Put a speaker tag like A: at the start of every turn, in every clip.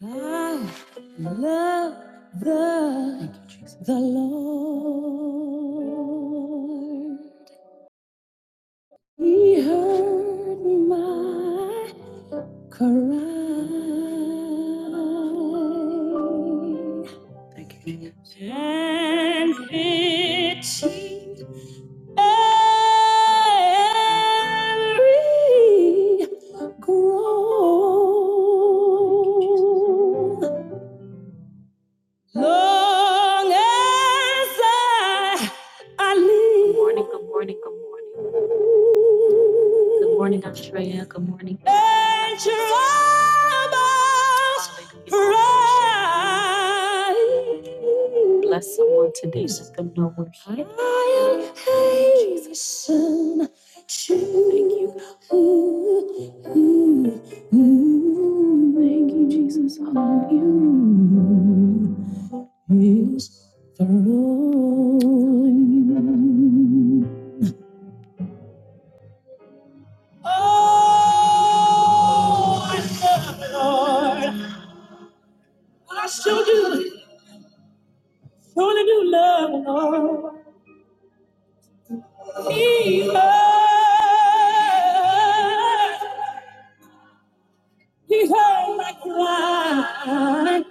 A: I love the you, the Lord. He heard my cry and pitied every groan. Long as I, I live. Good morning, good morning, good morning. Good morning, Australia. Good morning. And troubles Hallelujah. arise. Bless someone today. Let them know we're here. I am hasten Thank you, God. Thank you, Jesus. Hallelujah. His throne. Oh Lord, I still do, surely do love the Lord. He heard, He heard my cry,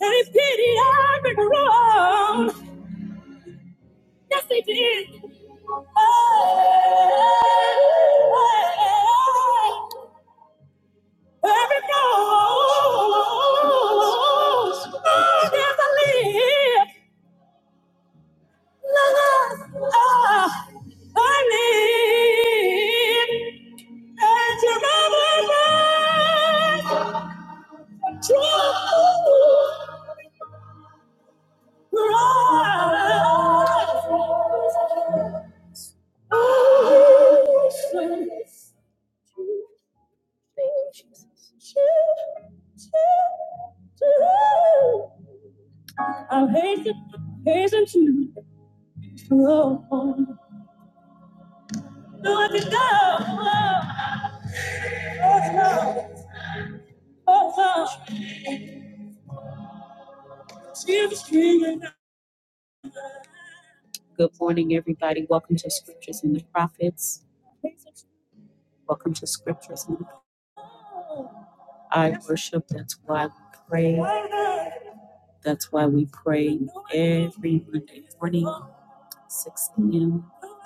A: and His pity I've been wrong. Yes, He did. Oh, oh, oh. oh. Every nose is a lift. Ah, I live at your mother's true love. Jesus. I am hasten, hasten to slow. Let it go. Oh, no. Oh, no. Jesus, Jesus. Hasten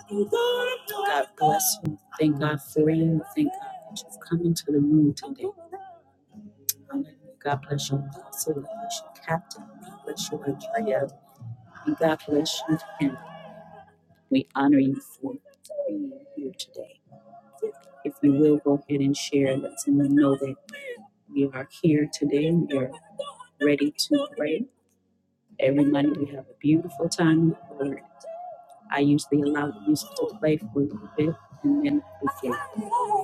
A: God God Okay.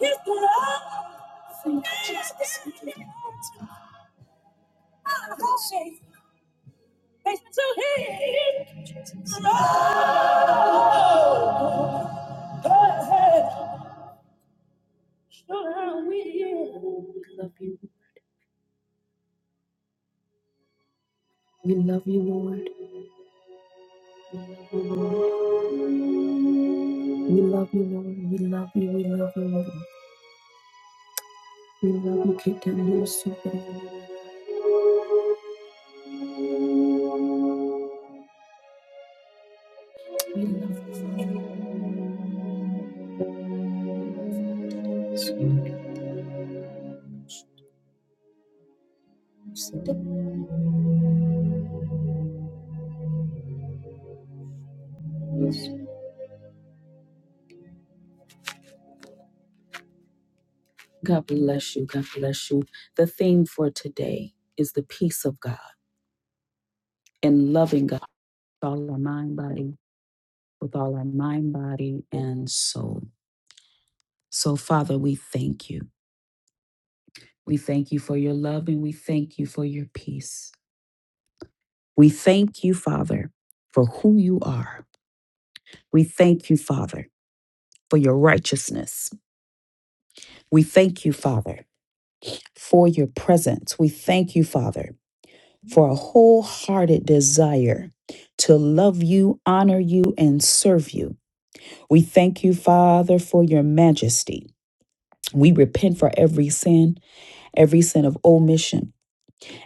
A: Yes, Lord. Thank you, Jesus. Thanks to Jesus.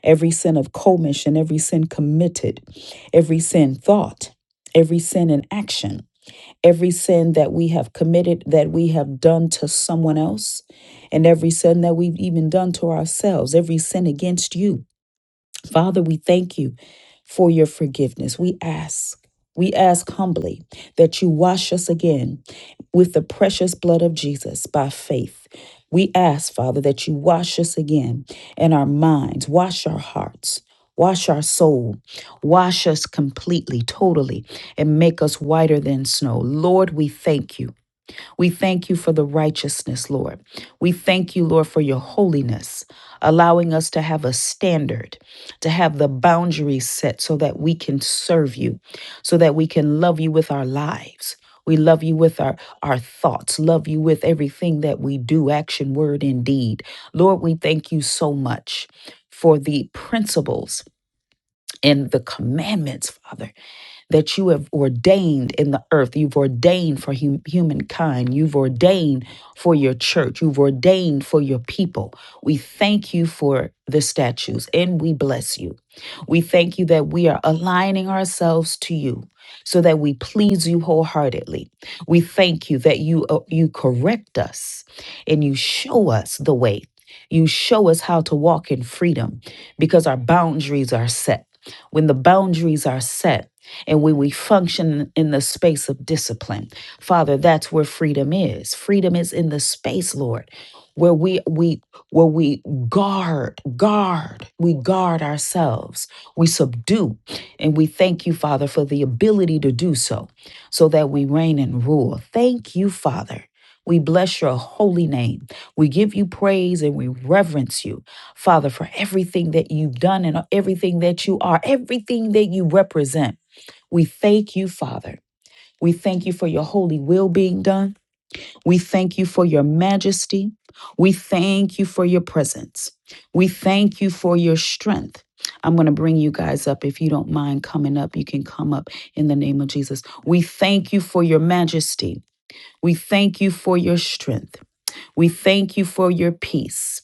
A: Every sin of commission, every sin committed, every sin thought, every sin in action. every sin that we have committed, that we have done to someone else, and every sin that we've even done to ourselves, every sin against you. Father, we thank you for your forgiveness. We ask, we ask humbly that you wash us again with the precious blood of Jesus by faith. We ask, Father, that you wash us again in our minds, wash our hearts. Wash our soul, wash us completely, totally, and make us whiter than snow. Lord, we thank you. We thank you for the righteousness, Lord. We thank you, Lord, for your holiness, allowing us to have a standard, to have the boundaries set so that we can serve you, so that we can love you with our lives. We love you with our, our thoughts, love you with everything that we do, action, word, and deed. Lord, we thank you so much for the principles and the commandments, Father that you have ordained in the earth. You've ordained for hum- humankind. You've ordained for your church. You've ordained for your people. We thank you for the statues and we bless you. We thank you that we are aligning ourselves to you so that we please you wholeheartedly. We thank you that you uh, you correct us and you show us the way. You show us how to walk in freedom because our boundaries are set. When the boundaries are set, and when we function in the space of discipline father that's where freedom is freedom is in the space lord where we we where we guard guard we guard ourselves we subdue and we thank you father for the ability to do so so that we reign and rule thank you father we bless your holy name. We give you praise and we reverence you, Father, for everything that you've done and everything that you are, everything that you represent. We thank you, Father. We thank you for your holy will being done. We thank you for your majesty. We thank you for your presence. We thank you for your strength. I'm going to bring you guys up. If you don't mind coming up, you can come up in the name of Jesus. We thank you for your majesty. We thank you for your strength. We thank you for your peace.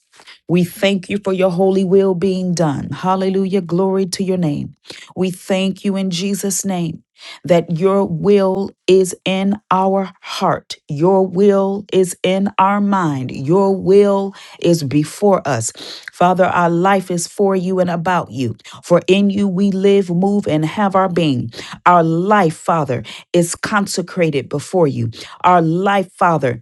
A: We thank you for your holy will being done. Hallelujah. Glory to your name. We thank you in Jesus' name that your will is in our heart. Your will is in our mind. Your will is before us. Father, our life is for you and about you. For in you we live, move, and have our being. Our life, Father, is consecrated before you. Our life, Father,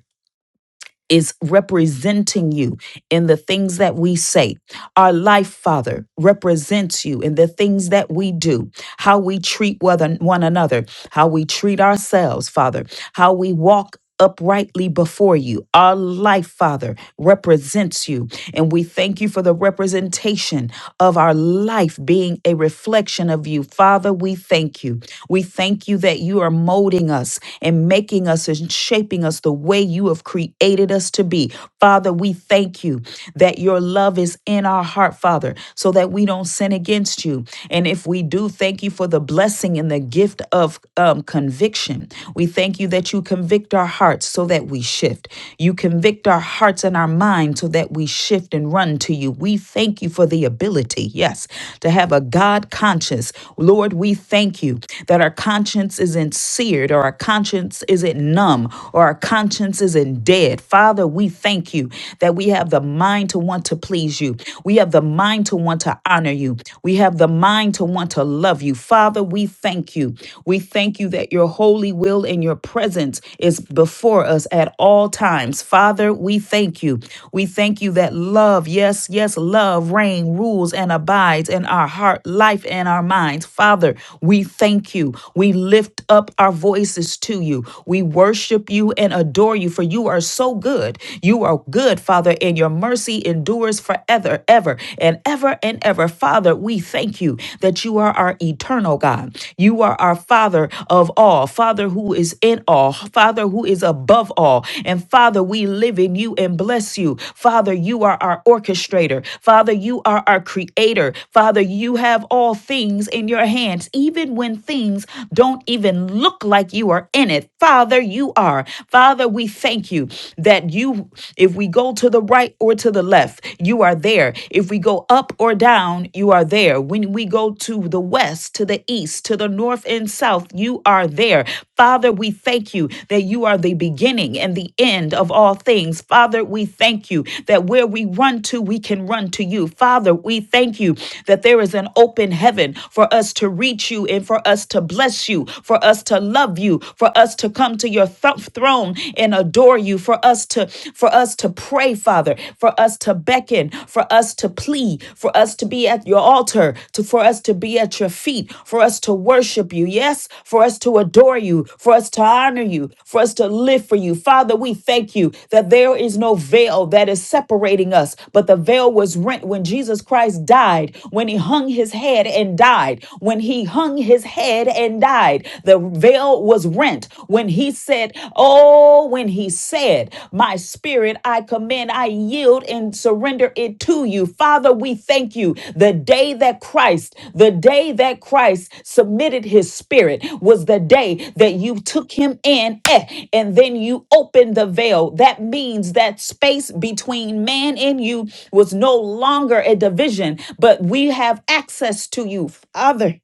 A: is representing you in the things that we say, our life, Father, represents you in the things that we do, how we treat one one another, how we treat ourselves, Father, how we walk uprightly before you. Our life, Father, represents you. And we thank you for the representation of our life being a reflection of you. Father, we thank you. We thank you that you are molding us and making us and shaping us the way you have created us to be. Father, we thank you that your love is in our heart, Father, so that we don't sin against you. And if we do, thank you for the blessing and the gift of um, conviction. We thank you that you convict our hearts so that we shift. You convict our hearts and our minds so that we shift and run to you. We thank you for the ability, yes, to have a God conscience. Lord, we thank you that our conscience isn't seared or our conscience isn't numb or our conscience isn't dead. Father, we thank thank you that we have the mind to want to please you. We have the mind to want to honor you. We have the mind to want to love you. Father, we thank you. We thank you that your holy will and your presence is before us at all times. Father, we thank you. We thank you that love, yes, yes, love reign, rules, and abides in our heart, life, and our minds. Father, we thank you. We lift up our voices to you. We worship you and adore you for for you are so good. You are good, Father, and your mercy endures forever, ever, and ever and ever. Father, we thank you that you are our eternal God. You are our Father of all, Father who is in all, Father who is above all. And Father, we live in you and bless you. Father, you are our orchestrator. Father, you are our creator. Father, you have all things in your hands, even when things don't even look like you are in it. Father, you you are. Father, we thank you that you, if we go to the right or to the left, you are there. If we go up or down, you are there. When we go to the west, to the east, to the north and south, you are there. Father, we thank you that you are the beginning and the end of all things. Father, we thank you that where we run to, we can run to you. Father, we thank you that there is an open heaven for us to reach you and for us to bless you, for us to love love you, for us to come to your th- throne and adore you, for us to for us to pray, Father, for us to beckon, for us to plead, for us to be at your altar, to for us to be at your feet, for us to worship you. Yes, for us to adore you, for us to honor you, for us to live for you. Father, we thank you that there is no veil that is separating us, but the veil was rent when Jesus Christ died, when he hung his head and died, when he hung his head and and died. The veil was rent when he said, Oh, when he said, My spirit I commend, I yield and surrender it to you. Father, we thank you. The day that Christ, the day that Christ submitted his spirit was the day that you took him in eh, and then you opened the veil. That means that space between man and you was no longer a division, but we have access to you, Father.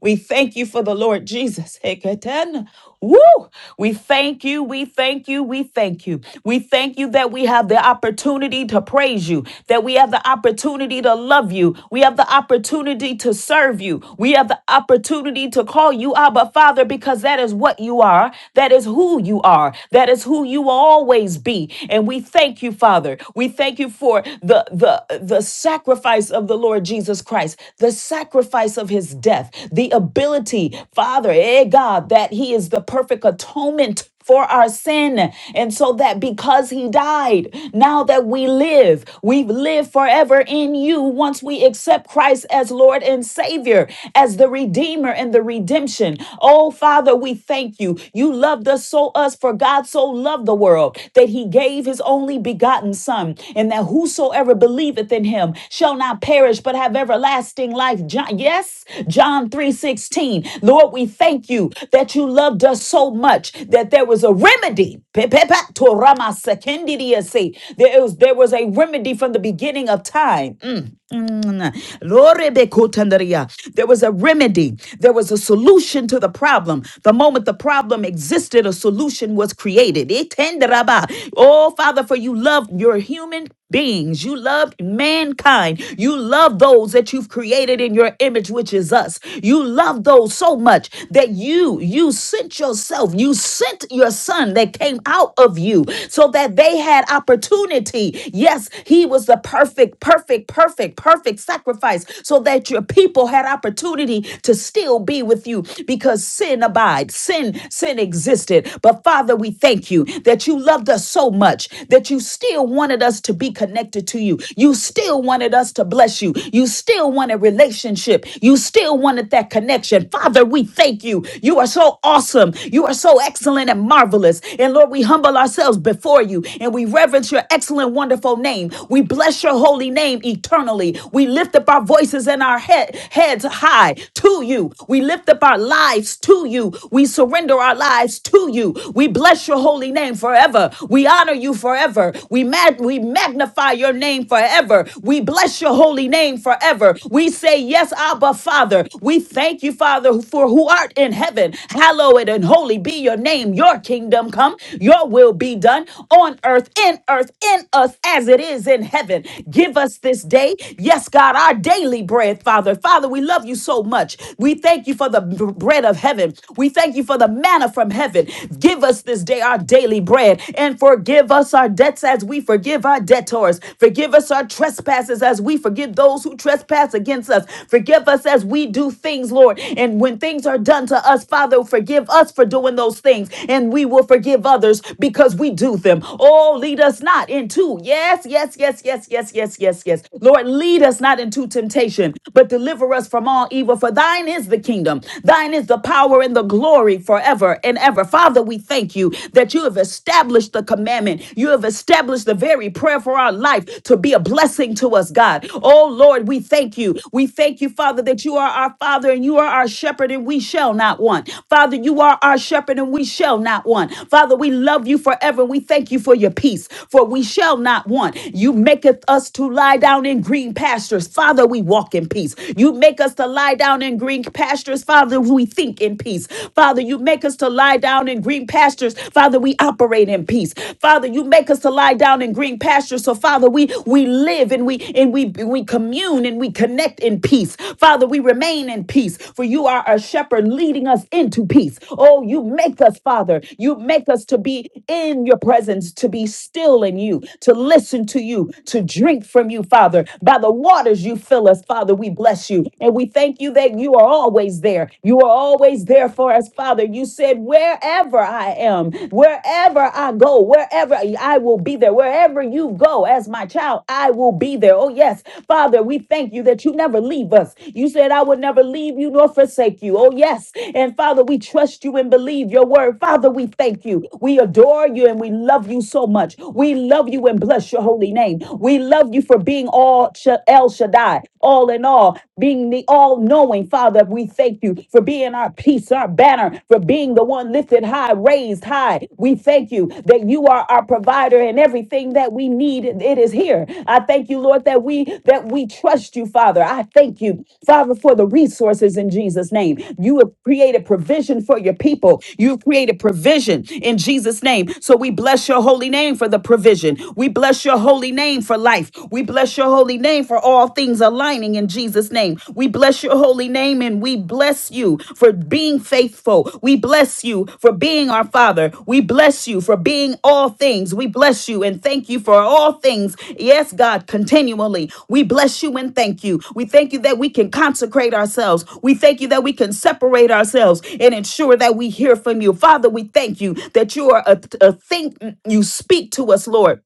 A: We thank you for the Lord Jesus. Heketen. Woo! We thank you, we thank you, we thank you. We thank you that we have the opportunity to praise you, that we have the opportunity to love you, we have the opportunity to serve you, we have the opportunity to call you Abba Father because that is what you are, that is who you are, that is who you will always be. And we thank you, Father. We thank thank you for the, the, the sacrifice of the Lord Jesus Christ, the sacrifice of his death, the ability, Father, eh, God, that he is the perfect atonement for our sin. And so that because he died, now that we live, we live forever in you once we accept Christ as Lord and Savior, as the Redeemer and the redemption. Oh, Father, we thank you. You loved us so us, for God so loved the world that he gave his only begotten Son, and that whosoever believeth in him shall not perish but have everlasting life. John, yes, John 3:16. Lord, we thank you that you loved us so much that there was a remedy. Pe- pe- pe- to Rama Sekendidiasi. There was, there was a remedy from the beginning of time. Mm. Mm. Lorebekotandaria. There was a remedy. There was a solution to the problem. The moment the problem existed, a solution was created. Itenderaba. Oh, Father, for you love your human beings. You loved mankind. You love those that you've created in your image, which is us. You love those so much that you, you sent yourself, you sent your son that came out of you so that they had opportunity. Yes, he was the perfect, perfect, perfect perfect, perfect sacrifice so that your people had opportunity to still be with you because sin abides, sin, sin existed. But Father, we thank you that you loved us so much that you still wanted us to be connected to you. You still wanted us to bless you. You still wanted relationship. You still wanted that connection. Father, we thank you. You are so awesome. You are so excellent and marvelous. And Lord, we humble ourselves before you and we reverence your excellent, wonderful name. We bless your holy name name eternally. We lift up our voices and our head, heads high to you. We lift up our lives to you. We surrender our lives to you. We bless your holy name forever. We honor you forever. We, mag- we magnify your name forever. We bless your holy name forever. We say, Yes, Abba, Father. We thank you, Father, for who art in heaven. Hallowed and holy be your name. Your kingdom come, your will be done on earth, in earth, in us, as it is in heaven. Give us this day, yes, God, our daily bread, Father. Father, we love you so much. We thank you for the b- bread of heaven. We thank you for the manna from heaven. Give us this day our daily bread and forgive us our debts as we forgive our debtors. Forgive us our trespasses as we forgive those who trespass against us. Forgive us as we do things, Lord. And when things are done to us, Father, forgive us for doing those things. And we will forgive others because we do them. Oh, lead us not into, yes, yes, yes, yes, yes yes, yes, yes, yes. Lord, lead us not into temptation, but deliver us from all evil. For thine is the kingdom, thine is the power and the glory forever and ever. Father, we thank you that you have established the commandment. You have established the very prayer for our life to be a blessing to us, God. Oh, Lord, we thank you. We thank you, Father, that you are our Father and you are our shepherd and we shall not want. Father, you are our shepherd and we shall not want. Father, we love you forever and we thank you for your peace, for we shall not want. You make maketh us to lie down in green pastures. Father, we walk in peace. You make us to lie down in green pastures. Father, we think in peace. Father, you make us to lie down in green pastures. Father, we operate in peace. Father, you make us to lie down in green pastures. So Father, we we live and we and we we commune and we connect in peace. Father, we remain in peace. For you are a shepherd leading us into peace. Oh, you make us, Father. You make us to be in your presence, to be still in you, to listen to you, to drink from you, Father. By the waters you fill us, Father, we bless you. And we thank you that you are always there. You are always there for us, Father. You said, wherever I am, wherever I go, wherever I will be there, wherever you go as my child, I will be there. Oh, yes, Father, we thank you that you never leave us. You said, I will never leave you nor forsake you. Oh, yes. And Father, we trust you and believe your word. Father, we thank you. We adore you and we love you so much. We love you and bless your bless your holy name. We love you for being all Sha- El Shaddai, all in all, being the all knowing Father. We thank you for being our peace, our banner, for being the one lifted high, raised high. We thank you that you are our provider and everything that we need. It is here. I thank you, Lord, that we that we trust you, Father. I thank you, Father, for the resources in Jesus' name. You have created provision for your people. You've created provision in Jesus' name. So we bless your holy name for the provision. We we bless your holy name for life. We bless your holy name for all things aligning in Jesus' name. We bless your holy name and we bless you for being faithful. We bless you for being our Father. We bless you for being all things. We bless you and thank you for all things. Yes, God, continually. We bless you and thank you. We thank you that we can consecrate ourselves. We thank you that we can separate ourselves and ensure that we hear from you. Father, we thank you that you are a, a think you speak to us, Lord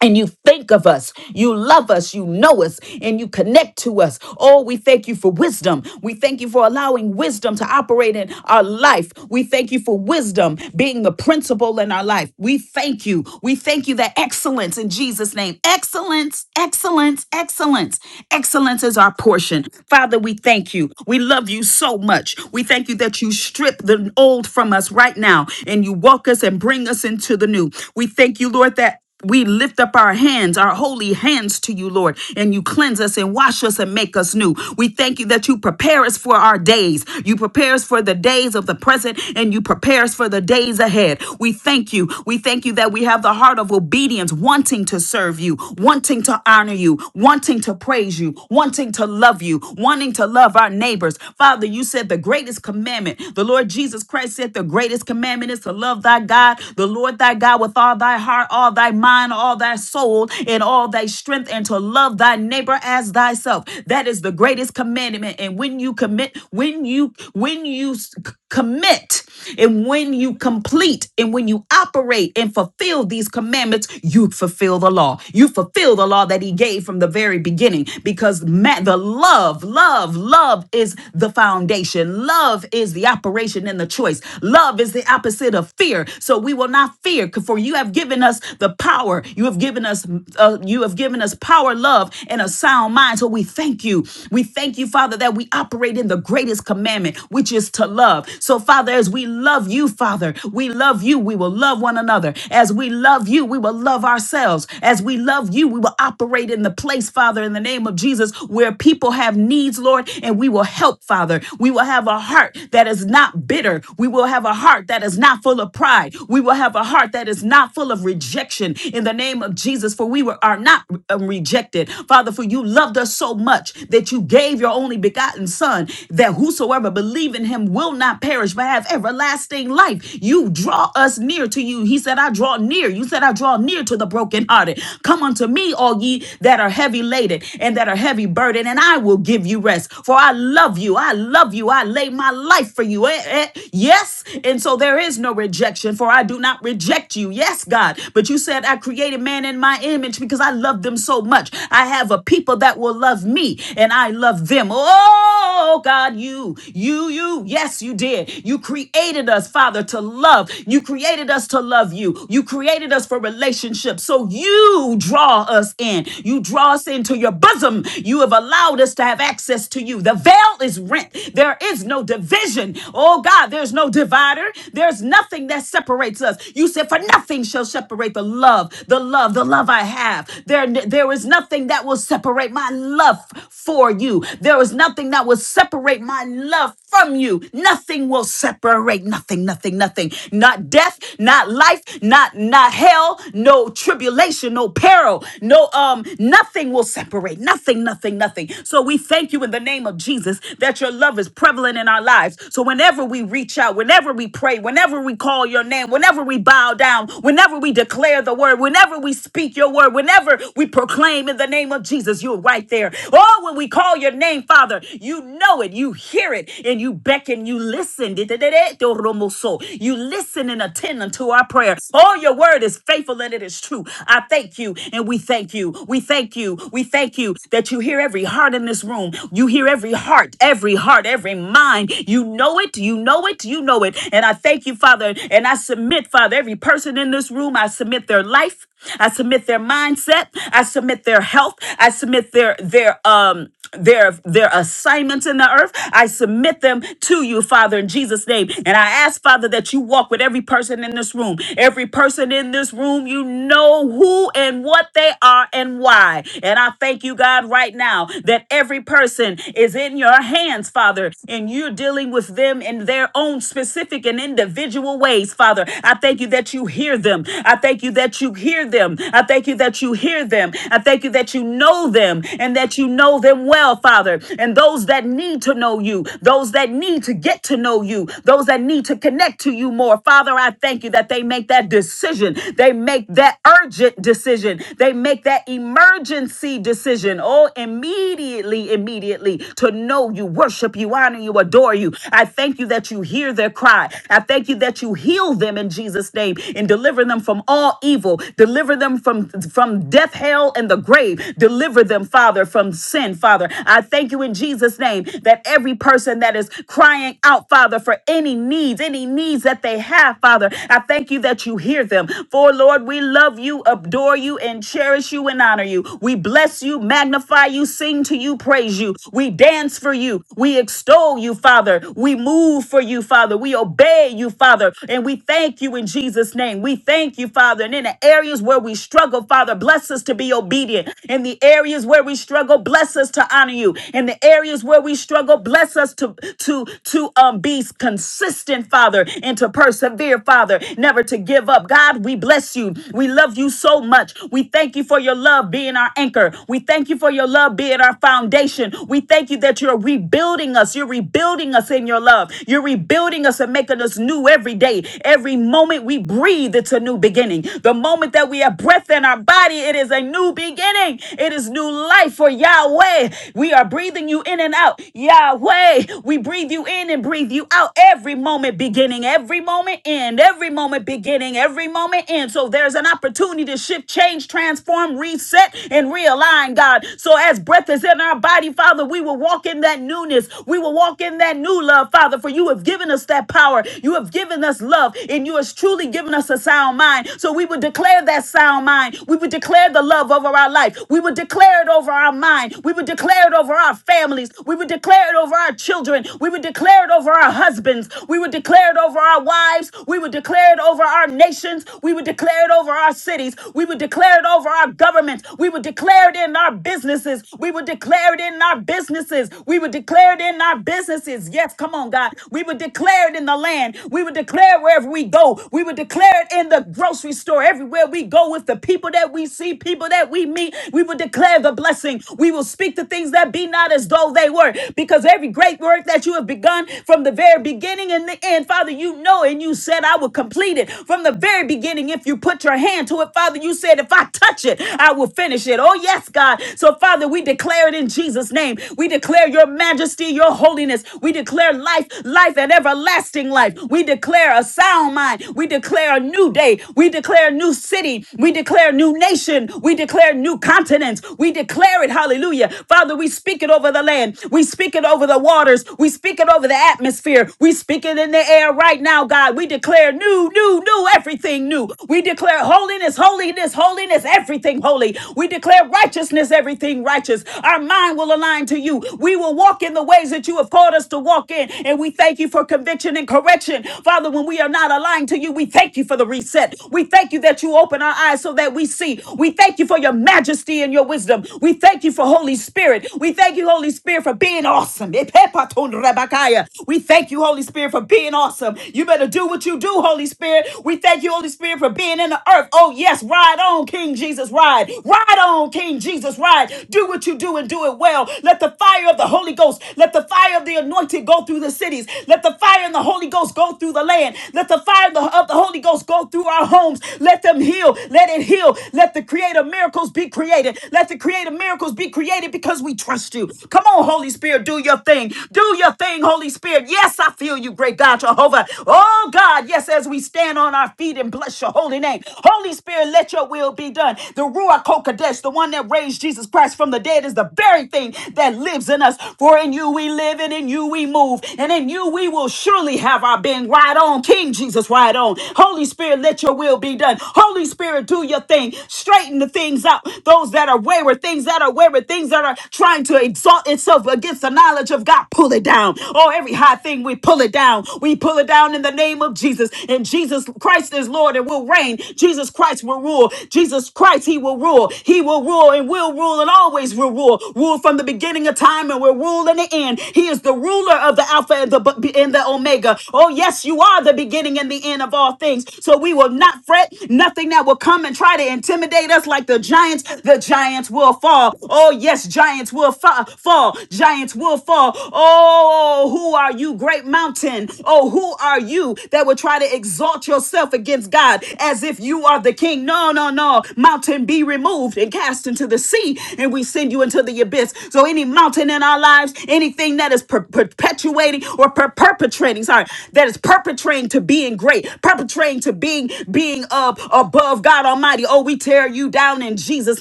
A: and you think of us, you love us, you know us, and you connect to us. Oh, we thank you for wisdom. We thank you for allowing wisdom to operate in our life. We thank you for wisdom being the principle in our life. We thank you. We thank you that excellence in Jesus' name. Excellence, excellence, excellence. Excellence is our portion. Father, we thank you. We love you so much. We thank you that you strip the old from us right now and you walk us and bring us into the new. We thank you, Lord, that we lift up our hands, our holy hands to you, Lord, and you cleanse us and wash us and make us new. We thank you that you prepare us for our days. You prepare us for the days of the present and you prepare us for the days ahead. We thank you. We thank you that we have the heart of obedience, wanting to serve you, wanting to honor you, wanting to praise you, wanting to love you, wanting to love our neighbors. Father, you said the greatest commandment, the Lord Jesus Christ said the greatest commandment is to love thy God, the Lord thy God with all thy thy heart, all thy mind, all thy soul, and all thy strength, and to love thy neighbor as thyself. That is the greatest commandment. And when you commit, when you when you s- c- commit, and when you complete, and when you operate and fulfill these commandments, you fulfill the law. You fulfill the law that He gave from the very beginning, because ma- the love, love, love is the foundation. Love is the operation and the choice. Love is the opposite of fear. So we will not fear fear, for you have given us the power. You have given us, uh, you have given us power, love, and a sound mind. So we thank you. We thank you, Father, that we operate in the greatest commandment, which is to love. So, Father, as we love you, Father, we love you. We will love one another. As we love you, we will love ourselves. As we love you, we will operate in the place, Father, in the name of Jesus, where people have needs, Lord, and we will help, Father. We will have a heart that is not bitter. We will have a heart that is not full of pride pride. We will have a heart that is not full of rejection in the name of Jesus, for we were, are not um, rejected. Father, for you loved us so much that you gave your only begotten Son, that whosoever believe in him will not perish but have everlasting life. You draw us near to you. He said, I draw near. You said, I draw near to the brokenhearted. Come unto me, all ye that are heavy laden and that are heavy burdened, and I will give you rest. For I love you. I love you. I lay my life for you. Eh, eh, Yes. And so there there is no rejection, for I do not reject you. Yes, God. But you said, I created man in my image because I love them so much. I have a people that will love me, and I love them. Oh, God, you, you, you. Yes, you did. You created us, Father, to love. You created us to love you. You created us for relationships. So you draw us in. You draw us into your bosom. You have allowed us to have access to you. The veil is rent. There is no division. Oh, God, there's no division no divider. There's nothing that separates us. You said, For nothing shall separate the love, the love, the love I have. There, there is nothing that will separate my love for you. There is nothing that will separate my love from you. Nothing will separate. Nothing, nothing, nothing. Not death, not life, not not hell, no tribulation, no peril, no um, nothing will separate. Nothing, nothing, nothing. So we thank you in the name of Jesus that your love is prevalent in our lives. So whenever whenever we reach out, whenever we pray, whenever we call your name, whenever we bow down, whenever we declare the word, whenever we speak your word, whenever we proclaim in the name of Jesus, you're right there. Oh, when we call your name, Father, you know it, you hear it, and you beckon, you listen. You listen and attend unto our prayer. Oh, your word is faithful and it is true. I thank you, and we thank you. We thank you. We thank you that you hear every heart in this room. You hear every heart, every heart, every mind mind. You know it, you know it, you know it. And I thank you, Father. And I submit, Father, every person in this room, I submit their life, I submit their mindset, I submit their health, I submit their their um their their assignments in the earth. I submit them to you, Father, in Jesus' name. And I ask, Father, that you walk with every person in this room. Every person in this room, you know who and what they are and why. And I thank you, God, right now that every person is in your hands, Father. Father, and you're dealing with them in their own specific and individual ways, Father. I thank you that you hear them. I thank you that you hear them. I thank you that you hear them. I thank you that you know them and that you know them well, Father. And those that need to know you, those that need to get to know you, those that need to connect to you more, Father, I thank you that they make that decision. They make that urgent decision. They make that emergency decision. Oh, immediately, immediately to to know you, worship you, honor you, adore you. I thank you that you hear their cry. I thank you that you heal them in Jesus' name and deliver them from all evil. Deliver them from, from death, hell, and the grave. Deliver them, Father, from sin, Father. I thank you in Jesus' name that every person that is crying out, Father, for any needs, any needs that they have, Father, I thank you that you hear them. For Lord, we love you, adore you, and cherish you and honor you. We bless you, magnify you, sing to you, praise you praise you. We dance for you. We extol you, Father. We move for you, Father. We obey you, Father. And we thank you in Jesus' name. We thank you, Father. And in the areas where we struggle, Father, bless us to be obedient. In the areas where we struggle, bless us to honor you. In the areas where we struggle, bless us to to to um be consistent, Father, and to persevere, Father, never to give up. God, we bless you. We love you so much. We thank you for your love being our anchor. We thank you for your love being solidity and our foundation. We thank you that you're rebuilding us. You're rebuilding us in your love. You're rebuilding us and making us new every day. Every moment we breathe, it's a new beginning. The moment that we have breath in our body, it is a new beginning. It is new life for Yahweh. We are breathing you in and out. Yahweh, we breathe you in and breathe you out every moment beginning, every moment end, every moment beginning, every moment end. So there's an opportunity to shift, change, transform, reset, and realign, God. God. So as breath is in our body, Father, we will walk in that newness. We will walk in that new love, Father, for you have given us that power. You have given us love, and you has truly given us a sound mind. So we would declare that sound mind. We would declare the love over our life. We would declare it over our mind. We would declare it over our families. We would declare it over our children. We would declare it over our husbands. We would declare it over our wives. We would declare it over our nations. We would declare it over our cities. We would declare it over our governments. We would would declare it in our businesses. We would declare it in our businesses. We would declare it in our businesses. Yes, come on, God. We would declare it in the land. We would declare it wherever we go. We would declare it in the grocery store, everywhere we go, with the people that we see, people that we meet. We would declare the blessing. We will speak the things that be not as though they were, because every great work that you have begun from the very beginning and the end, Father, you know, and you said, I will complete it from the very beginning. If you put your hand to it, Father, you said, if I touch it, it. I will finish it. Oh, yes, God. So, Father, we declare it in Jesus' name. We declare your majesty, your holiness. We declare life, life, and everlasting life. We declare a sound mind. We declare a new day. We declare a new city. We declare a new nation. We declare new continents. We declare it. Hallelujah. Father, we speak it over the land. We speak it over the waters. We speak it over the atmosphere. We speak it in the air right now, God. We declare new, new, new, everything new. We declare holiness, holiness, holiness holiness, holiness, everything holy. We declare righteousness, everything righteous. Our mind will align to you. We will walk in the ways that you have called us to walk in. And we thank you for conviction and correction. Father, when we are not aligned to you, we thank you for the reset. We thank you that you open our eyes so that we see. We thank you for your majesty and your wisdom. We thank you for Holy Spirit. We thank you, Holy Spirit, for being awesome. Epepaton rabakaya. We thank you, Holy Spirit, for being awesome. You better do what you do, Holy Spirit. We thank you, Holy Spirit, for being in the earth. Oh, yes, ride on, King Jesus, ride. Ride on, King Jesus, ride. Do what you do and do it well. Let the fire of the Holy Ghost, let the fire of the anointed go through the cities. Let the fire of the Holy Ghost go through the land. Let the fire of the, of the Holy Ghost go through our homes. Let them heal. Let it heal. Let the creator miracles be created. Let the creator miracles be created because we trust you. Come on, Holy Spirit, do your thing. Do your thing, Holy Spirit. Yes, I feel you, great God, Jehovah. Oh, God, yes, as we stand on our feet and bless you your holy name. Holy Spirit, let your will be done. The Ruach HaKodesh, the one that raised Jesus Christ from the dead, is the very thing that lives in us. For in you we live and in you we move. And in you we will surely have our being. Right on, King Jesus, right on. Holy Spirit, let your will be done. Holy Spirit, do your thing. Straighten the things out. Those that are wayward, things that are wayward, things that are trying to exalt itself against the knowledge of God, pull it down. Oh, every high thing, we pull it down. We pull it down in the name of Jesus. In Jesus Christ. Christ is Lord and will reign. Jesus Christ will rule. Jesus Christ, He will rule. He will rule and will rule and always will rule. Rule from the beginning of time and will rule in the end. He is the ruler of the Alpha and the, and the Omega. Oh, yes, you are the beginning and the end of all things. So we will not fret. Nothing that will come and try to intimidate us like the giants. The giants will fall. Oh, yes, giants will fa- fall. Giants will fall. Oh, who are you, great mountain? Oh, who are you that would try? try to exalt yourself against God as if you are the king. No, no, no. Mountain be removed and cast into the sea, and we send you into the abyss. So, any mountain in our lives, anything that is per- perpetuating or per- perpetrating, sorry, that is perpetrating to being great, perpetrating to being being up above God Almighty. Oh, we tear you down in Jesus'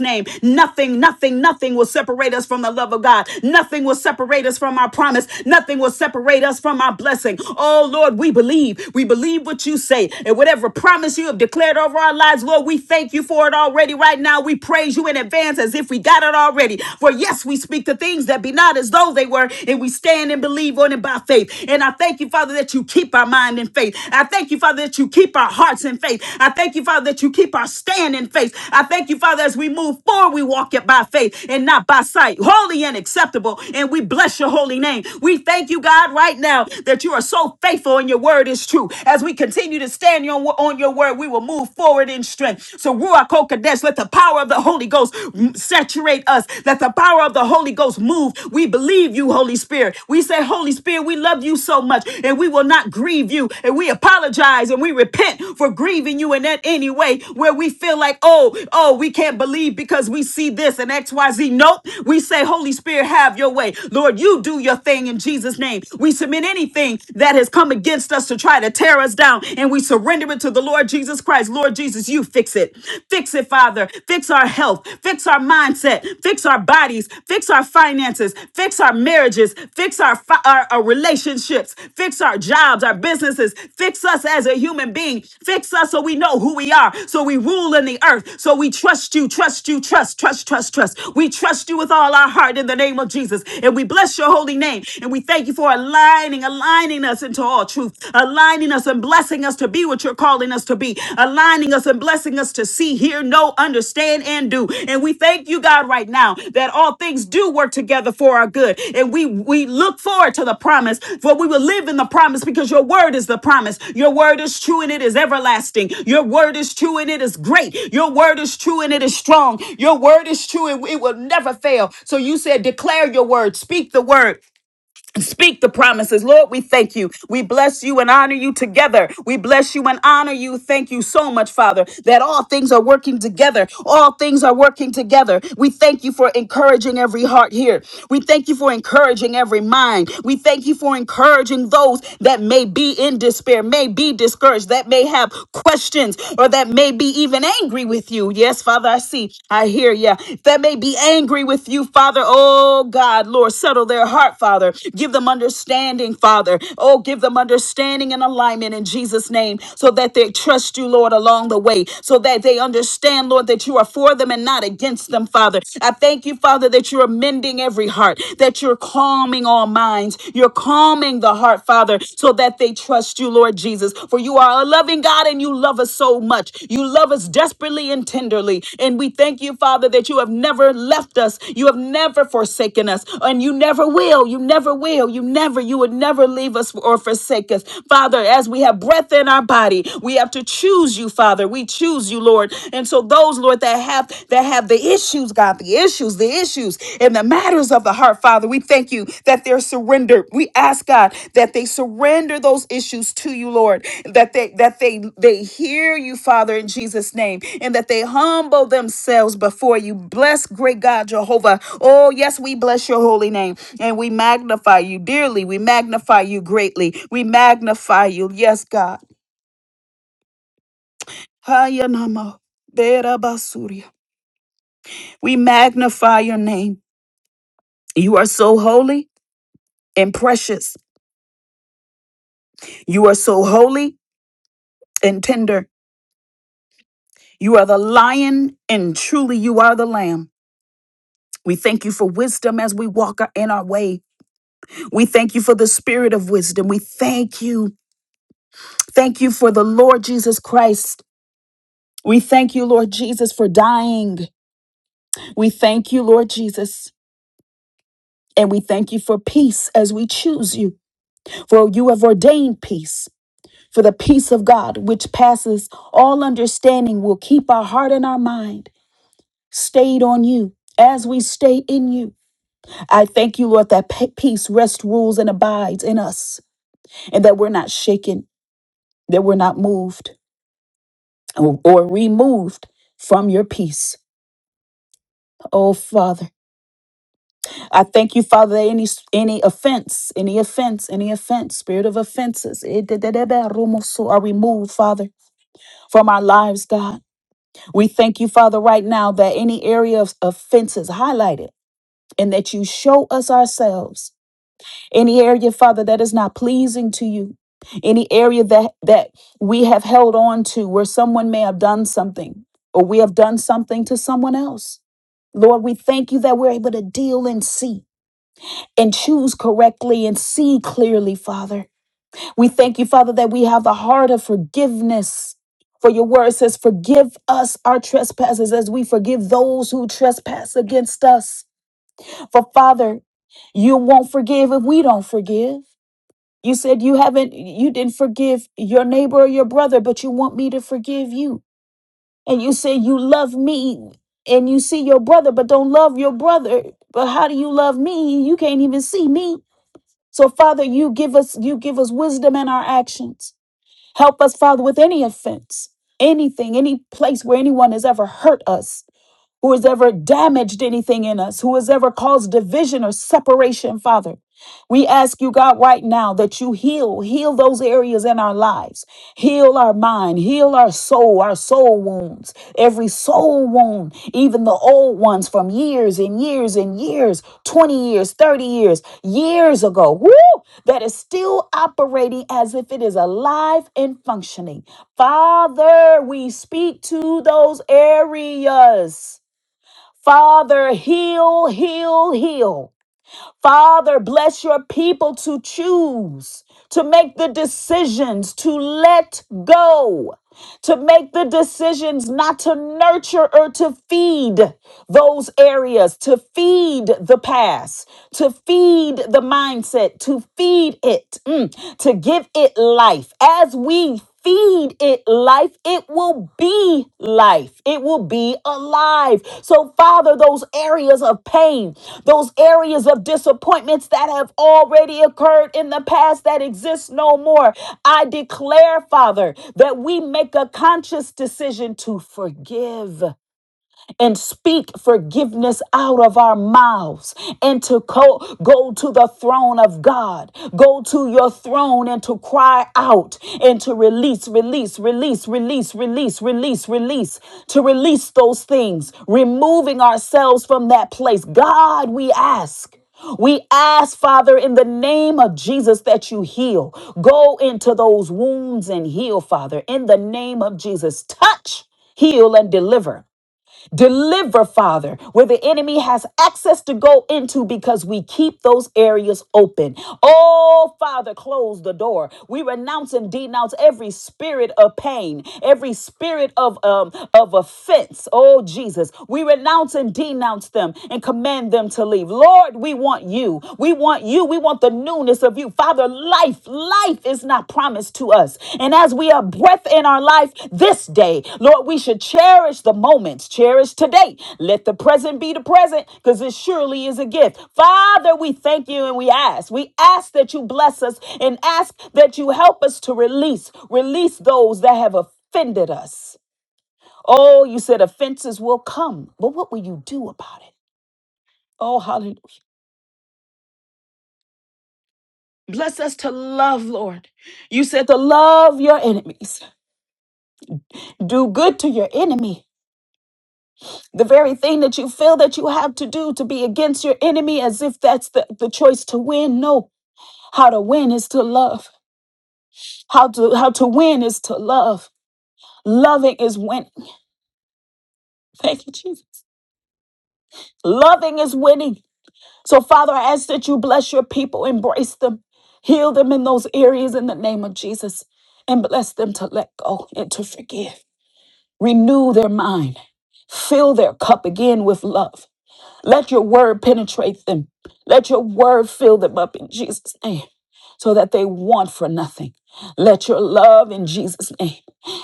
A: name. Nothing, nothing, nothing will separate us from the love of God. Nothing will separate us from our promise. Nothing will separate us from our blessing. Oh Lord, we believe believe. We believe what you say. And whatever promise you have declared over our lives, Lord, we thank you for it already right now. We praise you in advance as if we got it already. For yes, we speak the things that be not as though they were, and we stand and believe on it by faith. And I thank you, Father, that you keep our mind in faith. I thank you, Father, that you keep our hearts in faith. I thank you, Father, that you keep our stand in faith. I thank you, Father, as we move forward, we walk it by faith and not by sight, holy and acceptable. And we bless your holy name. We thank you, God, right now that you are so so faithful and your word is true. As we continue to stand on, on your word, we will move forward in strength. So Ruach Hakodesh, let the power of the Holy Ghost mm, saturate us. Let the power of the Holy Ghost move. We believe you, Holy Spirit. We say, Holy Spirit, we love you so much and we will not grieve you. And we apologize and we repent for grieving you in that any way where we feel like, oh, oh, we can't believe because we see this and XYZ. Nope. We say, Holy Spirit, have your way. Lord, you do your thing in Jesus' name. We submit anything that has come against us to try to tear us down, and we surrender it to the Lord Jesus Christ. Lord Jesus, you fix it. Fix it, Father. Fix our health. Fix our mindset. Fix our bodies. Fix our finances. Fix our marriages. Fix our, fi- our, our relationships. Fix our jobs, our businesses. Fix us as a human being. Fix us so we know who we are, so we rule in the earth, so we trust you, trust you, trust, trust, trust, trust. We trust you with all our heart in the name of Jesus, and we bless your holy name, and we thank you thank you for aligning, aligning us into all truth, aligning us and blessing us to be what you're calling us to be, aligning us and blessing us to see, hear, know, understand, and do. And we thank you, God, right now that all things do work together for our good. And we we look forward to the promise, for we will live in the promise because your word is the promise. Your word is true and it is everlasting. Your word is true and it is great. Your word is true and it is strong. Your word is true and it will never fail. So you said, declare your word, speak the word. Speak the promises. Lord, we thank you. We bless you and honor you together. We bless you and honor you. Thank you so much, Father, that all things are working together. All things are working together. We thank you for encouraging every heart here. We thank you for encouraging every mind. We thank you for encouraging those that may be in despair, may be discouraged, that may have questions, or that may be even angry with you. Yes, Father, I see. I hear you. That may be angry with you, Father. Oh, God, Lord, settle their heart, Father. Father. Give them understanding, Father. Oh, give them understanding and alignment in Jesus' name so that they trust you, Lord, along the way, so that they understand, Lord, that you are for them and not against them, Father. I thank you, Father, that you're mending every heart, that you're calming all minds. You're calming the heart, Father, so that they trust you, Lord Jesus. For you are a loving God and you love us so much. You love us desperately and tenderly. And we thank you, Father, that you have never left us. You have never forsaken us. And you never will will. You never will. You never, you would never leave us or forsake us. Father, as we have breath in our body, we have to choose you, Father. We choose you, Lord. And so those, Lord, that have that have the issues, God, the issues, the issues and the matters of the heart, Father, we thank you that they're surrendered. We ask God that they surrender those issues to you, Lord. That they that they they hear you, Father, in Jesus' name, and that they humble themselves before you. Bless great God Jehovah. Oh, yes, we bless your holy name. And we magnify you dearly. We magnify you greatly. We magnify you. Yes, God. Hayanama berabasuria. We magnify your name. You are so holy and precious. You are so holy and tender. You are the lion, and truly you are the lamb. We thank you for wisdom as we walk in our way. We thank you for the spirit of wisdom. We thank you. Thank you for the Lord Jesus Christ. We thank you, Lord Jesus, for dying. We thank you, Lord Jesus, and we thank you for peace as we choose you, for you have ordained peace. For the peace of God, which passes all understanding, will keep our heart and our mind stayed on you as we stay in you. I thank you, Lord, that pe- peace rests, rules, and abides in us, and that we're not shaken, that we're not moved or or removed from your peace. Oh, Father. I thank you, Father, that any any offense, any offense, any offense, spirit of offenses eh, da- da- da- da, rumoso, are removed, Father, from our lives, God. We thank you, Father, right now that any area of offense is highlighted and that you show us ourselves. Any area, Father, that is not pleasing to you. Any area that that we have held on to where someone may have done something or we have done something to someone else. Lord, we thank you that we're able to deal and see and choose correctly and see clearly, Father. We thank you, Father, that we have the heart of forgiveness. For your word says, Forgive us our trespasses as we forgive those who trespass against us. For Father, you won't forgive if we don't forgive. You said you haven't, you didn't forgive your neighbor or your brother, but you want me to forgive you. And you say you love me and you see your brother, but don't love your brother. But how do you love me? You can't even see me. So, Father, you give us you give us wisdom in our actions. Help us, Father, with any offense, anything, any place where anyone has ever hurt us who has ever damaged anything in us, who has ever caused division or separation, Father. We ask you, God, right now that you heal, heal those areas in our lives, heal our mind, heal our soul, our soul wounds, every soul wound, even the old ones from years and years and years, 20 years, 30 years, years ago, woo, that is still operating as if it is alive and functioning. Father, we speak to those areas. Father, heal, heal, heal. Father, bless your people to choose, to make the decisions to let go, to make the decisions not to nurture or to feed those areas, to feed the past, to feed the mindset, to feed it, mm, to give it life. As we feed it life, it will be life. It will be alive. So, Father, those areas of pain, those areas of disappointments that have already occurred in the past that exist no more, I declare, Father, that we make a conscious decision to forgive and speak forgiveness out of our mouths and to co- go to the throne of God. Go to your throne and to cry out and to release, release, release, release, release, release, release, to release those things, removing ourselves from that place. God, we ask. We ask, Father, in the name of Jesus, that you heal. Go into those wounds and heal, Father, in the name of Jesus. Touch, heal, and deliver. Deliver, Father, where the enemy has access to go into because we keep those areas open. Oh, Father, close the door. We renounce and denounce every spirit of pain, every spirit of um of offense. Oh, Jesus, we renounce and denounce them and command them to leave. Lord, we want you. We want you. We want the new fullness of you. Father, life, life is not promised to us. And as we have breath in our life this day, Lord, we should cherish the moments, cherish today. Let the present be the present because it surely is a gift. Father, we thank you and we ask. We ask that you bless us and ask that you help us to release, release those that have offended us. Oh, you said offenses will come, but what will you do about it? Oh, hallelujah. Bless us to love, Lord. You said to love your enemies, do good to your enemy. The very thing that you feel that you have to do to be against your enemy as if that's the, the choice to win. No, how to win is to love. How to how to win is to love. Loving is winning. Thank you, Jesus. Loving is winning. So, Father, I ask that you bless your people, embrace them, heal them in those areas in the name of Jesus, and bless them to let go and to forgive. Renew their mind. Fill their cup again with love. Let your word penetrate them. Let your word fill them up in Jesus' name so that they want for nothing. Let your love in Jesus' name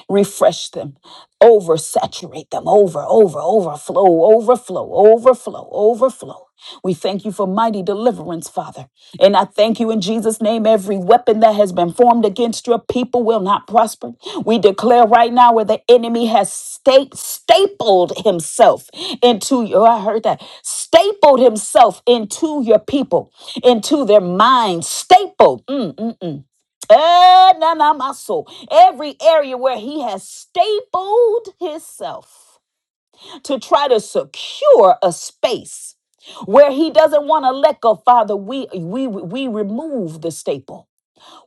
A: refresh them, oversaturate them, over, over, overflow, overflow, overflow, overflow. We thank you for mighty deliverance, Father. And I thank you in Jesus' name. Every weapon that has been formed against your people will not prosper. We declare right now where the enemy has sta- stapled himself into your, I heard that, stapled himself into your people, into their minds, stapled. Mm, mm, mm. Eh, na, na, my soul. Every area where he has stapled himself to try to secure a space where he doesn't want to let go, Father, we we we remove the staple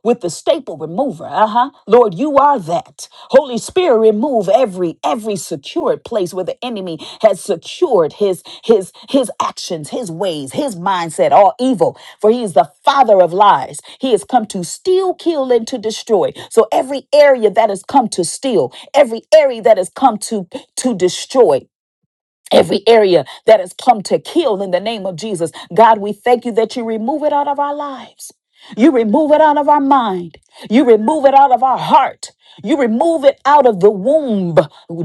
A: with the staple remover. Uh-huh. Lord, you are that. Holy Spirit, remove every every secured place where the enemy has secured his his his actions, his ways, his mindset, all evil. For he is the father of lies. He has come to steal, kill, and to destroy. So every area that has come to steal, every area that has come to to destroy, every area that has come to kill in the name of Jesus. God, we thank you that you remove it out of our lives. You remove it out of our mind. You remove it out of our heart. You remove it out of the womb.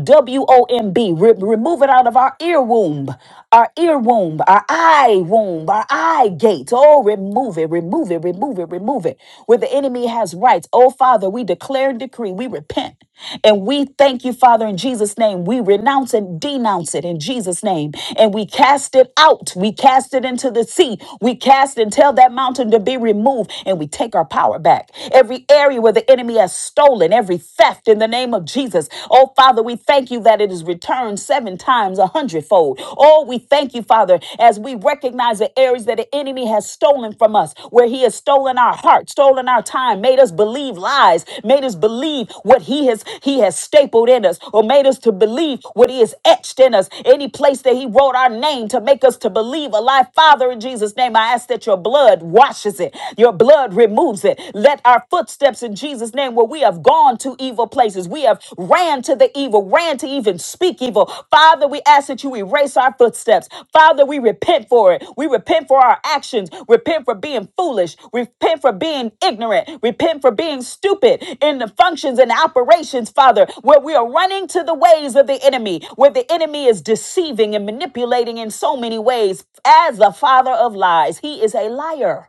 A: W O M B. Re- remove it out of our ear womb, our ear womb, our eye womb, our eye gate. Oh, remove it, remove it, remove it, remove it. Where the enemy has rights. Oh, Father, we declare and decree, we repent. And we thank you, Father, in Jesus' name. We renounce and denounce it in Jesus' name. And we cast it out. We cast it into the sea. We cast and tell that mountain to be removed remove and we take our power back. Every area where the enemy has stolen, every theft in the name of Jesus. Oh, Father, we thank you that it is returned seven times, a hundredfold. Oh, we thank you, Father, as we recognize the areas that the enemy has stolen from us, where he has stolen our heart, stolen our time, made us believe lies, made us believe what he has he has stapled in us, or made us to believe what he has etched in us. Any place that he wrote our name to make us to believe a lie. Father, in Jesus' name, I ask that your blood washes cleanses it, your blood removes it. Let our footsteps in Jesus' name, where we have gone to evil places, we have ran to the evil, ran to even speak evil. Father, we ask that you erase our footsteps. Father, we repent for it. We repent for our actions. Repent for being foolish. Repent for being ignorant. Repent for being stupid in the functions and operations, Father, where we are running to the ways of the enemy, where the enemy is deceiving and manipulating in so many ways. As the father of lies, he is a liar.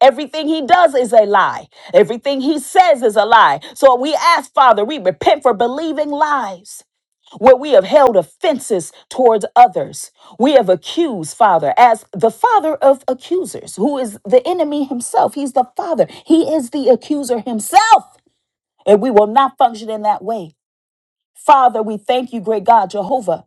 A: Everything he does is a lie. Everything he says is a lie. So we ask, Father, we repent for believing lies where we have held offenses towards others. We have accused, Father, as the father of accusers, who is the enemy himself. He's the father, he is the accuser himself. And we will not function in that way. Father, we thank you, great God, Jehovah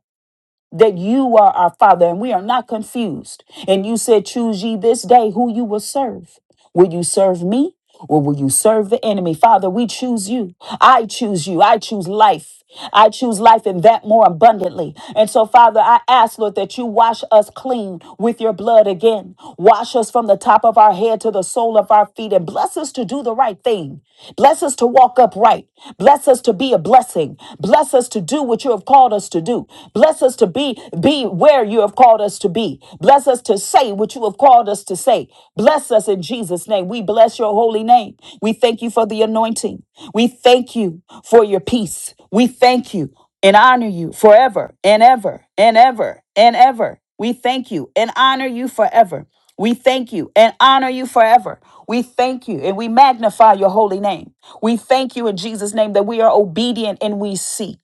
A: that you are our Father and we are not confused. And you said, Choose ye this day who you will serve. Will you serve me or will you serve the enemy? Father, we choose you. I choose you. I choose life. I choose life and that more abundantly. And so, Father, I ask, Lord, that you wash us clean with your blood again. Wash us from the top of our head to the sole of our feet and bless us to do the right thing. Bless us to walk upright. Bless us to be a blessing. Bless us to do what you have called us us to do. Bless us to be be where you have called us to be. Bless us to say what you have called us to say. Bless us in Jesus name. We bless your holy name. We thank you for the anointing. We thank you for your peace. We thank you and honor you forever and ever and ever and ever. We thank you and honor you forever. We thank you and honor you forever. We thank you and we magnify your holy name. We thank you in Jesus' name that we are obedient and we see.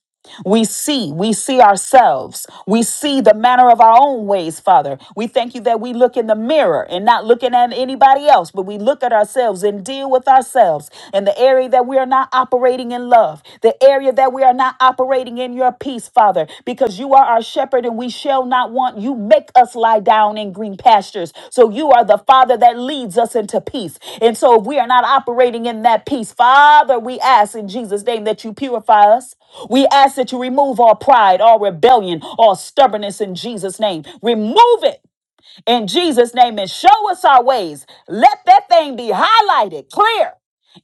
A: We see, we see ourselves. We see the manner of our own ways, Father. We thank you that we look in the mirror and not looking at anybody else, but we look at ourselves and deal with ourselves in the area that we are not operating in love, the area that we are not operating in your peace, Father, because you are our shepherd shepherd and we shall not want. You make us lie down in green pastures. So you are the Father that leads us into peace. And so if we are not operating in that peace, Father, we ask in Jesus' name that you purify us. We ask that you remove all pride, all rebellion, all stubbornness in Jesus' name. Remove it in Jesus' name and show us our ways. Let that thing be highlighted clear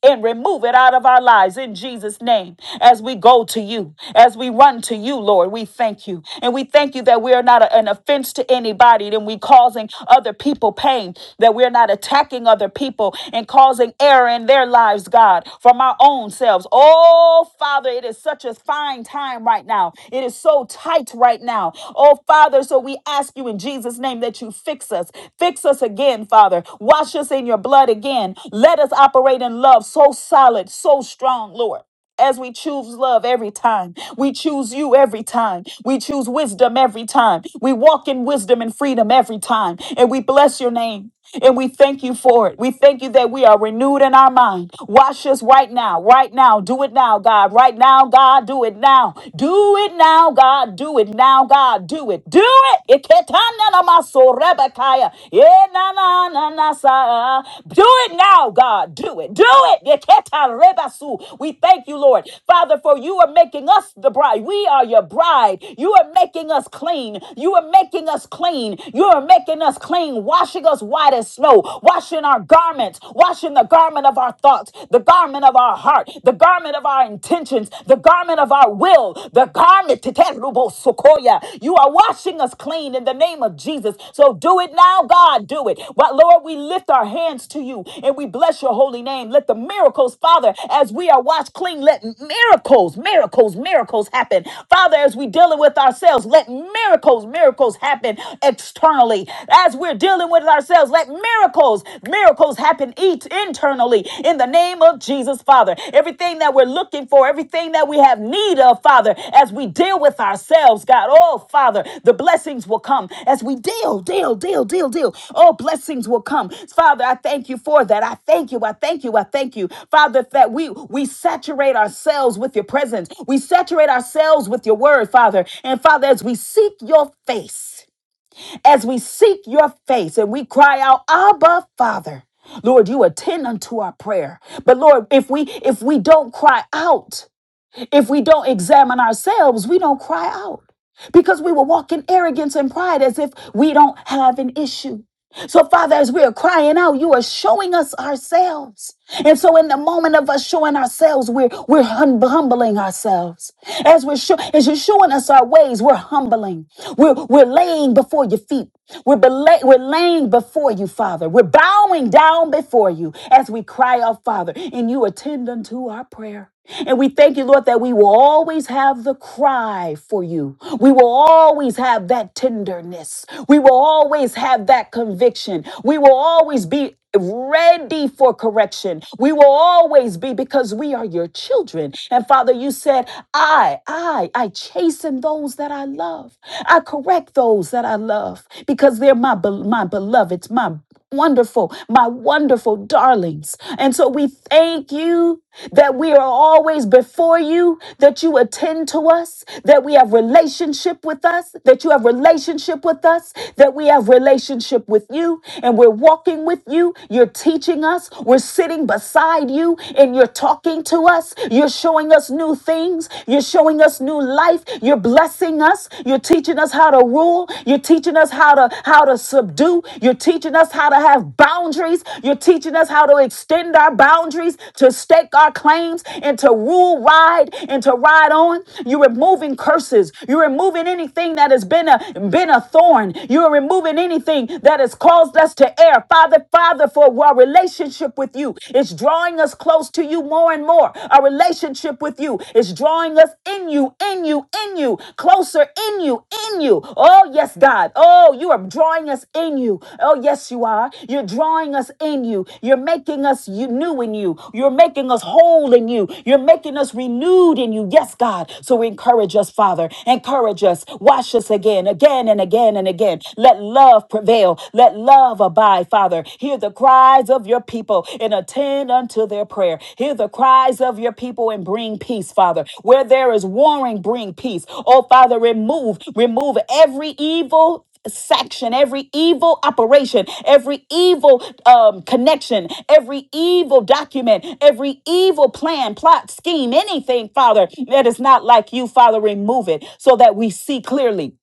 A: and remove it out of our lives in Jesus' name. As we go to you, as we run to you, Lord, we thank you. And we thank you that we are not a- an offense to anybody, that we causing other people pain, that we're not attacking other people and causing error in their lives, God, from our our own selves. Oh, Father, it is such a fine time right now. It is so tight right now. Oh, Father, so we ask you in Jesus' name that you fix us. Fix us again, Father. Wash us in your blood again. Let us operate in love so solid, so strong, Lord as we choose love every time. We choose you every time. We choose wisdom every time. We walk in wisdom and freedom every time. And we bless your name. And we thank you for it. We thank you that we are renewed in our mind. Wash us right now, right now. Do it now, God. Right now, God. Do it now. Do it now, God. Do it now, God. Do it. Do it. Iketana namaso rebekaya na na na sa. Do it now, God. Do it. Do it. Yeketa rebasu. We thank you, Lord. Father, for you are making us the bride. We are your bride. You are making us clean. You are making us clean. You are making us clean, washing us white as snow, washing our garments, washing the garment of our thoughts, the garment of our heart, the garment of our intentions, the garment of our will, the garment Sokoya. You are washing us clean in the name of Jesus. So do it now, God. Do it. But Lord, we lift our hands to you and we bless your holy name. Let the miracles, Father, as we are washed clean, let miracles, miracles, miracles happen. Father, as we dealing with ourselves, let miracles, miracles happen externally. As we're dealing with ourselves, let miracles, miracles happen each internally externally. In the name of Jesus, Father, everything that we're looking for, everything that we have need of, Father, as we deal with ourselves, God, oh, Father, the blessings will come as we deal, deal, deal, deal, deal. Oh, blessings will come. Father, I thank you for that. I thank you. I thank you. I thank you. Father, that we we saturate ourselves with your presence. We saturate ourselves with your word, Father. And Father, as we seek your face as we seek your face and we cry out, Abba, Father. Lord, you attend unto our prayer. But Lord, if we if we don't cry out, if we don't examine ourselves, we don't cry out because we will walk in arrogance and pride as if we don't have an issue. So, Father, as we are crying out, you are showing us ourselves. And so, in the moment of us showing ourselves, we're, we're hum- humbling ourselves. As, we're sho- as you're showing us our ways, we're humbling. We're, we're laying before your feet. We're, bela- we're laying before you, Father. We're bowing down before you as we cry out, Father, and you attend unto our prayer. And we thank you, Lord, that we will always have the cry for you. We will always have that tenderness. We will always have that conviction. We will always be ready for correction. We will always be because we are your children. And Father, you said, I, I, I chasten those that I love. I correct those that I love because they're my, be- my beloveds, my Wonderful, my wonderful darlings. And so we thank you that we are always before you, that you attend to us, that we have relationship with us, that you have relationship with us, that we have relationship with you, and we're walking with you. You're teaching us, we're sitting beside you, and you're talking to us. You're showing us new things, you're showing us new life, you're blessing us, You. You're teaching us how to rule. You're teaching us how to how to subdue. You're teaching us how to have boundaries. You're teaching us how to extend our boundaries, to stake our claims, and to rule, ride, and to ride on. You're removing curses. You're removing anything that has been a been a thorn. You're removing anything that has caused us to err. Father, Father, for our relationship with you, it's drawing us close to you more and more. Our relationship with you is drawing us in you, in you, in you, closer in you, in you. Oh, yes, God. Oh, you are drawing us in you. Oh, yes, you are. You're drawing us in you. You're making us you- new in you. You're making us whole in you. You're making us renewed in you. Yes, God. So encourage us, Father. Encourage us. Wash us again, again, and again, and again. Let love prevail. Let love abide, Father. Hear the cries of your people and attend unto their prayer. Hear the cries of your people and bring peace, Father. Where there is warring, bring peace. Oh, Father, remove, remove every evil section, every evil operation, every evil um, connection, every evil document, every evil plan, plot, scheme, anything, Father, that is not like you, Father, remove it so that we see clearly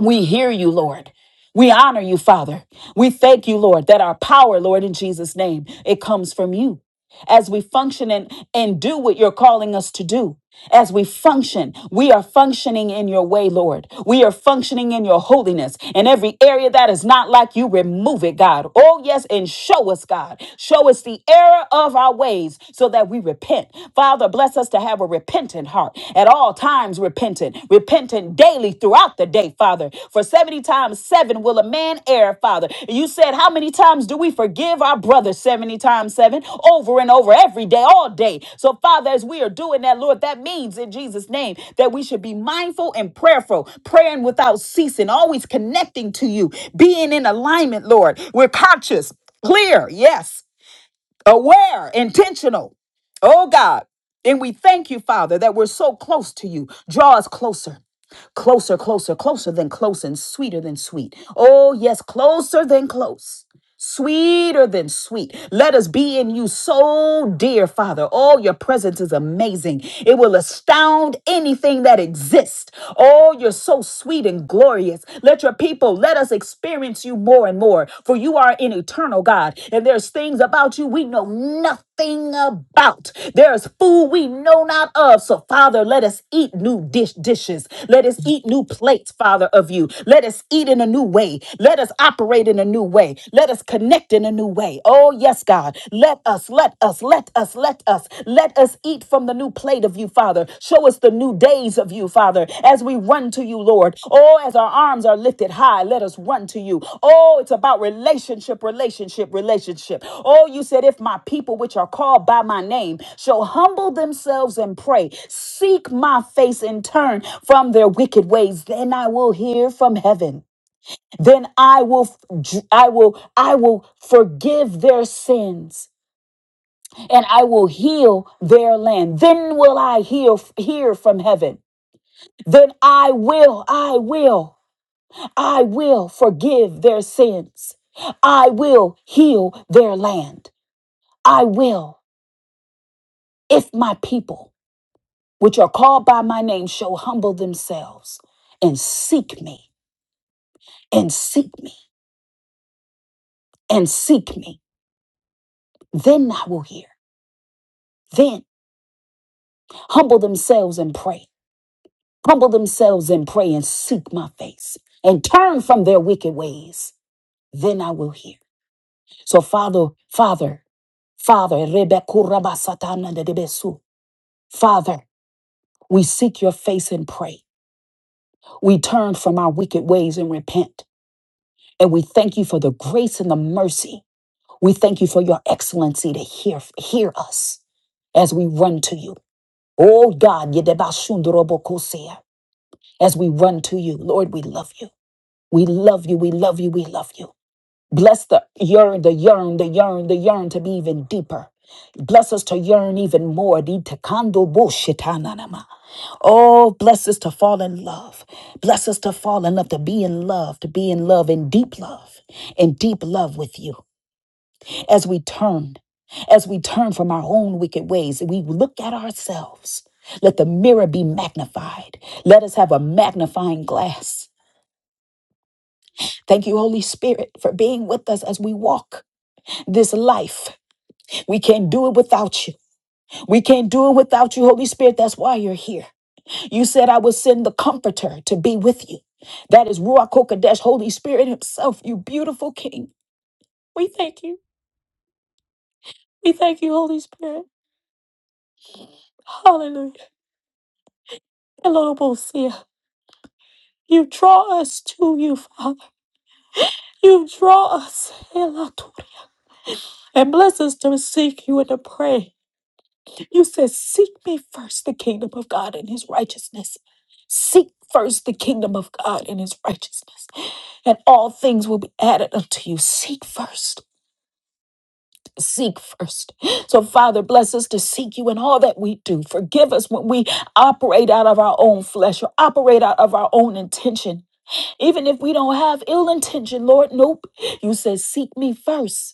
A: we hear you, Lord. We honor you, Father. We thank you, Lord, that our power, Lord, in Jesus' name, it comes from you. As we function and, and do what you're calling us to do, as we function, we are functioning in your way, Lord. We are functioning in your holiness. In every area that is not like you, remove it, God. Oh, yes, and show us, God. Show us the error of our ways so that we repent. Father, bless us to have a repentant heart at all times, repentant, repentant daily throughout the day, Father. For 70 times 7 will a man err, Father. you said, How many times do we forgive our brother 70 times 7? Over and over, every day, all day. So, Father, as we are doing that, Lord, that means in Jesus' name that we should be mindful and prayerful, praying without ceasing, always connecting to you, being in alignment, Lord. We're conscious, clear, yes, aware, intentional. Oh, God. And we thank you, Father, that we're so close to you. Draw us closer. Closer, closer, closer than close and sweeter than sweet. Oh, yes, closer than close. Sweeter than sweet. Let us be in you so dear, Father. Oh, your presence is amazing. It will astound anything that exists. Oh, you're so sweet and glorious. Let your people, let us experience you more and more, for you are an eternal God, and there's things about you we know nothing Thing about. There is food we know not of. So, Father, let us eat new dish dishes. Let us eat new plates, Father, of you. Let us eat in a new way. Let us operate in a new way. Let us connect in a new way. Oh, yes, God. Let us, let us, let us, let us, let us eat from the new plate of you, Father. Show us the new days of you, Father, as we run to you, Lord. Oh, as our arms are lifted high, let us run to you. Oh, it's about relationship, relationship, relationship. Oh, you said, if my people which are called by my name shall humble themselves and pray, seek my face and turn from their wicked ways, then I will hear from heaven. Then I will, I will, I will forgive their sins and I will heal their land. Then will I heal, hear from heaven then I will, I will, I will forgive their sins. I will heal their land. I will, if my people, which are called by my name, shall humble themselves and seek me, and seek me, and seek me, then I will hear. Then humble themselves and pray. Humble themselves and pray and seek my face and turn from their wicked ways. Then I will hear. So, Father, Father, Father, Rebekurabasatana Father, we seek your face and pray. We turn from our wicked ways and repent. And we thank you for the grace and the mercy. We thank you for your excellency to hear, hear us as we run to you. Oh God, yedebashundorobokosea. as we run to you, Lord, we love you. We love you, we love you, we love you. Bless the yearn, the yearn, the yearn, the yearn to be even deeper. Bless us to yearn even more. Di tekando bo shitananama. Oh, bless us to fall in love. Bless us to fall in love, to be in love, to be in love, in deep love, in deep love with you. As we turn, as we turn from our own wicked ways, we look at ourselves. Let the mirror be magnified. Let us have a magnifying glass. Thank you, Holy Spirit, for being with us as we walk this life. We can't do it without you. We can't do it without you, Holy Spirit. That's why you're here. You said, I will send the comforter to be with you. That is Ruach Hakodesh, Holy Spirit Himself, you beautiful King. We thank you. We thank you, Holy Spirit. Hallelujah. Elohim You draw us to you, Father. You draw us. Elator. And bless us to seek you and to pray. You said, Seek me first the kingdom of God and his righteousness. Seek first the kingdom of God and his righteousness, and all things will be added unto you. Seek first. Seek first. So, Father, bless us to seek you in all that we do. Forgive us when we operate out of our own flesh or operate out of our own intention. Even if we don't have ill intention, Lord, nope. You said, Seek me first.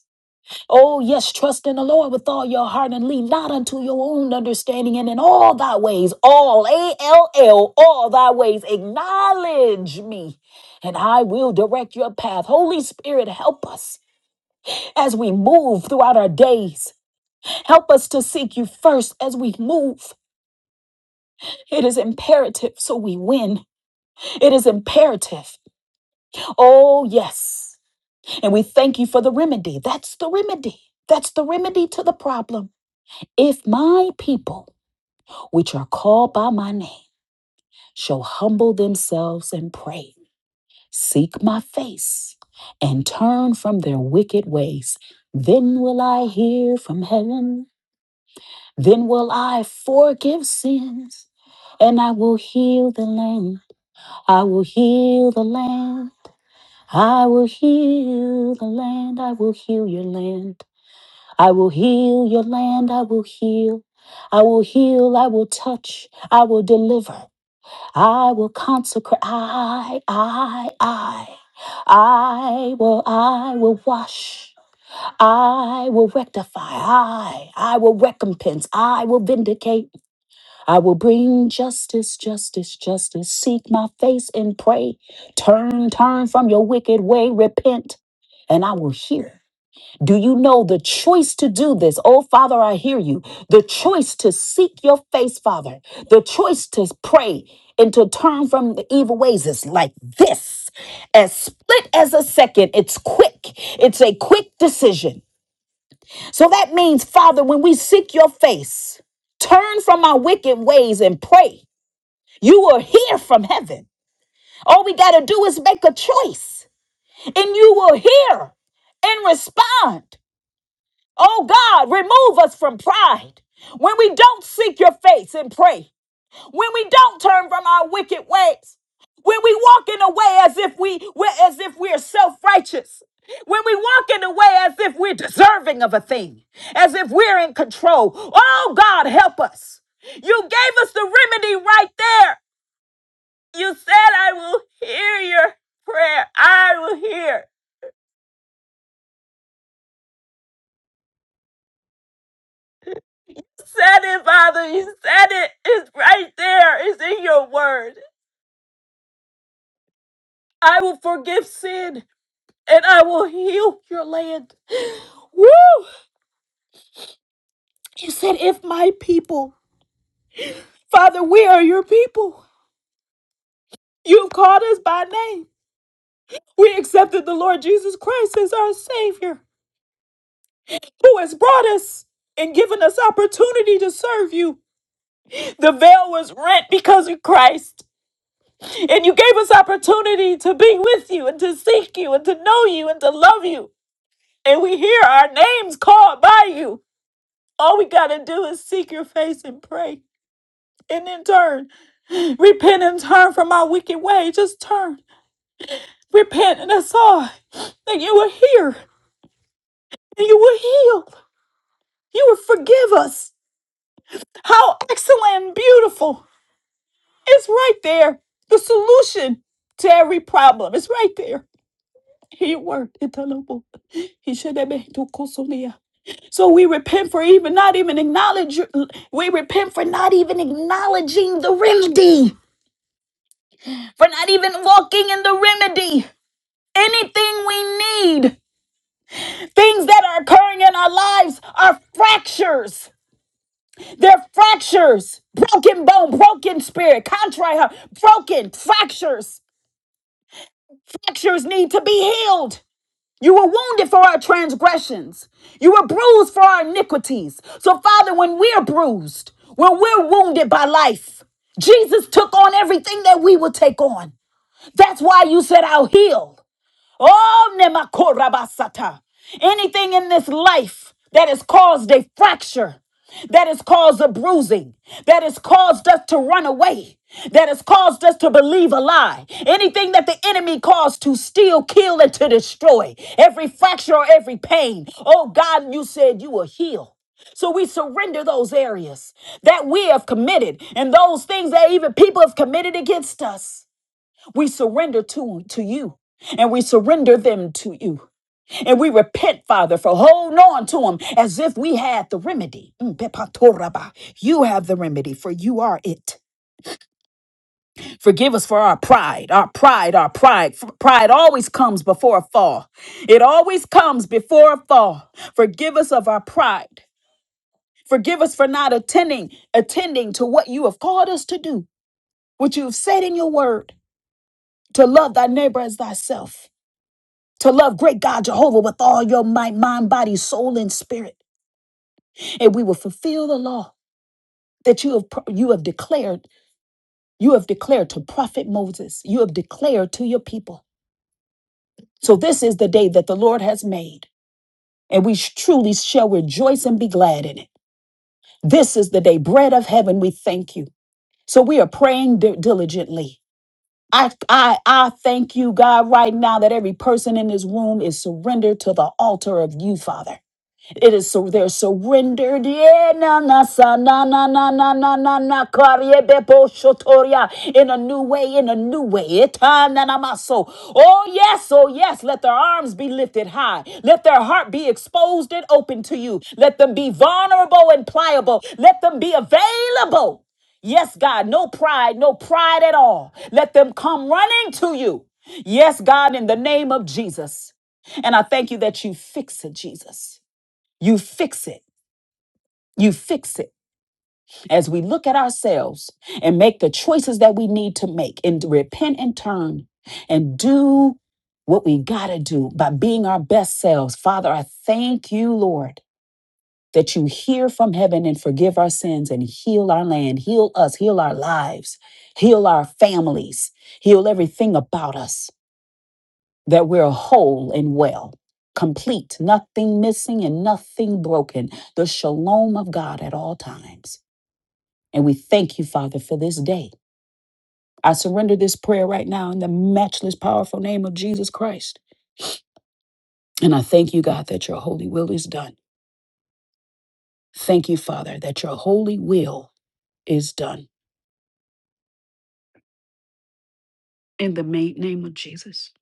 A: Oh, yes, trust in the Lord with all your heart and lean not unto your own understanding, and in all thy ways, all, A L L, all thy ways, acknowledge me, and I will direct your path. Holy Spirit, help us as we move throughout our days. Help us to seek you first as we move. It is imperative so we win. It is imperative. Oh, yes. And we thank you for the remedy. That's the remedy. That's the remedy to the problem. If my people which are called by my name, shall humble themselves and pray, seek my face, and turn from their wicked ways. Then will I hear from heaven, then will I forgive sins, and I will heal the land. I will heal the land. I will heal the land. I will heal your land. I will heal your land. I will heal. I will heal. I will touch. I will deliver. I will consecrate. I, I, I. I will, I will wash. I will rectify. I, I will recompense. I will vindicate. I will bring justice, justice, justice. Seek my face and pray. Turn, turn from your wicked way. Repent, and I will hear. Do you know the choice to do this? Oh, Father, I hear you. The choice to seek your face, Father. The choice to pray and to turn from the evil ways is like this. As split as a second, it's quick. It's a quick decision. So that means, Father, when we seek your face, turn from our wicked ways and pray. You will hear from heaven. All we got to do is make a choice, and you will hear and respond. Oh God, remove us from pride. When we don't seek your face and pray, when we don't turn from our wicked ways, when we walk in a way as if we we're, as if we're self-righteous, when we walk in a way as if we're deserving of a thing, as if we're in control. Oh God, help us. You gave us the remedy right there. You said, I will hear your prayer. I will hear. Said it, Father. You said it. It's right there. It's in your word. I will forgive sin and I will heal your land. Woo! He said, if my people, Father, we are your people. You've called us by name. We accepted the Lord Jesus Christ as our Savior, who has brought us and given us opportunity to serve you. The veil was rent because of Christ. And you gave us opportunity to be with you and to seek you and to know you and to love you. And we hear our names called by you. All we got to do is seek your face and pray. And then turn. Repent and turn from our wicked way. Just turn. Repent and that's all. That you will hear and you will heal. You will forgive us. How excellent and beautiful. It's right there. The solution to every problem It's right there. He worked it alone. He should have been to Kosolia. So we repent for even not even acknowledge. We repent for not even acknowledging the remedy. for not even walking in the remedy. Anything we need, things that are occurring in our lives are fractures. They're fractures. Broken bone, broken spirit, contrite heart, broken fractures. Fractures need to be healed. You were wounded for our transgressions. You were bruised for our iniquities. So, Father, when we're bruised, when we're wounded by life, Jesus took on everything that we would take on. That's why you said, I'll heal. Oh, nemakorabasata. Anything in this life that has caused a fracture, that has caused a bruising, that has caused us to run away, that has caused us to believe a lie, anything that the enemy caused to steal, kill, and to destroy, every fracture or every pain. Oh, God, you said you will heal. So we surrender those areas that we have committed and those things that even people have committed against us. We surrender to, to you and we surrender them to you. And we repent, Father, for holding on to them as if we had the remedy. Mm, pepatoraba. You have the remedy, for you are it. Forgive us for our pride, our pride, our pride. F- Pride always comes before a fall. It always comes before a fall. Forgive us of our pride. Forgive us for not attending, attending to what you have called us to do, what you have said in your word, to love thy neighbor as thyself. to love great God Jehovah with all your might, mind, body, soul, and spirit. And we will fulfill the law that you have pro- you have declared, you have declared to prophet Moses, you have declared to your people. So this is the day that the Lord has made, and we sh- truly shall rejoice and be glad in it. This is the day, bread of heaven, we thank you. So we are praying di- diligently. I, I, I thank you, God, right now that every person in this room is surrendered to the altar of you, Father. It is so they're surrendered. Yeah, na na sa na na na na na na na kariebe po shotoria in a new way, in a new way. Eta na na maso. Oh yes, oh yes. Let their arms be lifted high. Let their heart be exposed and open to you. Let them be vulnerable and pliable. Let them be available. Yes, God, no pride, no pride at all. Let them come running to you. Yes, God, in the name of Jesus. And I thank you that you fix it, Jesus. You fix it. You fix it as we look at ourselves and make the choices that we need to make and repent and turn and do what we got to do by being our best selves. Father, I thank you, Lord, that you hear from heaven and forgive our sins and heal our land, heal us, heal our lives, heal our families, heal everything about us. that we're whole and well, complete, nothing missing and nothing broken, the shalom of God at all times. And we thank you, Father, for this day. I surrender this prayer right now in the matchless, powerful name of Jesus Christ. And I thank you, God, that your holy will is done. Thank you, Father, that your holy will is done. In the ma- name of Jesus.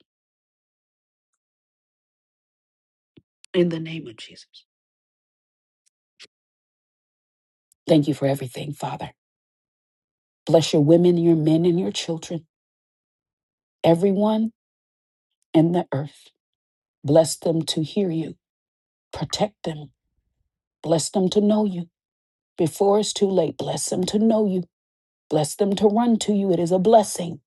A: In the name of Jesus. Thank you for everything, Father. Bless your women, your men, and your children, everyone in the earth. Bless them to hear you. Protect them. Bless them to know you. Before it's too late, bless them to know you. Bless them to run to you. It is a blessing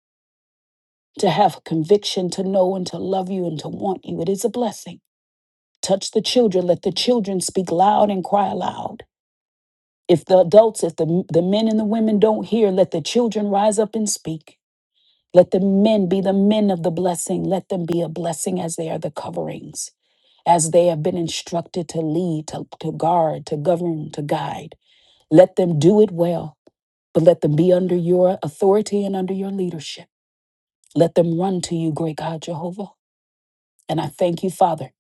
A: to have conviction, to know and to love you and to want you. It is a blessing. Touch the children. Let the children speak loud and cry aloud. If the adults, if the, the men and the women don't hear, let the children rise up and speak. Let the men be the men of the blessing. Let them be a blessing as they are the coverings. as they have been instructed to lead, to, to guard, to govern, to guide. Let them do it well, but let them be under your authority and under your leadership. Let them run to you, great God Jehovah. And I thank you, Father.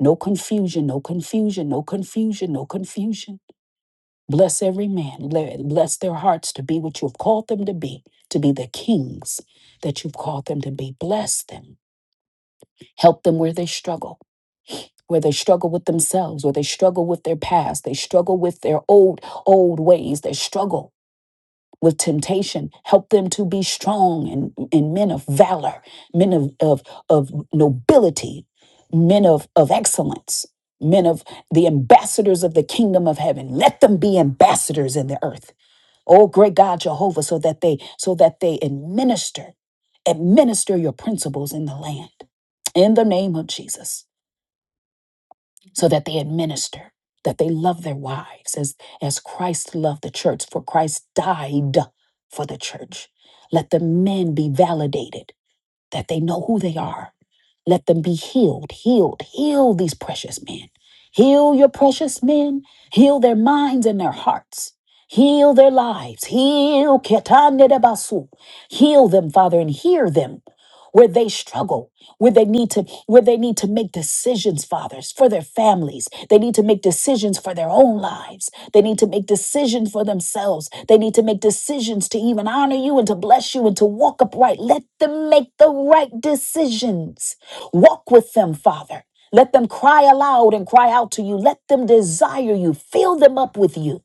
A: No confusion, no confusion, no confusion, no confusion. Bless every man. Let- Bless their hearts to be what you have called them to be, to be the kings that you've called them to be. Bless them. Help them where they struggle. where they struggle with themselves, where they struggle with their past, they struggle with their old, old ways, they struggle with temptation. Help them to be strong and, and men of valor, men of, of, of nobility, men of, of excellence, men of the ambassadors of the kingdom of heaven. Let them be ambassadors in the earth. Oh great God Jehovah, so that they so that they administer, administer your principles in the land. In the name of Jesus so that they administer, that they love their wives as, as Christ loved the church, for Christ died for the church. Let the men be validated, that they know who they are. Let them be healed, healed, heal these precious men. Heal your precious men, heal their minds and their hearts. Heal their lives. Heal Ketane de Basu. Heal them, Father, and hear them where they struggle where they need to where they need to make decisions fathers for their families they need to make decisions for their own lives they need to make decisions for themselves they need to make decisions to even honor you and to bless you and to walk upright let them make the right decisions walk with them father let them cry aloud and cry out to you let them desire you fill them up with you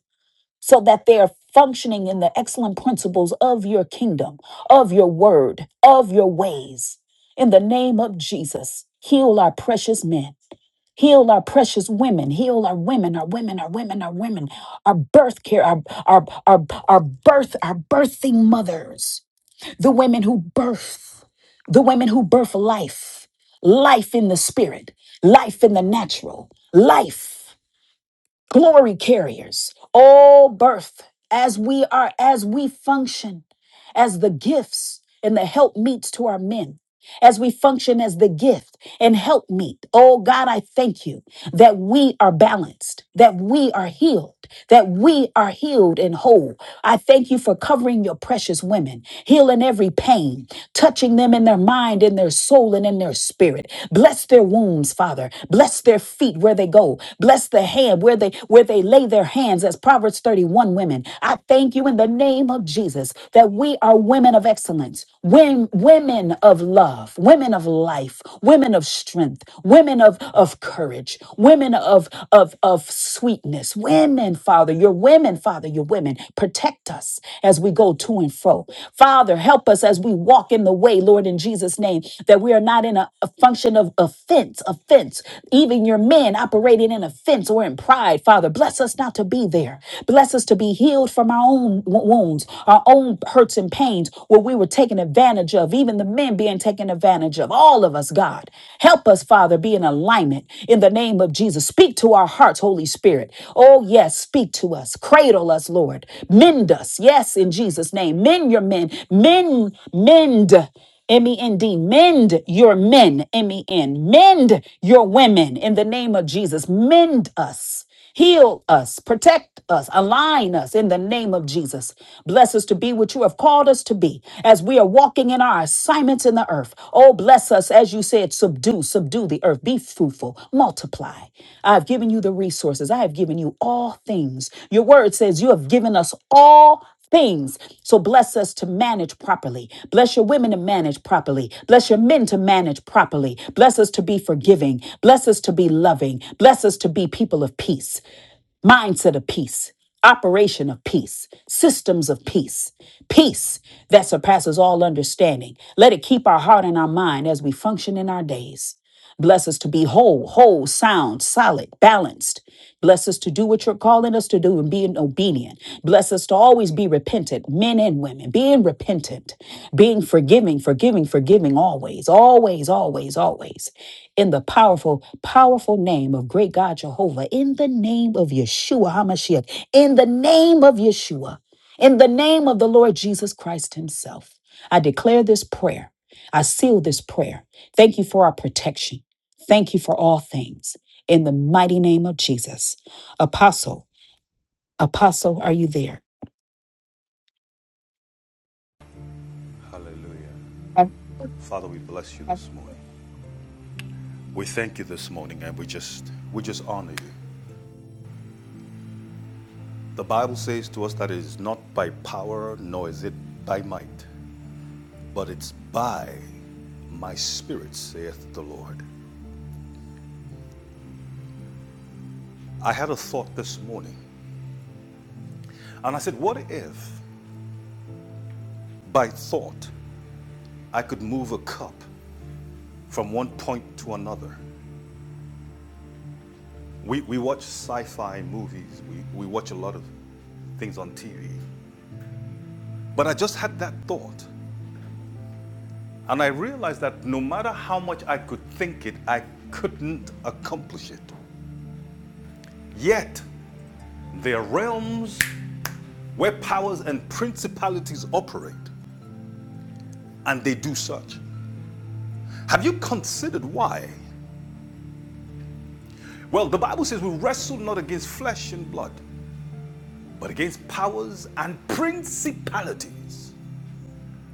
A: so that they are functioning in the excellent principles of your kingdom, of your word, of your ways. In the name of Jesus, heal our precious men. Heal our precious women. Heal our women, our women, our women, our women, our birth care, our, our, our, our birth, our birthing mothers, the women who birth, the women who birth life, life in the spirit, life in the natural, life glory carriers all birth as we are as we function as the gifts and the help meets to our men as we function as the gift and help meet oh god i thank you that we are balanced that we are healed that we are healed and whole i thank you for covering your precious women healing every pain touching them in their mind, in their soul, and in their spirit. Bless their wombs, Father. Bless their feet where they go. Bless the hand where they where they lay their hands, as Proverbs 31 women. I thank you in the name of Jesus that we are women of excellence, women, women of love, women of life, women of strength, women of, of courage, women of, of, of sweetness, women, Father. Your women women, Father, your women. Protect us as we go to and fro. Father, help us as we walk in the way, Lord, in Jesus' name, that we are not in a, a function of offense, offense. Even your men operating in offense or in pride, Father, bless us not to be there. Bless us to be healed from our own wo- wounds, our own hurts and pains where we were taken advantage of, even the men being taken advantage of. All of us, God. Help us, Father. Father, be in alignment in the name of Jesus. Speak to our hearts, Holy Spirit. Oh, yes, speak to us. Cradle us, Lord. Mend us. Yes, in Jesus' name. Mend your men. Mend, mend. M-E-N-D, mend your men, M-E-N, mend your women in the name of Jesus. Mend us. Heal us, protect us, align us in the name of Jesus. Bless us to be what you have called us to be as we are walking in our assignments in the earth. Oh, bless us, as you said, subdue, subdue the earth, be fruitful, multiply. I have given you the resources, I have given you all things. Your word says you have given us all things. So bless us to manage properly. Bless your women to manage properly. Bless your men to manage properly. Bless us to be forgiving. Bless us to be loving. Bless us to be people of peace mindset of peace, operation of peace, systems of peace, peace that surpasses all understanding. Let it keep our heart and our mind as we function in our days. Bless us to be whole, whole, sound, solid, balanced. Bless us to do what you're calling us to do and being obedient. Bless us to always be repentant, men and women, being repentant, being forgiving, forgiving, forgiving always, always, always, always in the powerful, powerful name of great God Jehovah, in the name of Yeshua HaMashiach, in the name of Yeshua, in the name of the Lord Jesus Christ Himself. I declare this prayer. I seal this prayer. Thank you for our protection. Thank you for all things. In the mighty name of Jesus. Apostle, Apostle, are you there?
B: Hallelujah. Father, we bless you this morning. We thank you this morning and we just we just honor you. The Bible says to us that it is not by power nor is it by might, but it's by my spirit, saith the Lord. I had a thought this morning, and I said, What if by thought I could move a cup from one point to another? We we watch sci-fi movies, we, we watch a lot of things on TV. But I just had that thought And I realized that no matter how much I could think it, I couldn't accomplish it. Yet, there are realms where powers and principalities operate, and they do such. Have you considered why? Well, the Bible says we wrestle not against flesh and blood, but against powers and principalities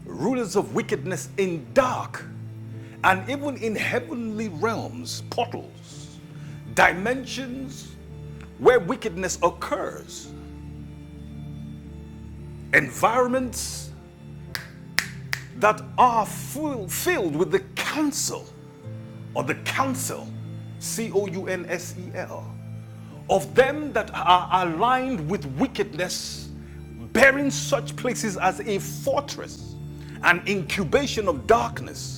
B: rulers of wickedness in dark and even in heavenly realms, portals, dimensions where wickedness occurs, environments that are full, filled with the counsel or the counsel, C O U N S E L, of them that are aligned with wickedness, bearing such places as a fortress, an incubation of darkness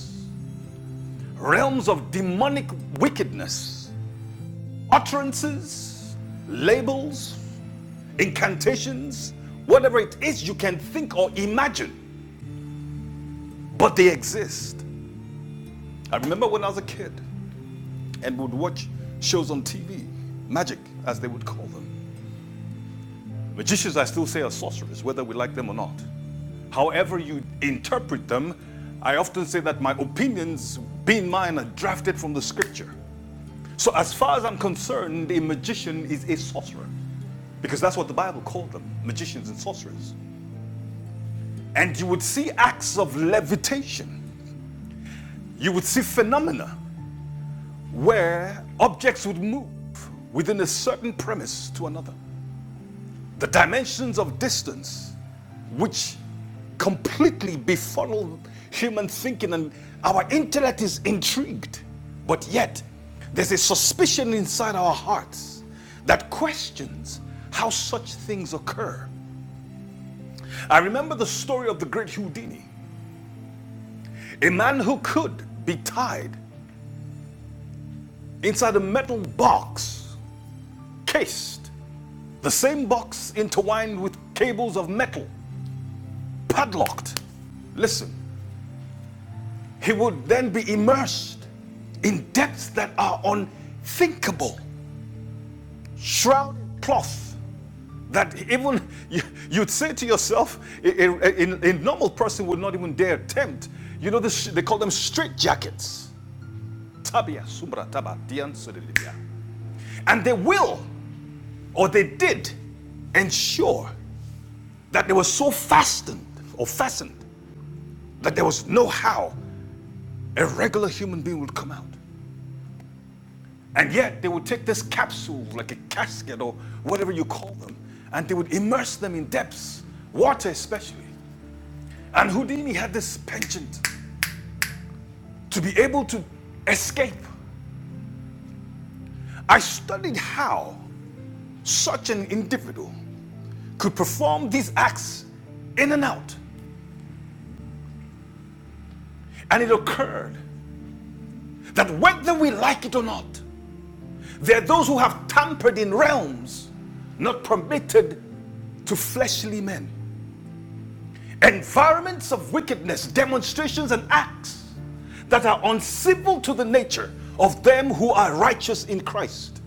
B: realms of demonic wickedness, utterances, labels, incantations, whatever it is you can think or imagine, but they exist. I remember when I was a kid and would watch shows on TV, magic as they would call them. Magicians, I still say, are sorcerers, whether we like them or not. However, you interpret them, I often say that my opinions, being mine, are drafted from the scripture. So, as far as I'm concerned, a magician is a sorcerer. Because that's what the Bible called them magicians and sorcerers. And you would see acts of levitation. You would see phenomena where objects would move within a certain premise to another. The dimensions of distance, which completely befuddle human thinking, and our intellect is intrigued. But yet, there's a suspicion inside our hearts that questions how such things occur. I remember the story of the great Houdini A man who could be tied inside a metal box, cased, the same box intertwined with cables of metal, padlocked. Listen, he would then be immersed in depths that are unthinkable, shrouded cloth that even you, would say to yourself, a, a- a- normal person would not even dare attempt. You know, this, they call them straight Tabia, sumbra, taba, dian, sudilibia. And they will. or they did ensure that they were so fastened or fastened that there was no how a regular human being would come out. And yet they would take this capsule, like a casket or whatever you call them, and they would immerse them in depths, water especially. And Houdini had this penchant to be able to escape. I studied how such an individual could perform these acts in and out. And it occurred that whether we like it or not, there are those who have tampered in realms not permitted to fleshly men. Environments of wickedness, demonstrations, and acts that are uncivil to the nature of them who are righteous in Christ.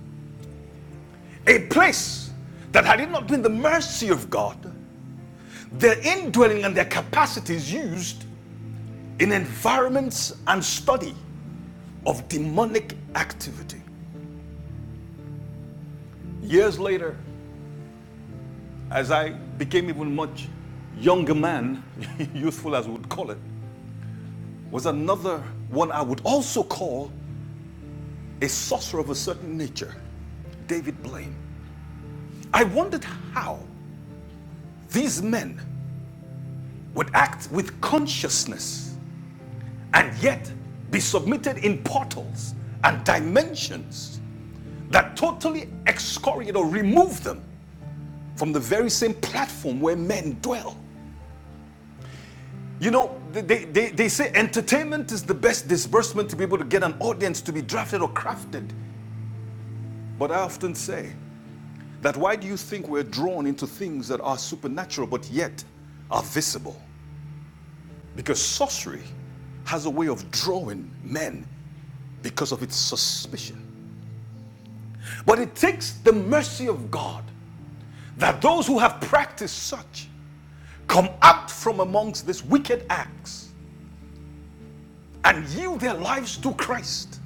B: A place that had it not been the mercy of God, their indwelling and their capacities used in environments and study of demonic activity. Years later, as I became even much younger man, youthful as we would call it, was another one I would also call a sorcerer of a certain nature, David Blaine. I wondered how these men would act with consciousness and yet be submitted in portals and dimensions that totally excoriate or remove them from the very same platform where men dwell. You know, they, they, they say entertainment is the best disbursement to be able to get an audience to be drafted or crafted. But I often say that why do you think we're drawn into things that are supernatural but yet are visible? Because sorcery has a way of drawing men because of its suspicion. But it takes the mercy of God that those who have practiced such come out from amongst these wicked acts and yield their lives to Christ,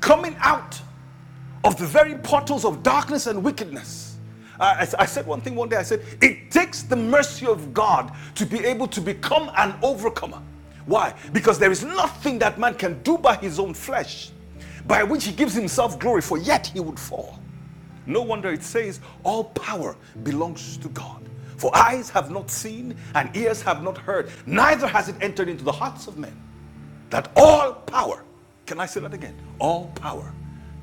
B: coming out of the very portals of darkness and wickedness. I, I- I said one thing one day. I said, it takes the mercy of God to be able to become an overcomer. Why? Because there is nothing that man can do by his own flesh by which he gives himself glory, for yet he would fall. No wonder it says, All power belongs to God. For eyes have not seen, and ears have not heard, neither has it entered into the hearts of men that all power, can I say that again? All power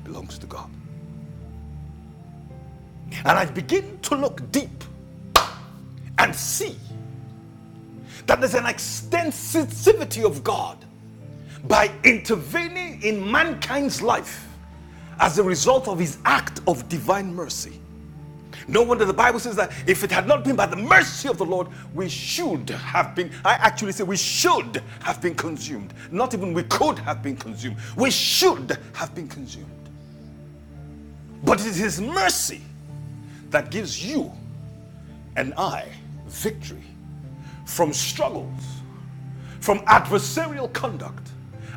B: belongs to God. And I begin to look deep and see that there's an extensivity of God by intervening in mankind's life as a result of his act of divine mercy. No wonder the Bible says that if it had not been by the mercy of the Lord, we should have been, I actually say we should have been consumed. Not even we could have been consumed. We should have been consumed. But it is his mercy that gives you and I victory from struggles, from adversarial conduct.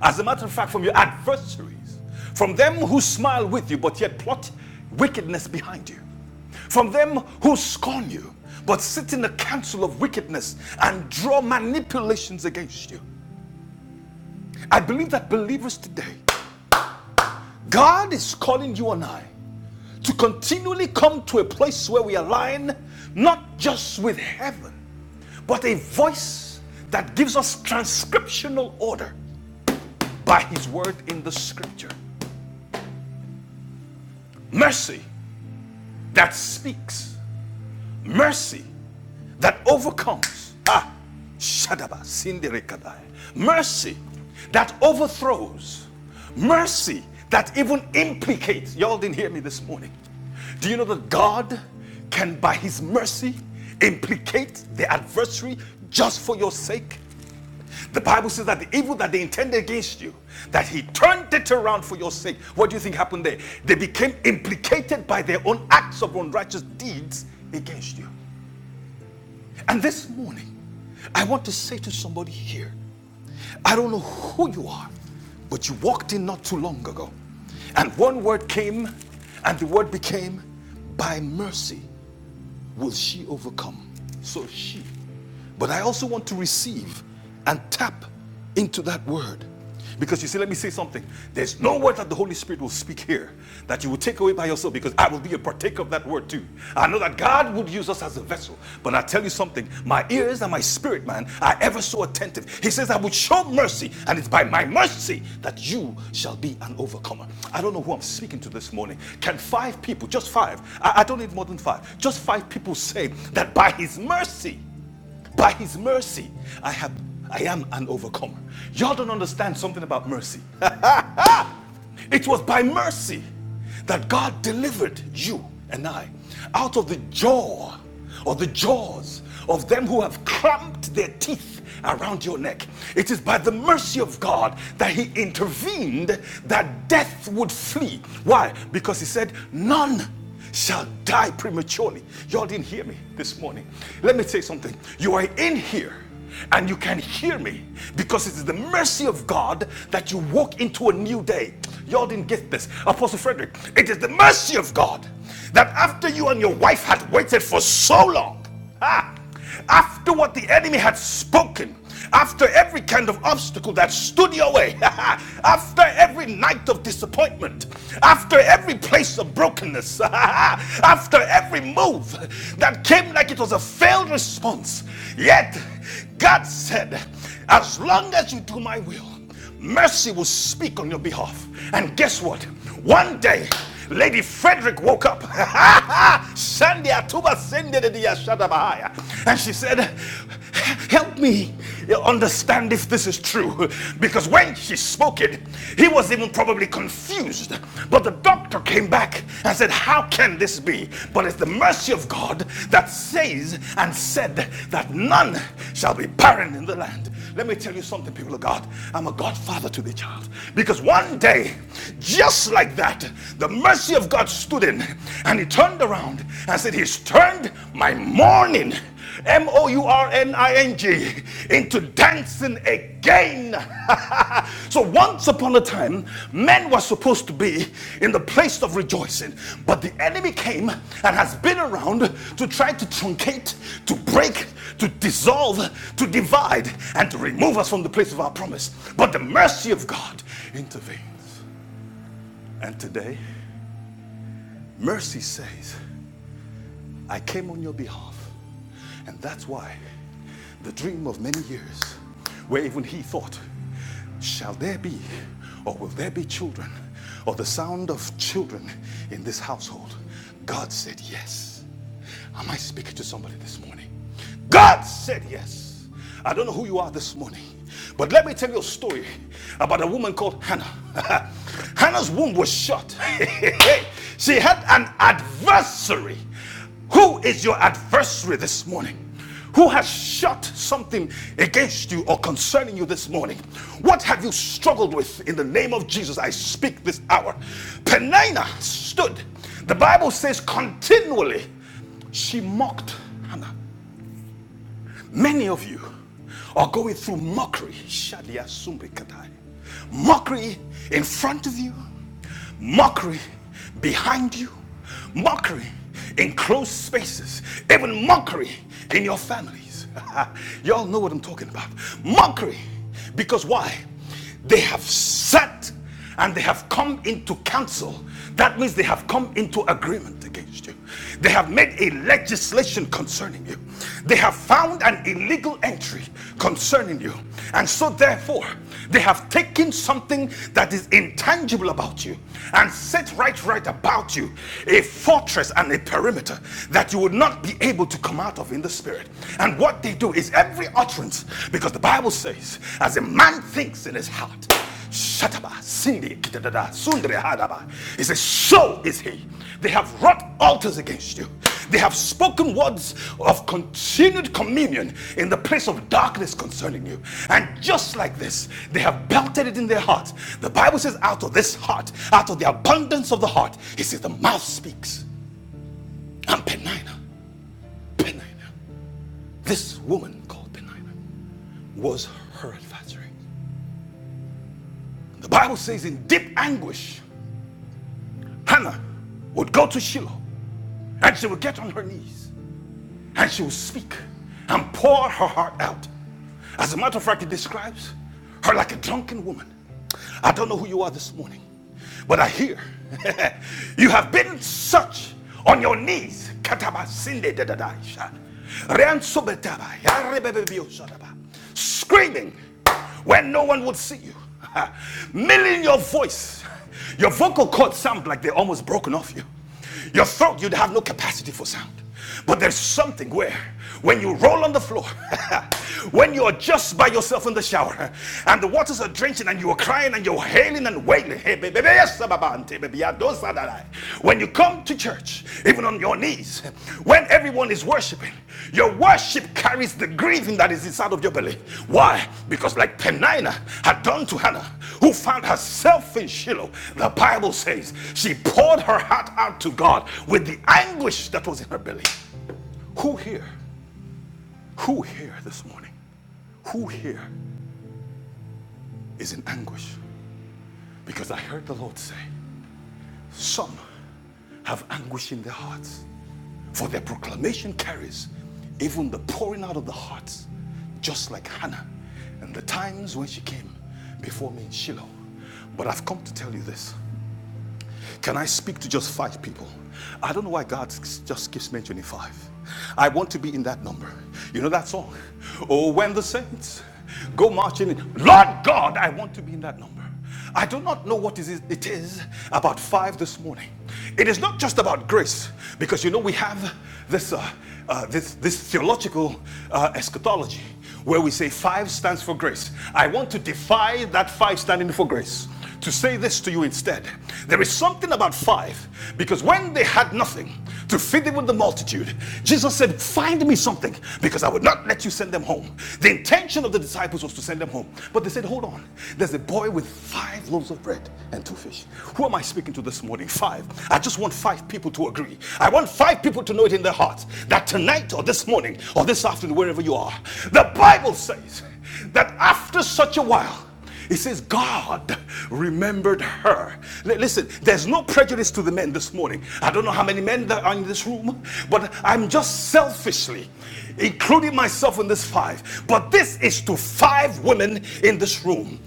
B: As a matter of fact, from your adversaries, from them who smile with you but yet plot wickedness behind you, from them who scorn you but sit in the council of wickedness and draw manipulations against you. I believe that believers today, God is calling you and I to continually come to a place where we align not just with heaven, but a voice that gives us transcriptional order by His word in the scripture. Mercy that speaks, mercy that overcomes. Ah, Shadaba Sindirekadai. Mercy that overthrows. Mercy that even implicates. Y'all didn't hear me this morning. Do you know that God can, by His mercy, implicate the adversary just for your sake? The Bible says that the evil that they intended against you, that He turned it around for your sake. What do you think happened there? They became implicated by their own acts of unrighteous deeds against you. And this morning, I want to say to somebody here I don't know who you are, but you walked in not too long ago. And one word came, and the word became, By mercy will she overcome. So she. But I also want to receive and tap into that word. Because you see, let me say something. There's no word that the Holy Spirit will speak here that you will take away by yourself because I will be a partaker of that word too. I know that God would use us as a vessel. But I tell you something, my ears and my spirit, man, are ever so attentive. He says, I will show mercy, and it's by my mercy that you shall be an overcomer. I don't know who I'm speaking to this morning. Can five people, just five, I, I don't need more than five, just five people say that by his mercy, by his mercy, I have I am an overcomer. Y'all don't understand something about mercy. it was by mercy that God delivered you and I out of the jaw or the jaws of them who have clamped their teeth around your neck. It is by the mercy of God that He intervened that death would flee. Why? Because He said, None shall die prematurely. Y'all didn't hear me this morning. Let me say something. You are in here and you can hear me because it is the mercy of God that you walk into a new day. Y'all didn't get this. Apostle Frederick, it is the mercy of God that after you and your wife had waited for so long, ah, after what the enemy had spoken, after every kind of obstacle that stood your way, after every night of disappointment, after every place of brokenness, after every move that came like it was a failed response, yet God said, As long as you do my will, Mercy will speak on your behalf. And guess what? One day, Lady Frederick woke up. And she said, Help me understand if this is true. Because when she spoke it, he was even probably confused. But the doctor came back and said, How can this be? But it's the mercy of God that says and said that none shall be barren in the land. Let me tell you something, people of God. I'm a godfather to the child. Because one day, just like that, the mercy of God stood in and he turned around and said, He's turned my mourning, M O U R N I N G, into dancing again. So once upon a time, men were supposed to be in the place of rejoicing, but the enemy came and has been around to try to truncate, to break, to dissolve, to divide, and to remove us from the place of our promise. But the mercy of God intervenes. And today, mercy says, I came on your behalf. And that's why the dream of many years, where even he thought, shall there be or will there be children or the sound of children in this household? God said yes. Am I speaking to somebody this morning? God said yes. I don't know who you are this morning, but let me tell you a story about a woman called Hannah. Hannah's womb was shut. she had an adversary. Who is your adversary this morning? Who has shot something against you or concerning you this morning? What have you struggled with in the name of Jesus? I speak this hour. Penina stood. The Bible says continually she mocked Hannah. Many of you are going through mockery. Shadia Mockery in front of you, mockery behind you, mockery in closed spaces, even mockery in your families. Y'all know what I'm talking about. Mockery. Because why? They have set and they have come into council. That means they have come into agreement against you. They have made a legislation concerning you. They have found an illegal entry concerning you. And so, therefore, they have taken something that is intangible about you and set right, right about you a fortress and a perimeter that you would not be able to come out of in the spirit. And what they do is every utterance, because the Bible says, as a man thinks in his heart, shataba, sindi, kitadada, sundre, hadaba. says, so is he. They have wrought altars against you. They have spoken words of continued communion in the place of darkness concerning you. And just like this, they have belted it in their heart. The Bible says, out of this heart, out of the abundance of the heart, it says, the mouth speaks. And Penina, Penina, this woman called Penina was her adversary. The Bible says in deep anguish, Hannah would go to Shiloh and she would get on her knees and she will speak and pour her heart out. As a matter of fact, it describes her like a drunken woman. I don't know who you are this morning, but I hear you have been such on your knees. Screaming when no one would see you. Milling your voice. Your vocal cords sound like they're almost broken off you. Your throat, you'd have no capacity for sound. But there's something where, when you roll on the floor, when you're just by yourself in the shower, and the waters are drenching, and you're crying, and you're hailing and wailing, hey, baby, yes, sababa, ante, baby, adosadalai. when you come to church, even on your knees. When everyone is worshiping, your worship carries the grieving that is inside of your belly. Why? Because, like Penina had done to Hannah, who found herself in Shiloh, the Bible says she poured her heart out to God with the anguish that was in her belly. Who here, who here this morning, who here is in anguish? Because I heard the Lord say, Some have anguish in their hearts. For their proclamation carries even the pouring out of the hearts, just like Hannah and the times when she came before me in Shiloh. But I've come to tell you this can I speak to just five people? I don't know why God just keeps mentioning five. I want to be in that number. You know that song? Oh, when the saints go marching in, Lord God, I want to be in that number. I do not know what it is about five this morning. It is not just about grace, because you know we have this uh, uh, this, this theological uh, eschatology where we say five stands for grace. I want to defy that five standing for grace to say this to you instead. There is something about five, because when they had nothing to feed them with the multitude, Jesus said, Find me something, because I would not let you send them home. The intention of the disciples was to send them home, but they said, Hold on, there's a boy with five loaves of bread and two fish. Who am I speaking to this morning? Five. I just want five people to agree. I want five people to know it in their hearts that tonight or this morning or this afternoon, wherever you are, the Bible says that after such a while, it says God remembered her. Listen, there's no prejudice to the men this morning. I don't know how many men there are in this room, but I'm just selfishly including myself in this five. But this is to five women in this room.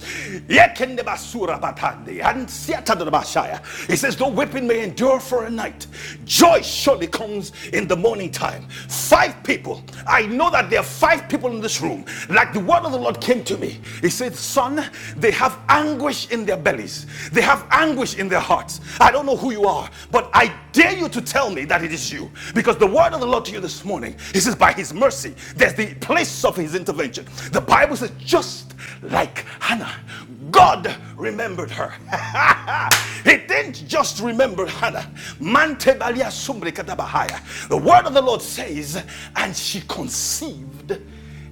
B: Yekendebasurabakande, It says, though weeping may endure for a night, joy surely comes in the morning time. Five people. I know that there are five people in this room. Like the word of the Lord came to me to me. He said, Son, they have anguish in their bellies, they have anguish in their hearts. I don't know who you are, but I dare you to tell me that it is you. Because the word of the Lord to you this morning, He says, By His mercy, there's the place of His intervention. The Bible says, just like Hannah, God remembered her. he didn't just remember Hannah. The word of the Lord says, and she conceived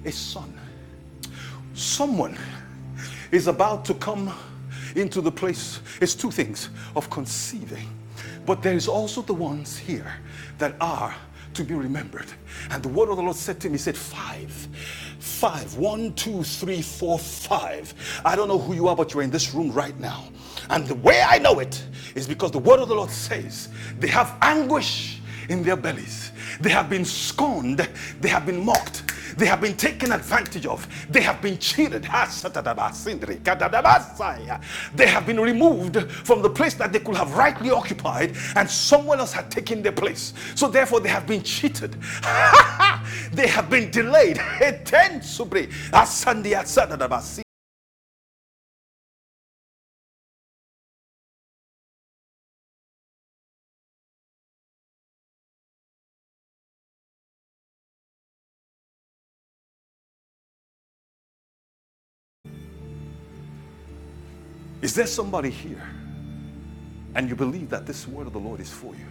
B: a son someone is about to come into the place. It's two things of conceiving, but there is also the ones here that are to be remembered. And the word of the Lord said to me, He said, Five, five, one, two, three, four, five. I don't know who you are, but you're in this room right now. And the way I know it is because the word of the Lord says they have anguish in their bellies. They have been scorned. They have been mocked. They have been taken advantage of. They have been cheated. Ah, They have been removed from the place that they could have rightly occupied, and someone else had taken their place. So therefore, they have been cheated. they have been delayed. Is there somebody here and you believe that this word of the Lord is for you?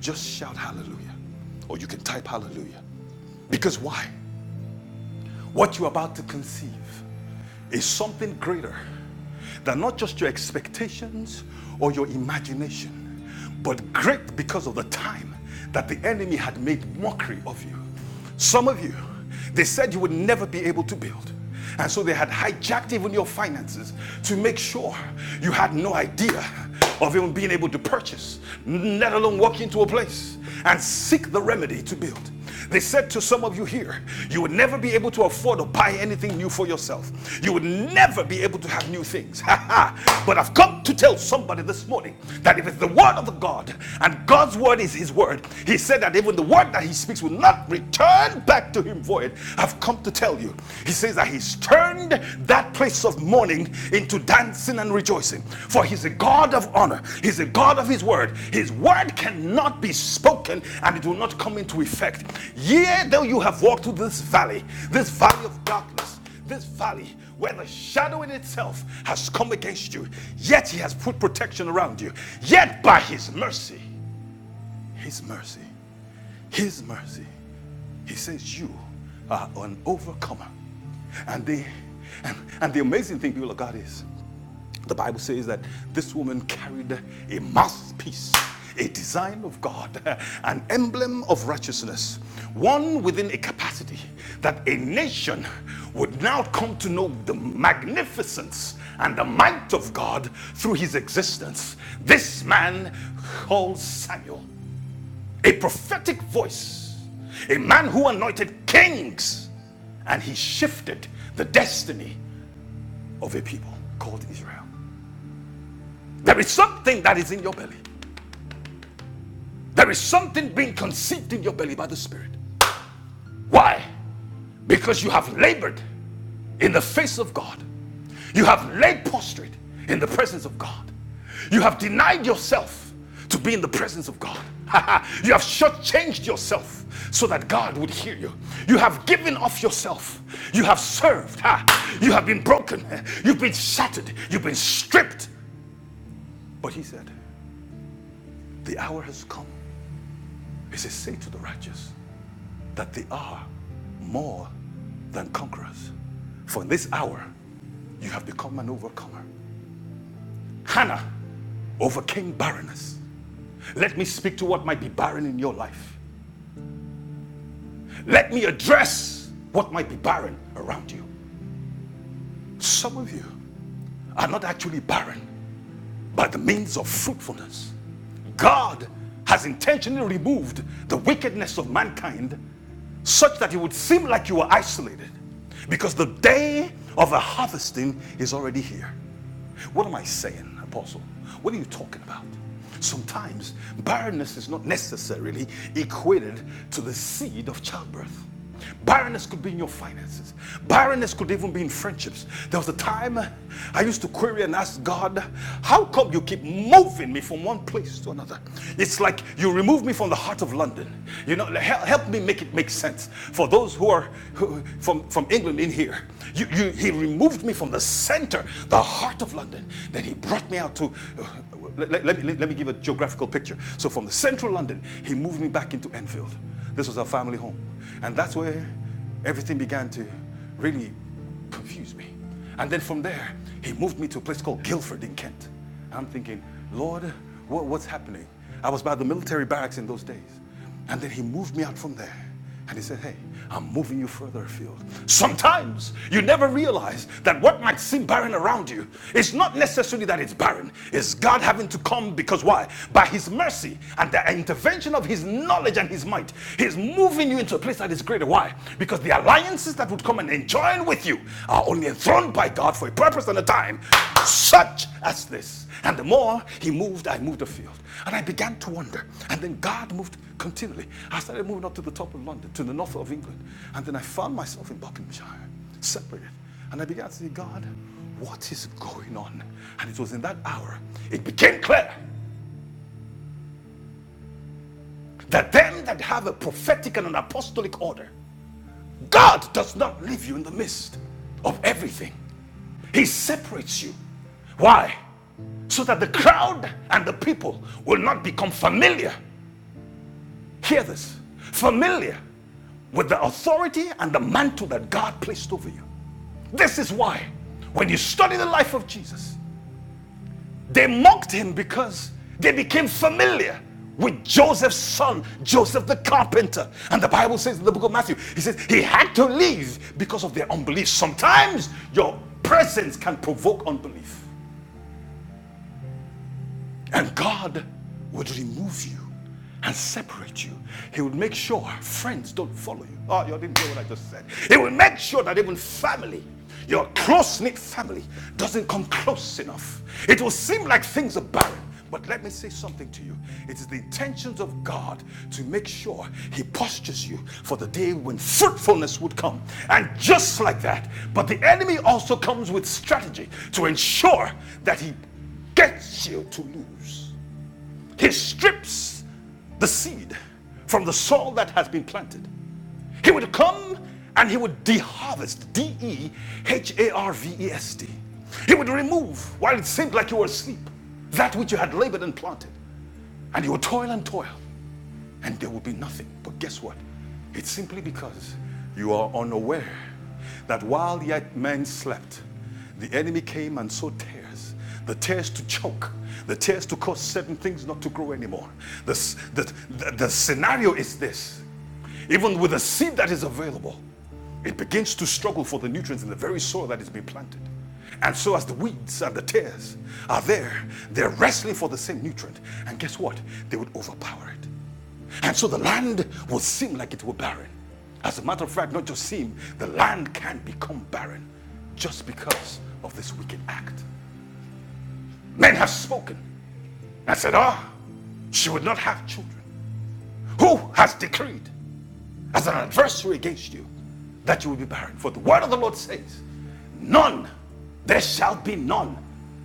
B: Just shout hallelujah. Or you can type hallelujah. Because why? What you're about to conceive is something greater than not just your expectations or your imagination, but great because of the time that the enemy had made mockery of you. Some of you, they said you would never be able to build. And so they had hijacked even your finances to make sure you had no idea of even being able to purchase, let alone walk into a place and seek the remedy to build. They said to some of you here, you would never be able to afford to buy anything new for yourself. You would never be able to have new things. but I've come to tell somebody this morning that if it's the word of the God and God's word is his word, he said that even the word that he speaks will not return back to him void. I've come to tell you. He says that he's turned that place of morning into dancing and rejoicing. For he's a God of honor, he's a God of his word. His word cannot be spoken and it will not come into effect. Yea, though you have walked through this valley, this valley of darkness, this valley where the shadow in itself has come against you, yet he has put protection around you. Yet by his mercy, his mercy, his mercy, he says, You are an overcomer. And the, and, and the amazing thing, people of God, is the Bible says that this woman carried a mouthpiece, a design of God, an emblem of righteousness, one within a capacity that a nation would now come to know the magnificence and the might of God through his existence. This man called Samuel, a prophetic voice, a man who anointed kings, and he shifted the destiny of a people called Israel. There is something that is in your belly. There is something being conceived in your belly by the Spirit. Why? Because you have labored in the face of God. You have laid prostrate in the presence of God. You have denied yourself to be in the presence of God. you have shortchanged yourself so that God would hear you. You have given off yourself. You have served. You have been broken. You've been shattered. You've been stripped. But he said, The hour has come. He says, Say to the righteous, that they are more than conquerors. For in this hour, you have become an overcomer. Hannah overcame barrenness. Let me speak to what might be barren in your life. Let me address what might be barren around you. Some of you are not actually barren, by the means of fruitfulness. God has intentionally removed the wickedness of mankind such that it would seem like you are isolated because the day of the harvesting is already here. What am I saying, Apostle? What are you talking about? Sometimes barrenness is not necessarily equated to the seed of childbirth. Barrenness could be in your finances. Barrenness could even be in friendships. There was a time I used to query and ask God, How come you keep moving me from one place to another? It's like you remove me from the heart of London. You know, help, me make it make sense. For those who are who, from, from England in here, you, you, He removed me from the center, the heart of London. Then He brought me out to. Uh, let, let- let me, let me give a geographical picture. So from the central London, He moved me back into Enfield. This was our family home. And that's where everything began to really confuse me. And then from there, he moved me to a place called Guildford in Kent. I'm thinking, Lord, what, what's happening? I was by the military barracks in those days. And then he moved me out from there. And he said, Hey, I'm moving you further afield. Sometimes you never realize that what might seem barren around you is not necessarily that it's barren. It's God having to come because why? By his mercy and the intervention of his knowledge and his might, he's moving you into a place that is greater. Why? Because the alliances that would come and enjoin with you are only enthroned by God for a purpose and a time, such as this. And the more he moved, I moved afield. And I began to wonder. And then God moved continually. I started moving up to the top of London, to the north of England, and then I found myself in Buckinghamshire, separated. And I began to say, God, what is going on? And it was in that hour it became clear that them that have a prophetic and an apostolic order, God does not leave you in the midst of everything. He separates you. Why? so that the crowd and the people will not become familiar. Hear this familiar with the authority and the mantle that God placed over you. This is why, when you study the life of Jesus, they mocked him because they became familiar with Joseph's son, Joseph the carpenter. And the Bible says in the book of Matthew, he says he had to leave because of their unbelief. Sometimes your presence can provoke unbelief. And God would remove you and separate you. He would make sure friends don't follow you. Oh, you didn't hear what I just said. He will make sure that even family, your close knit family, doesn't come close enough. It will seem like things are barren. But let me say something to you. It is the intentions of God to make sure He postures you for the day when fruitfulness would come. And just like that. But the enemy also comes with strategy to ensure that He gets you to lose. He strips the seed from the soil that has been planted. He would come and he would deharvest, D E H A R V E S T. He would remove, while it seemed like you were asleep, that which you had labored and planted. And you would toil and toil and there will be nothing. But guess what? It's simply because you are unaware that while yet men slept, the enemy came and sowed tares. The tares to choke, the tares to cause certain things not to grow anymore. The, the, the, the scenario is this even with the seed that is available, it begins to struggle for the nutrients in the very soil that is being planted. And so, as the weeds and the tares are there, they're wrestling for the same nutrient. And guess what? They would overpower it. And so the land will seem like it were barren. As a matter of fact, not just seem, the land can become barren just because of this wicked act. Men have spoken and said, Ah, oh, she would not have children. Who has decreed as an adversary against you, that you will be barren. For the word of the Lord says, None, there shall be none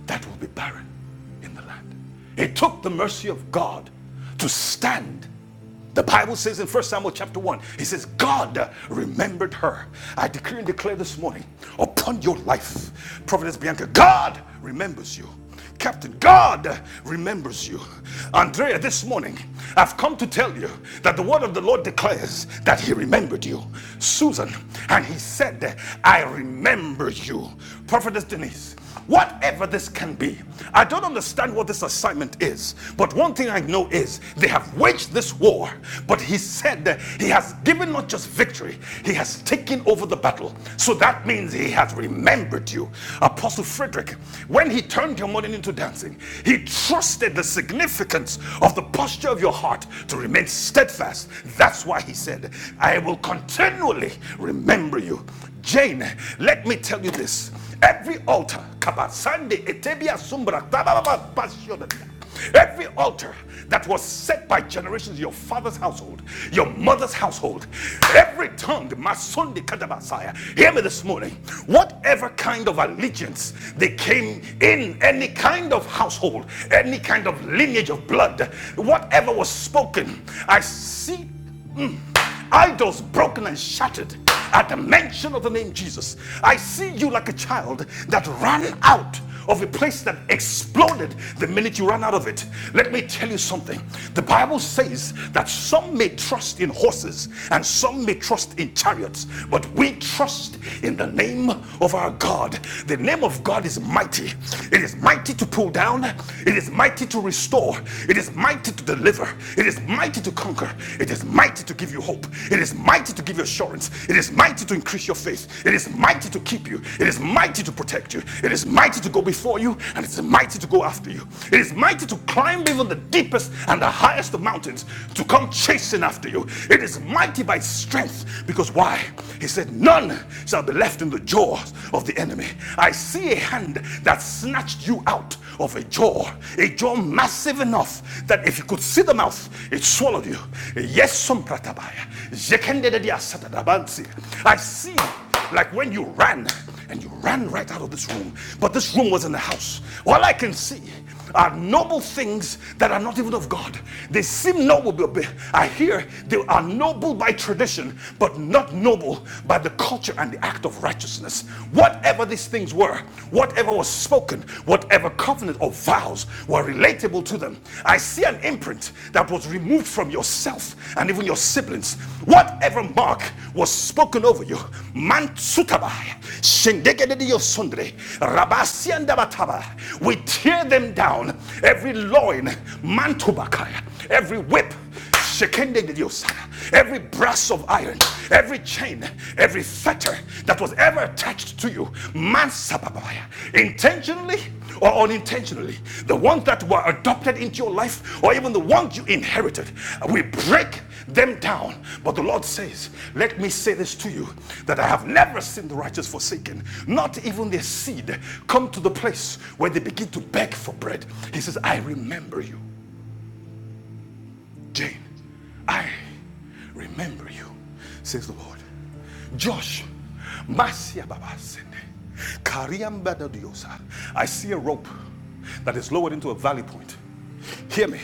B: that will be barren in the land. It took the mercy of God to stand. The Bible says in First Samuel chapter 1, it says, God remembered her. I decree and declare this morning upon your life, Prophetess Bianca, God remembers you. Captain, God remembers you. Andrea, this morning, I've come to tell you that the word of the Lord declares that He remembered you. Susan, and He said, I remember you. Prophetess Denise, whatever this can be, I don't understand what this assignment is, but one thing I know is they have waged this war, but He said that He has has given not just victory, he has taken over the battle. So that means he has remembered you. Apostle Frederick, when he turned your morning into dancing, he trusted the significance of the posture of your heart to remain steadfast. That's why he said, I will continually remember you. Jane, let me tell you this. Every altar, Kabasande, Etebia, Sumbra, Tababa, Every altar that was set by generations, your father's household, your mother's household, every tongue, my son, the Katabasaya, hear me this morning. Whatever kind of allegiance they came in, any kind of household, any kind of lineage of blood, whatever was spoken, I see Idols broken and shattered at the mention of the name Jesus. I see you like a child that ran out of a place that exploded the minute you ran out of it. Let me tell you something. The Bible says that some may trust in horses and some may trust in chariots, but we trust in the name of our God. The name of God is mighty. It is mighty to pull down, it is mighty to restore, it is is mighty to deliver. It is mighty to conquer. It is mighty to give you hope. It is mighty to give you assurance. It is mighty to increase your faith. It is mighty to keep you. It is mighty to protect you. It is mighty to go before you. And it is mighty to go after you. It is mighty to climb even the deepest and the highest of mountains to come chasing after you. It is mighty by its strength. Because why? He said, None shall be left in the jaws of the enemy. I see a hand that snatched you out of a jaw, a jaw massive enough that if you could see the mouth, it swallowed you. Yes, some pratabaya. Jekendededia satadabansi. I see, like when you ran and you ran right out of this room, but this room was in the house. All I can see are noble things that are not even of God. They seem noble, I hear they are noble by tradition, but not noble by the culture and the act of righteousness. Whatever these things were, whatever was spoken, whatever covenant or vows were relatable to them, I see an imprint that was removed from yourself and even your sin siblings, whatever mark was spoken over you, we tear them down, every loin, every whip, every brass of iron, every chain, every fetter that was ever attached to you, Mansababaya. Intentionally or unintentionally, the ones that were adopted into your life or even the ones you inherited, we break them down. But the Lord says, Let me say this to you that I have never seen the righteous forsaken, not even their seed come to the place where they begin to beg for bread. He says, I remember you. Jane, I remember you, says the Lord. Josh, Masia Baba Sende, Kariam Bada Diosa. I see a rope that is lowered into a valley point. Hear me.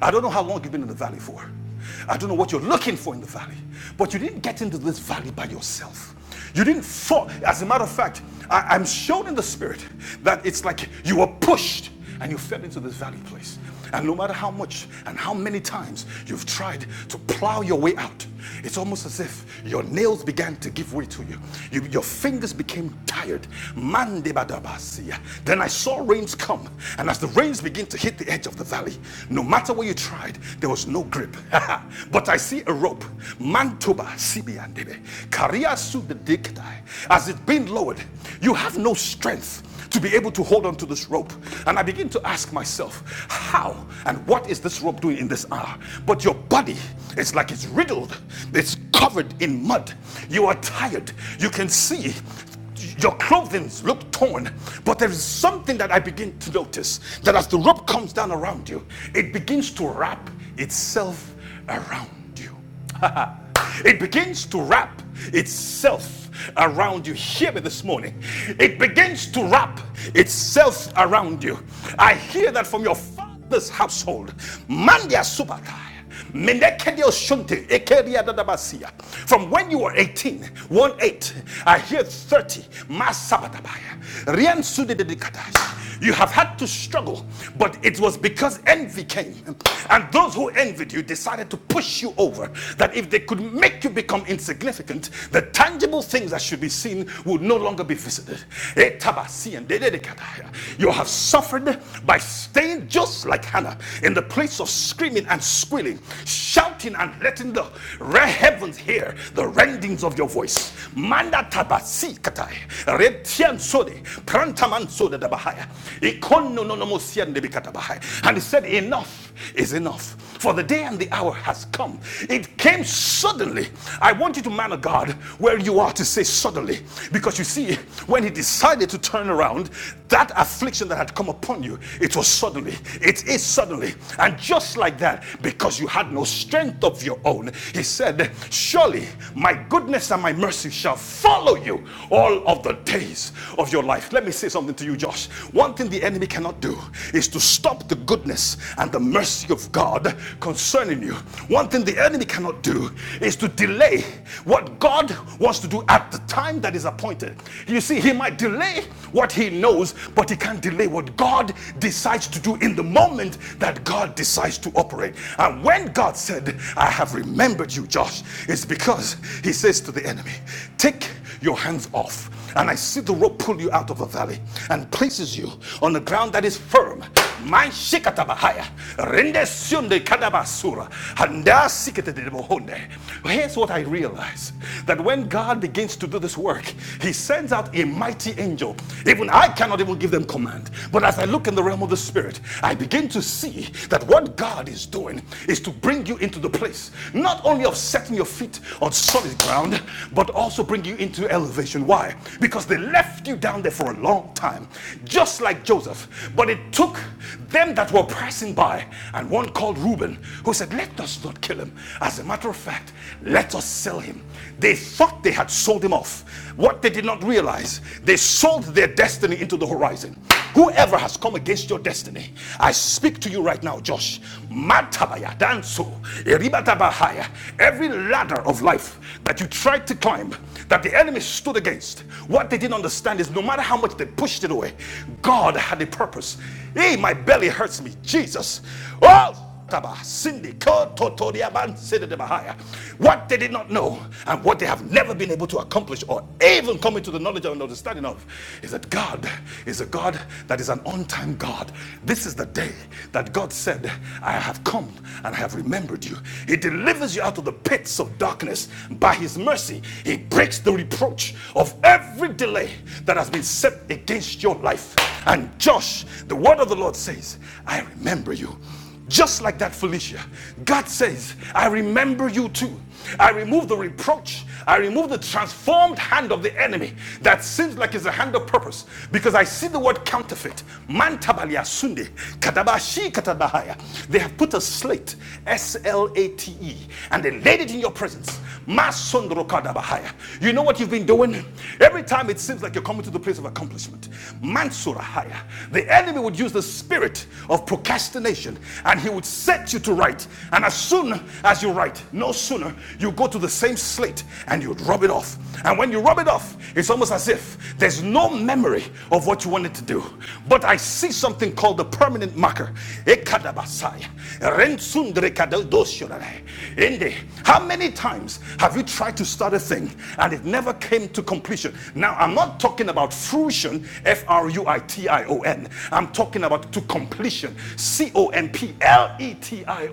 B: I don't know how long you've been in the valley for. I don't know what you're looking for in the valley, but you didn't get into this valley by yourself. You didn't fall. As a matter of fact, I, am shown in the spirit that it's like you were pushed and you fell into this valley place. And no matter how much and how many times you've tried to plow your way out, it's almost as if your nails began to give way to you. you your, your fingers became tired. Mandebadabasia. Then I saw rains come, and as the rains begin to hit the edge of the valley, no matter where you tried, there was no grip. but I see a rope. Mantuba sibiandebe. Karia su de diktai. As it being lowered, you have no strength to be able to hold on to this rope. And I begin to ask myself, how and what is this rope doing in this hour? But your body is like it's riddled, it's covered in mud. You are tired. You can see your clothing look torn, but there is something that I begin to notice that as the rope comes down around you, it begins to wrap itself around you. It begins to wrap itself around you. Hear me this morning. It begins to wrap itself around you. I hear that from your father's household. Mandia Subatai. From when you were eighteen, one 8, I hear 30, you have had to struggle, but it was because envy came. And those who envied you decided to push you over. That if they could make you become insignificant, the tangible things that should be seen would no longer be visited. Etabasi and dededekataya. You have suffered by staying just like Hannah in the place of screaming and squealing, shouting and letting the re- heavens hear the rendings of your voice. Manda tabasi katai, retian sode, Kantamansoda Ikon And he said, Enough is enough. For the day and the hour has come. It came suddenly. I want you to, man of God, where you are to say suddenly. Because you see, when he decided to turn around, that affliction that had come upon you, it was suddenly. It is suddenly. And just like that, because you had no strength of your own, he said, Surely my goodness and my mercy shall follow you all of the days days of your life. Let me say something to you, Josh. One thing the enemy cannot do is to stop the goodness and the mercy of God concerning you. One thing the enemy cannot do is to delay what God wants to do at the time that is appointed. You see, he might delay what he knows, but he can't delay what God decides to do in the moment that God decides to operate. And when God said, I have remembered you, Josh, it's because he says to the enemy, Take your hands off. And I see the rope pull you out of the valley and places you on the ground that is firm. My shikatabahaya. Rende sunde kadabasura. Handa siketedebohonde. Here's what I realize that when God begins to do this work, He sends out a mighty angel. Even I cannot even give them command. But as I look in the realm of the Spirit, I begin to see that what God is doing is to bring you into the place, not only of setting your feet on solid ground, but also bring you into elevation. Why? Because they left you down there for a long time, just like Joseph. But it took them that were passing by, and one called Reuben, who said, Let us not kill him. As a matter of fact, let us sell him. They thought they had sold him off. What they did not realize, they sold their destiny into the horizon. Whoever has come against your destiny, I speak to you right now, Josh. Matabaya danso, eribatabahaya. Every ladder of life life that you tried to climb, that the enemy stood against, what they didn't understand is no matter how much they pushed it away, God had a purpose. Hey, my belly hurts me. Jesus. Oh! What they did not know and what they have never been able to accomplish or even come into the knowledge and understanding of is that God is a God that is an on time God. This is the day that God said, I have come and I have remembered you. He delivers you out of the the pits of darkness. By his mercy, he breaks the reproach of every delay that has been set against your life. And Josh, the word of the Lord says, I remember you. Just like that, Felicia, God says, I remember you too. I remove the reproach I remove the transformed hand of the enemy that seems like it's a hand of purpose because I see the word counterfeit. Mantabalia sunde, kadabashi katabahaya. They have put a slate, S L A T E, and they laid it in your presence. Masondro kadabahaya. You know what you've been doing? Every time it seems like you're coming to the place of accomplishment, Mansurahaya. The enemy would use the spirit of procrastination and he would set you to right and as soon as you write, no sooner, you go to the same slate and you rub it off. And when you rub it off, it's almost as if there's no memory of what you wanted to do. But I see something called the permanent marker. Ekadabasai, rensundrekadodosyorare, ende. How many times have you tried to start a thing and it never came to completion? Now, I'm not talking about fruition, F R U I T I O N. I'm talking talking about to completion. C O M P L E T I O N.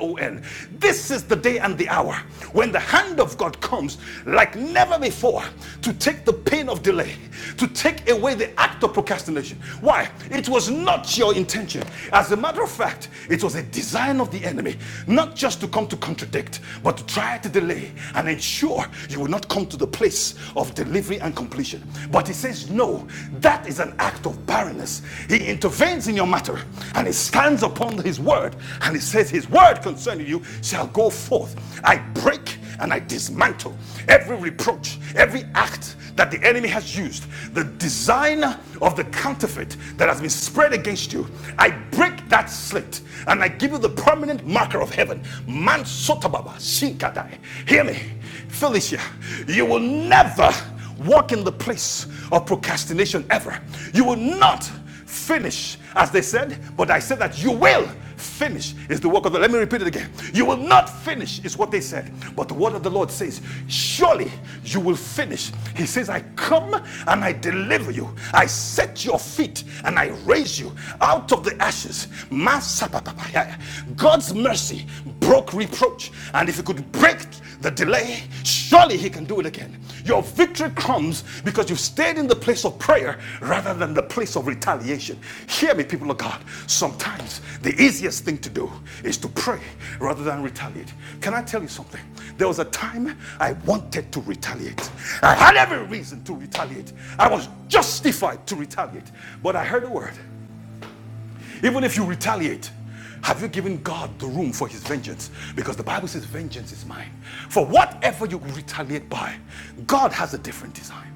B: This is the day and the hour when the hand of God comes like never before to take the pain of delay, to take away the act of procrastination. Why? It was not your intention. As a matter of fact, it was a design of the enemy, not just to come to contradict, but to try to delay and ensure you will not come to the place of delivery and completion. But he said, says, No, that is an act of barrenness. He intervenes in your matter and he stands upon his word and he says, His word concerning you shall go forth. I break and I dismantle every reproach, every act that the enemy has used, the design of the counterfeit that has been spread against you. I break that slit and I give you the permanent marker of heaven. Man sotababa, shinkadai. Hear me, Felicia. You will never walk in the place of procrastination ever. You will not finish, as they said, but I said that you will finish is the work of the Lord. let me repeat it again you will not finish is what they said but the word of the lord says surely you will finish he says i come and i deliver you i set your feet and i raise you out of the ashes Masapapapaya. god's mercy broke reproach. And if he could break the delay, surely he can do it again. Your victory comes because you've stayed in the place of prayer rather than the place of retaliation. Hear me, people of God. Sometimes the easiest thing to do is to pray rather than retaliate. Can I tell you something? There was a time I wanted to retaliate. I had every reason to retaliate. I was justified to retaliate. But I heard a word even if you retaliate, have you given God the room for his vengeance? Because the Bible says, Vengeance is mine. For whatever you retaliate by, God has a different design.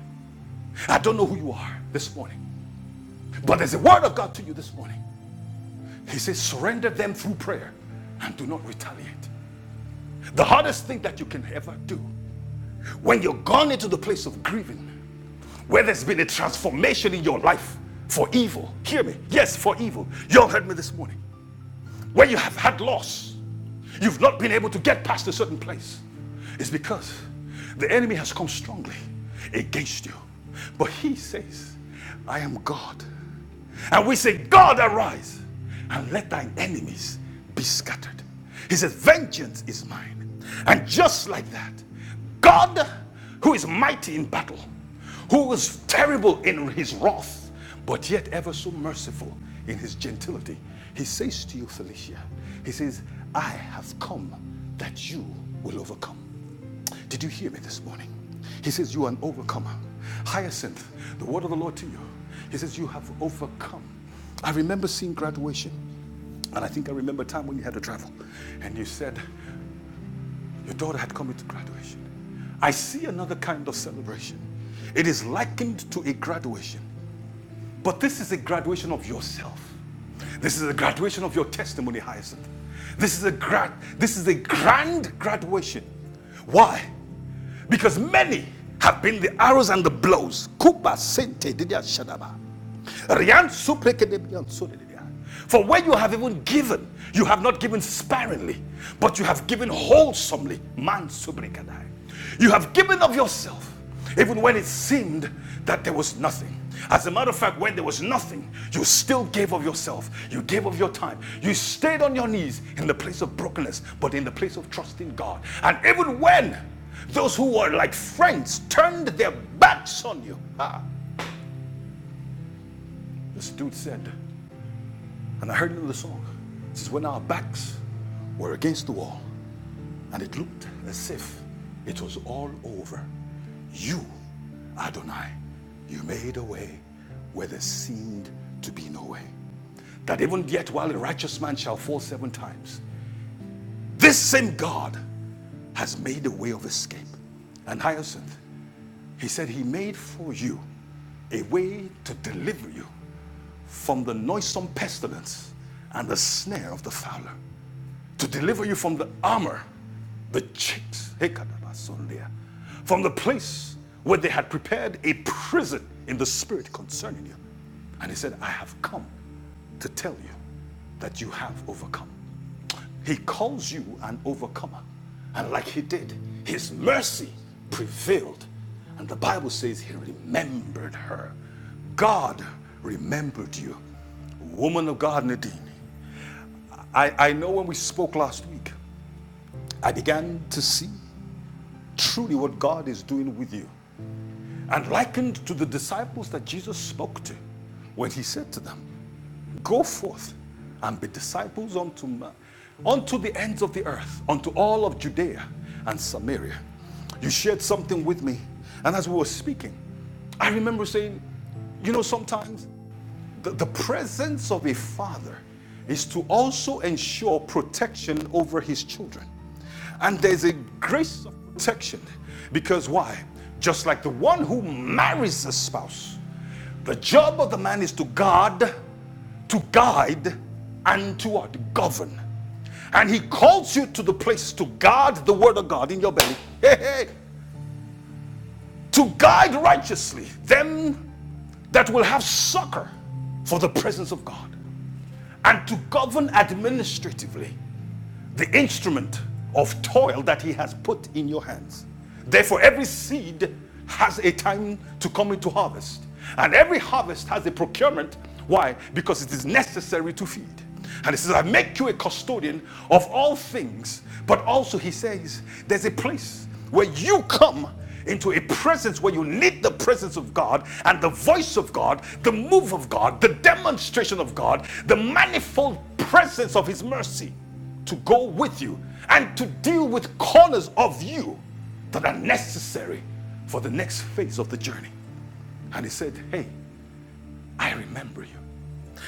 B: I don't know who you are this morning, but there's a word of God to you this morning. He says, Surrender them through prayer and do not retaliate. The hardest thing that you can ever do when you're gone into the place of grieving, where there's been a transformation in your life for evil. Hear me. Yes, for evil. Y'all heard me this morning. When you have had loss, you've not been able to get past a certain place. It's because the enemy has come strongly against you. But he says, I am God. And we say, God, arise and let thine enemies be scattered. He says, Vengeance is mine. And just like that, God, who is mighty in battle, who was terrible in his wrath, but yet ever so merciful in his gentility, he says to you, Felicia, he says, I have come that you will overcome. Did you hear me this morning? He says, You are an overcomer. Hyacinth, the word of the Lord to you. He says, You have overcome. I remember seeing graduation, and I think I remember a time when you had to travel, and you said, your daughter had come into graduation. I see another kind of celebration. It is likened to a graduation, but this is a graduation of yourself. This is a graduation of your testimony, Hyacinth. This is a grad, this is a grand graduation. Why? Because many have been the arrows and the blows. Kuba sente didia shadaba. Rian supre kedebian sodedia. For when you have even given, you have not given sparingly, but you have given wholesomely. Man subrikadai. You have given of yourself, even when it seemed that there was nothing. As a matter of fact, when there was nothing, you still gave of yourself. You gave of your time. You stayed on your knees in the place of brokenness, but in the place of trusting God. And even when those who were like friends turned their backs on you, ah, this dude said, And I heard another song. It says, When our backs were against the wall and it looked as if it was all over, you, Adonai, you made a way where there seemed to be no way. That even yet, while a righteous man shall fall seven times, this same God has made a way of escape. And Hyacinth, he said, He made for you a way to deliver you from the noisome pestilence and the snare of the fowler. to deliver you from the armor, the chips, Hekadabasondia, from the place where they had prepared a prison in the spirit concerning you. And he said, I have come to tell you that you have overcome. He calls you an overcomer. And like he did, his mercy prevailed. And the Bible says he remembered her. God remembered you. Woman of God, Nadine, I, I know when we spoke last week, I began to see truly what God is doing with you and likened to the disciples that Jesus spoke to when he said to them, Go forth and be disciples unto man, unto the ends of the earth, unto all of Judea and Samaria. You shared something with me, and as we were speaking, I remember saying, You know, sometimes the, the presence of a father is to also ensure protection over his children. And there's a grace of protection because why? Just like the one who marries a spouse, the job of the man is to guard, to guide, and to what? Govern. And he calls you to the place to guard the word of God in your belly. Hey, hey, to guide righteously them that will have succor for the presence of God and to govern administratively the instrument of toil that he has put in your hands. Therefore, every seed has a time to come into harvest, and every harvest has a procurement. Why? Because it is necessary to feed. And he says, I make you a custodian of all things. But also, he says, there's a place where you come into a presence where you need the presence of God and the voice of God, the move of God, the demonstration of God, the manifold presence of his mercy to go with you and to deal with corners of you that are necessary for the next phase of the journey. And he said, Hey, I remember you.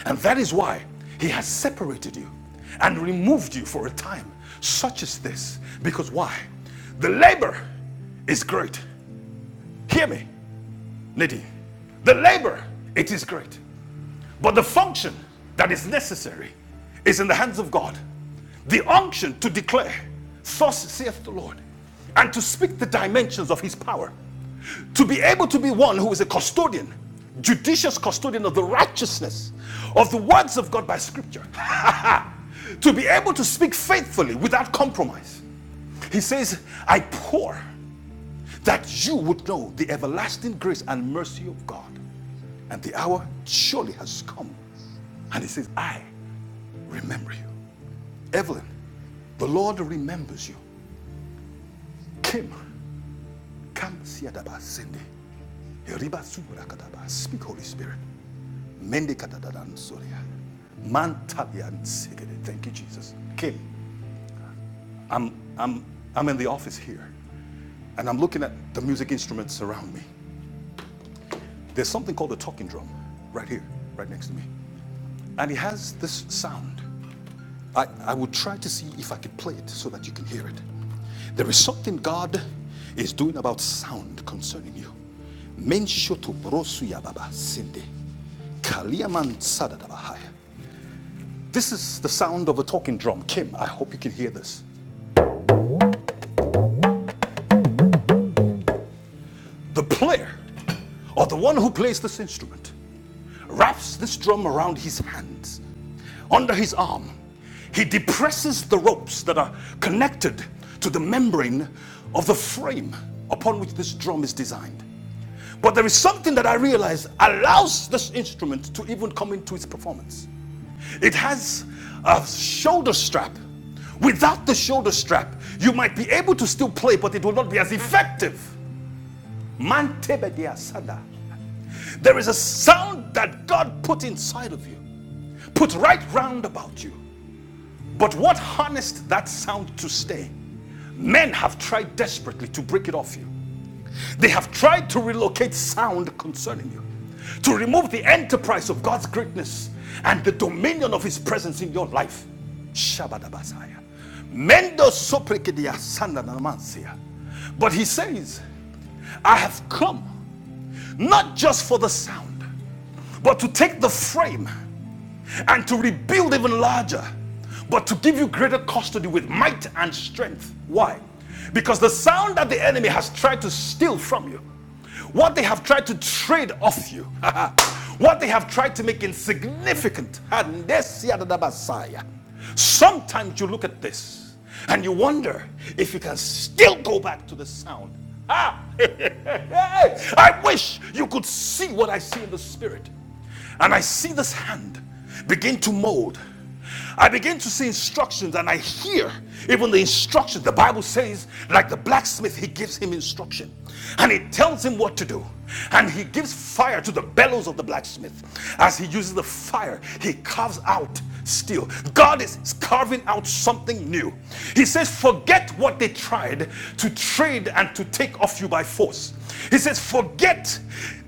B: And that is why he has separated you and removed you for a time, such as this. Because why? The labor is great. Hear me, Nadine. The labor, it is great. But the function that is necessary is in the hands of God. The unction to declare, Thus saith the Lord, and to speak the dimensions of his power. To be able to be one who is a custodian, judicious custodian of the righteousness of the words of God by scripture. to be able to speak faithfully without compromise. He says, I pour that you would know the everlasting grace and mercy of God. And the hour surely has come. And he says, I remember you. Evelyn, the Lord remembers you. Kim, Kam siadaba sende. Heriba surakadaba. Speak, Holy Spirit. Mende katadadan soria. Mantalian sigede. Thank you, Jesus. Kim, I'm I'm I'm in the office here, and I'm looking at the music instruments around me. There's something called a talking drum right here, right next to me. And it has this sound. I, I would try to see if I could play it so that you can hear it. There is something God is doing about sound concerning you. This is the sound of a talking drum. Kim, I hope you can hear this. the player, or the one who plays this instrument, wraps this drum around his hands, under his arm. He depresses the ropes that are connected to the membrane of the frame upon which this drum is designed. But there is something that I realize allows this instrument to even come into its performance. It has a shoulder strap. Without the shoulder strap, you might be able to still play, but it will not be as effective Mantebedia sada. There is a sound that God put inside of you, put right round about you. But what harnessed that sound to stay? Men have tried desperately to break it off you. They have tried to relocate sound concerning you, to remove the enterprise of God's greatness and the dominion of His presence in your life. Shabadabasaya. Mendo soprekidia sanda namansia. But He says, I have come not just for the sound, but to take the frame and to rebuild even larger, but to give you greater custody with might and strength. Why? Because the sound that the enemy has tried to steal from you, what they have tried to trade off you, what they have tried to make insignificant. Sometimes you look at this and you wonder if you can still go back to the sound. Ah, I wish you could see what I see in the spirit. And I see this hand begin to mold. I begin to see instructions and I hear even the instructions. The Bible says, like the blacksmith, he gives him instruction and he tells him what to do. And he gives fire to the bellows of the blacksmith. As he uses the fire, he carves out steel. God is carving out something new. He says, Forget what they tried to trade and to take off you by force. He says, Forget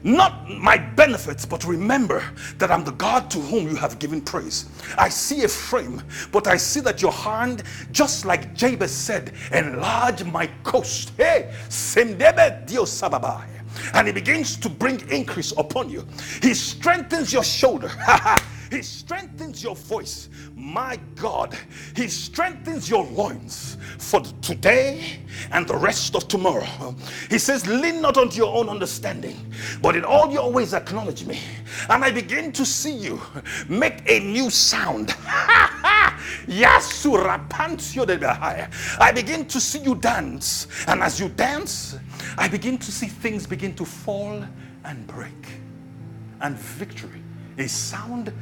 B: not my benefits, but remember that I'm the God to whom you have given praise. I see a frame, but I see that your hand, just like Jabez said, enlarge my coast. Hey, Semdebe Dios Sababai. And he begins to bring increase upon you. He strengthens your shoulder. He strengthens your voice. My God, He strengthens your loins for today and the rest of tomorrow. He says, Lean not unto your own understanding, but in all your ways acknowledge me. And I begin to see you make a new sound. Yasurapantio de Bahia. I begin to see you dance. And as you dance, I begin to see things begin to fall and break and victory, a sound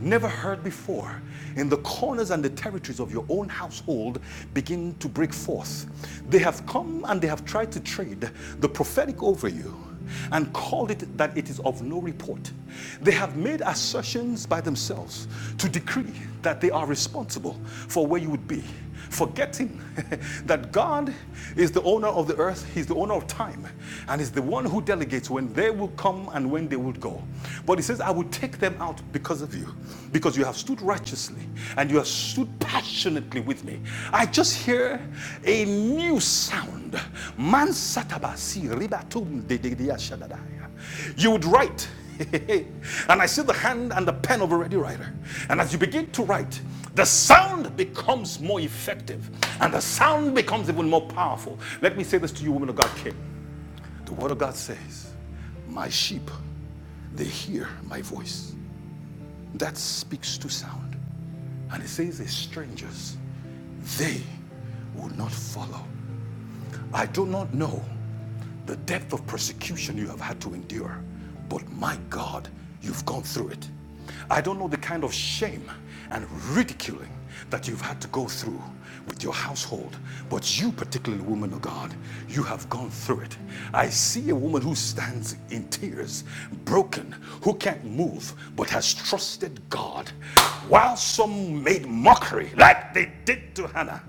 B: never heard before, in the corners and the territories of your own household begin to break forth. They have come and they have tried to trade the prophetic over you and called it that it is of no report. They have made assertions by themselves to decree that they are responsible for where you would be forgetting that God is the owner of the earth, He's the owner of time, and is the one who delegates when they will come and when they will go. But He says, I will take them out because of you, because you have stood righteously and you have stood passionately with me. I just hear a new sound. Man satabasi ribatum de- de- de- shadadai. You would write and I see the hand and the pen of a ready writer. And as you begin to write, the sound becomes more effective and the sound becomes even more powerful. Let me say this to you, woman of God, King. The word of God says, My sheep, they hear my voice. That speaks to sound. And it says, The strangers, they will not follow. I do not know the depth of persecution you have had to endure, but my God, you've gone through it. I don't know the kind of shame and ridiculing that you've had to go through with your household, but you, particularly, woman of God, you have gone through it. I see a woman who stands in tears, broken, who can't move, but has trusted God, while some made mockery like they did to Hannah.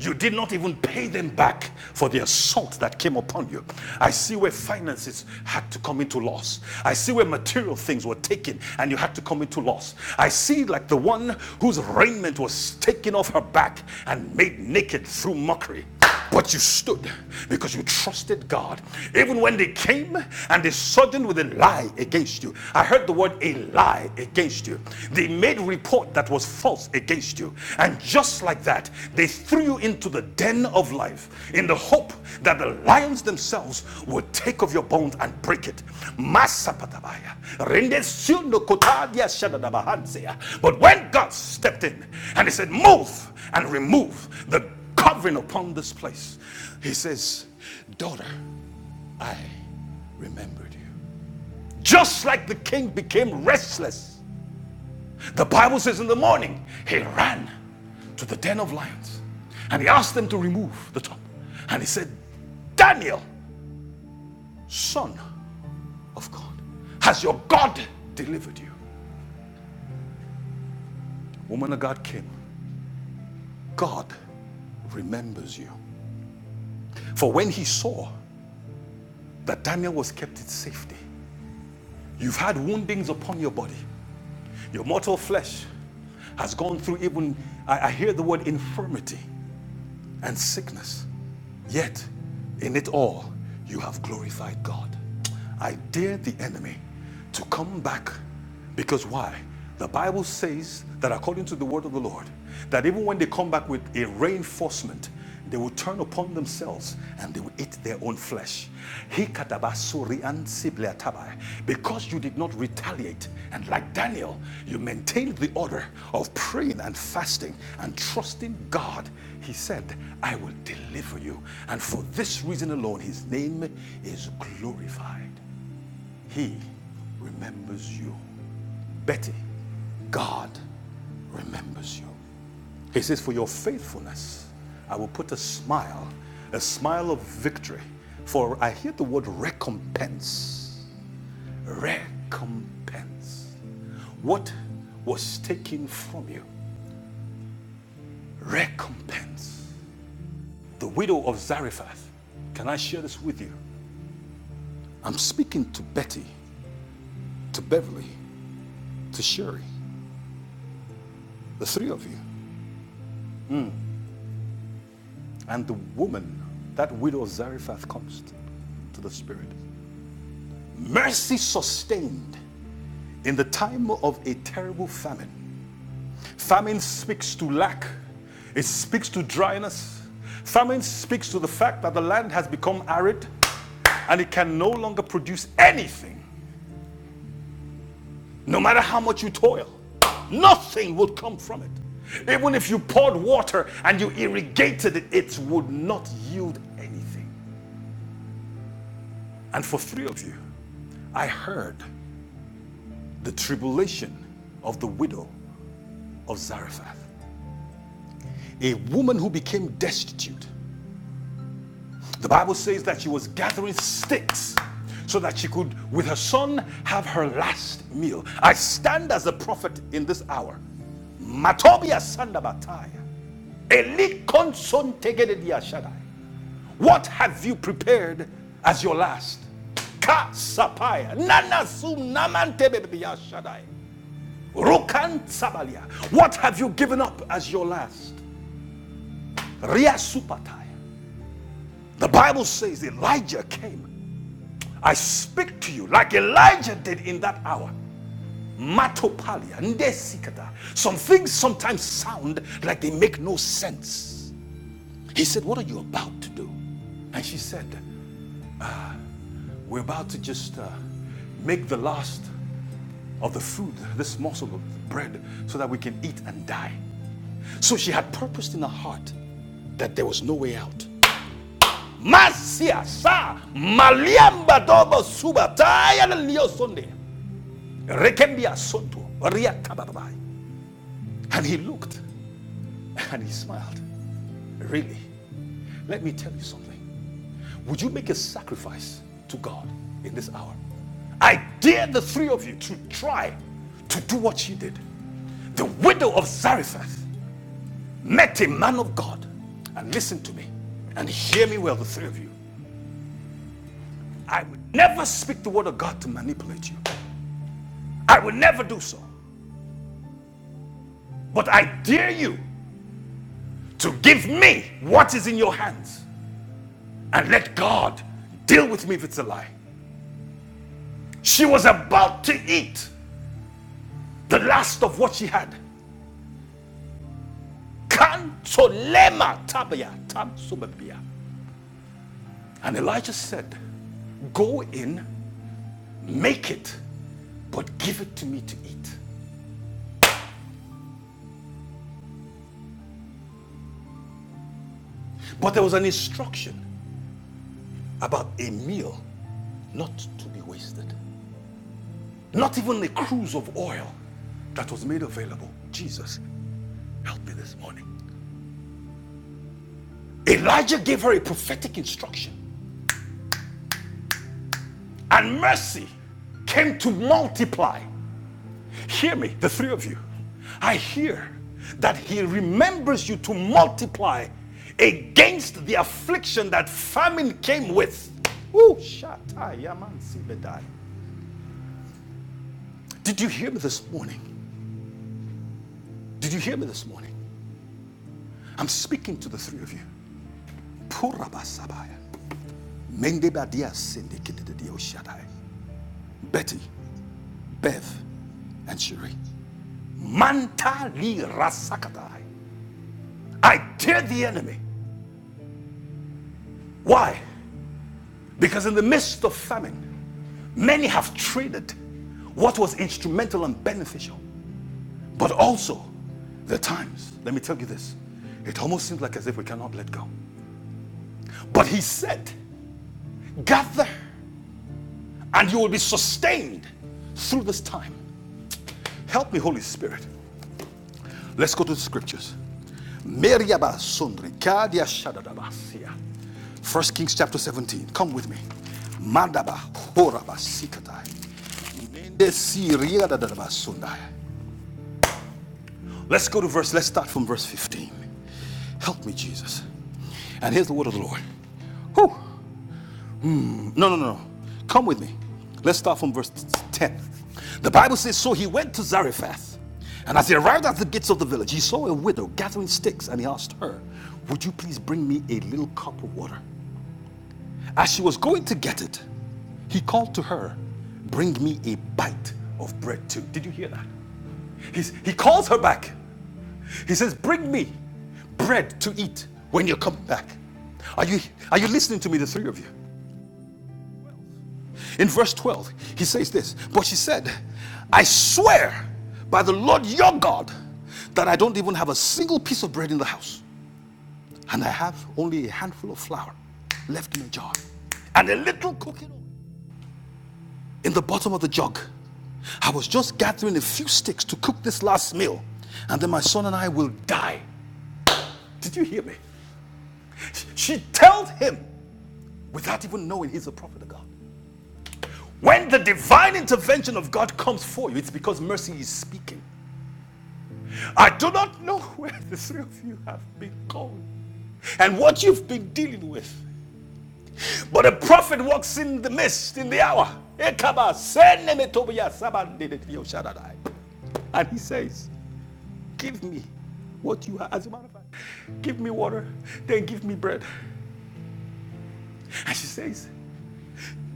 B: You did not even pay them back for the assault that came upon you. I see where finances had to come into loss. I see where material things were taken and you had to come into loss. I see like the one whose raiment was taken off her back and made naked through mockery. But you stood because you trusted God. Even when they came and they suddenly with a lie against you. I heard the word a lie against you. They made report that was false against you. And just like that, they threw you into the den of life in the hope that the lions themselves would take of your bones and break it. But when God stepped in and he said, Move and remove the covering upon this place. He says, Daughter, I remembered you. Just like the king became restless, the Bible says in the morning, he ran to the den of lions and he asked them to remove the top. And he said, Daniel, son of God, has your God delivered you? Woman of God came. God remembers you. For when he saw that Daniel was kept in safety, you've had woundings upon your body. Your mortal flesh has gone through even, I, I hear the word infirmity and sickness. Yet, in it all, you have glorified God. I dare the enemy to come back because why? The Bible says that according to the word of the Lord, that even when they come back with a reinforcement, they will turn upon themselves and they will eat their own flesh. Hikatabasuriansibliatabai. Because you did not retaliate, and like Daniel, you maintained the order of praying and fasting and trusting God he said, I will deliver you. And for this reason alone, his name is glorified. He remembers you. Betty, God remembers you. He says, For your faithfulness, I will put a smile, a smile of victory. For I hear the word recompense. Recompense. What was taken from you? Recompense. the widow of Zarephath. Can I share this with you? I'm speaking to Betty, to Beverly, to Sherry, the three of you. And the woman, that widow of Zarephath, comes to, to the Spirit. Mercy sustained in the time of a terrible famine. Famine speaks to lack, it speaks to dryness. Famine speaks to the fact that the land has become arid and it can no longer produce anything. No matter how much you toil, nothing would come from it. Even if you poured water and you irrigated it, it would not yield anything. And for three of you, I heard the tribulation of the widow of Zarephath, a woman who became destitute The Bible says that she was gathering sticks so that she could, with her son, have her last meal. I stand as a prophet in this hour. Matobia Sandabataya. Eli Konsontegedea Shaddai. What have you prepared as your last? Ka Sapaya. Nana Sunamantebebia Shaddai. Rukan Sabalia. What have you given up as your last? Ria Supataya. The Bible says Elijah came I speak to you like Elijah did in that hour. Matopalia, ndesikata. Some things sometimes sound like they make no sense. He said, What are you about to do? And she said, We're about to just uh, make the last of the food, this morsel of bread, so that we can eat and die. So she had purposed in her heart that there was no way out. Masia sa maliamba dobo suba taya na lio Rekembia Soto, Riakababai. And he looked and he smiled. Really, let me tell you something. Would you make a sacrifice to God in this hour? I dare the three of you to try to do what she did. The widow of Zarephath met a man of God. And listen to me and hear me well, the three of you. I would never speak the word of God to manipulate you. I would never do so. But I dare you to give me what is in your hands and let God deal with me if it's a lie. She was about to eat the last of what she had. Kantolema tabaya tamsubabia. And Elijah said, Go in, make it, but give it to me to eat. But there was an instruction about a meal not to be wasted. Not even a cruse of oil that was made available. Jesus, help me this morning. Elijah gave her a prophetic instruction and mercy came to multiply. Hear me, the three of you. I hear that he remembers you to multiply against the affliction that famine came with. Ooh, Did you hear me this morning? Did you hear me this morning? I'm speaking to the three of you. Betty, Bev, and Sheree. Mantali rasakadai. I dare the enemy. Why? Because in the midst of famine, many have traded what was instrumental and beneficial, but also the times. Let me tell you this. It almost seems like as if we cannot let go. But he said, Gather and you will be sustained through this time. Help me, Holy Spirit. Let's go to the scriptures. First Kings chapter 17. Come with me. Let's go to verse, let's start from verse 15. Help me, Jesus. And here's the word of the Lord. Whew. No, no, no. no. Come with me. Let's start from verse 10. The Bible says, So he went to Zarephath, and as he arrived at the gates of the village, he saw a widow gathering sticks, and he asked her, Would you please bring me a little cup of water? As she was going to get it, he called to her, Bring me a bite of bread too. Did you hear that? He's, he calls her back. He says, Bring me bread to eat when you come back. Are you, are you listening to me, the three of you? In verse 12, he says this, But she said, I swear by the Lord your God that I don't even have a single piece of bread in the house, and I have only a handful of flour left in a jar and a little cooking oil in the bottom of the jug. I was just gathering a few sticks to cook this last meal, and then my son and I will die. Did you hear me? She told him without even knowing he's a prophet of God. When the divine intervention of God comes for you, it's because mercy is speaking. I do not know where the three of you have been going and what you've been dealing with, but a prophet walks in the mist in the hour. And he says, Give me what you have. As a matter of fact, give me water, then give me bread. And she says,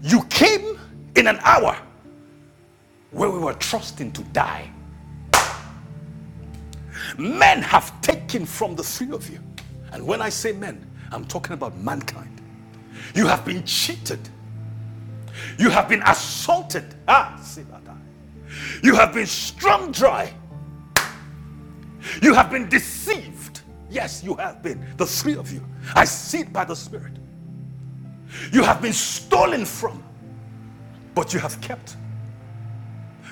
B: You came in an hour where we were trusting to die. Men have taken from the three of you. And when I say men, I'm talking about mankind. You have been cheated. You have been assaulted. Ah, You have been strung dry. You have been deceived. Yes, you have been. The three of you. I see it by the Spirit. You have been stolen from, but you have kept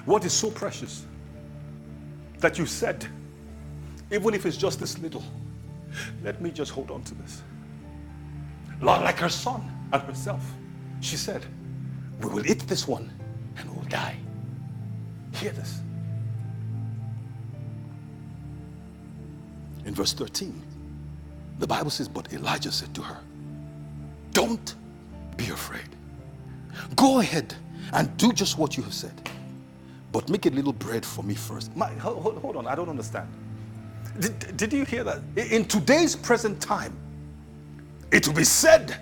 B: what is so precious that you said, even if it's just this little, let me just hold on to this. Like her son and herself. She said, We will eat this one and we'll die. Hear this. In verse 13, the Bible says, But Elijah said to her, Don't be afraid. Go ahead and do just what you have said, but make a little bread for me first. My, ho- hold, on, I don't understand. Did, did you hear that? In today's present time, it will be said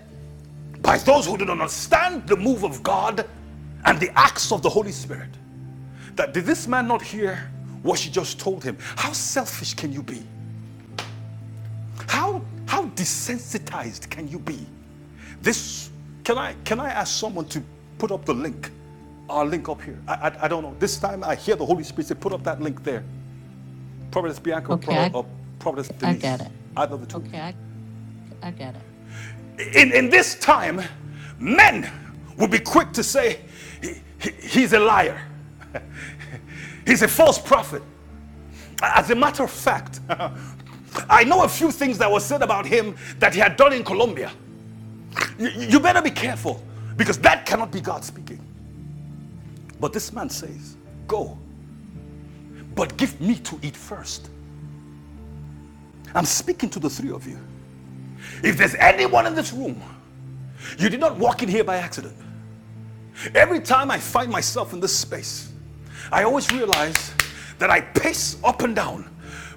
B: by those who do not understand the move of God and the acts of the Holy Spirit that did this man not hear what she just told him? How selfish can you be? How how desensitized can you be? This can I can I ask someone to put up the link, our link up here? I I, I don't know. This time I hear the Holy Spirit say, put up that link there. Providence Bianca, Pro, uh, Providence Denise, either of the two. Okay, I, I get it. In in this time, men will be quick to say "He- he- he's a liar, he's a false prophet. As a matter of fact, I know a few things that were said about him that he had done in Colombia. You, you better be careful because that cannot be God speaking. But this man says, Go, but give me to eat first. I'm speaking to the three of you. If there's anyone in this room, you did not walk in here by accident. Every time I find myself in this space, I always realize that I pace up and down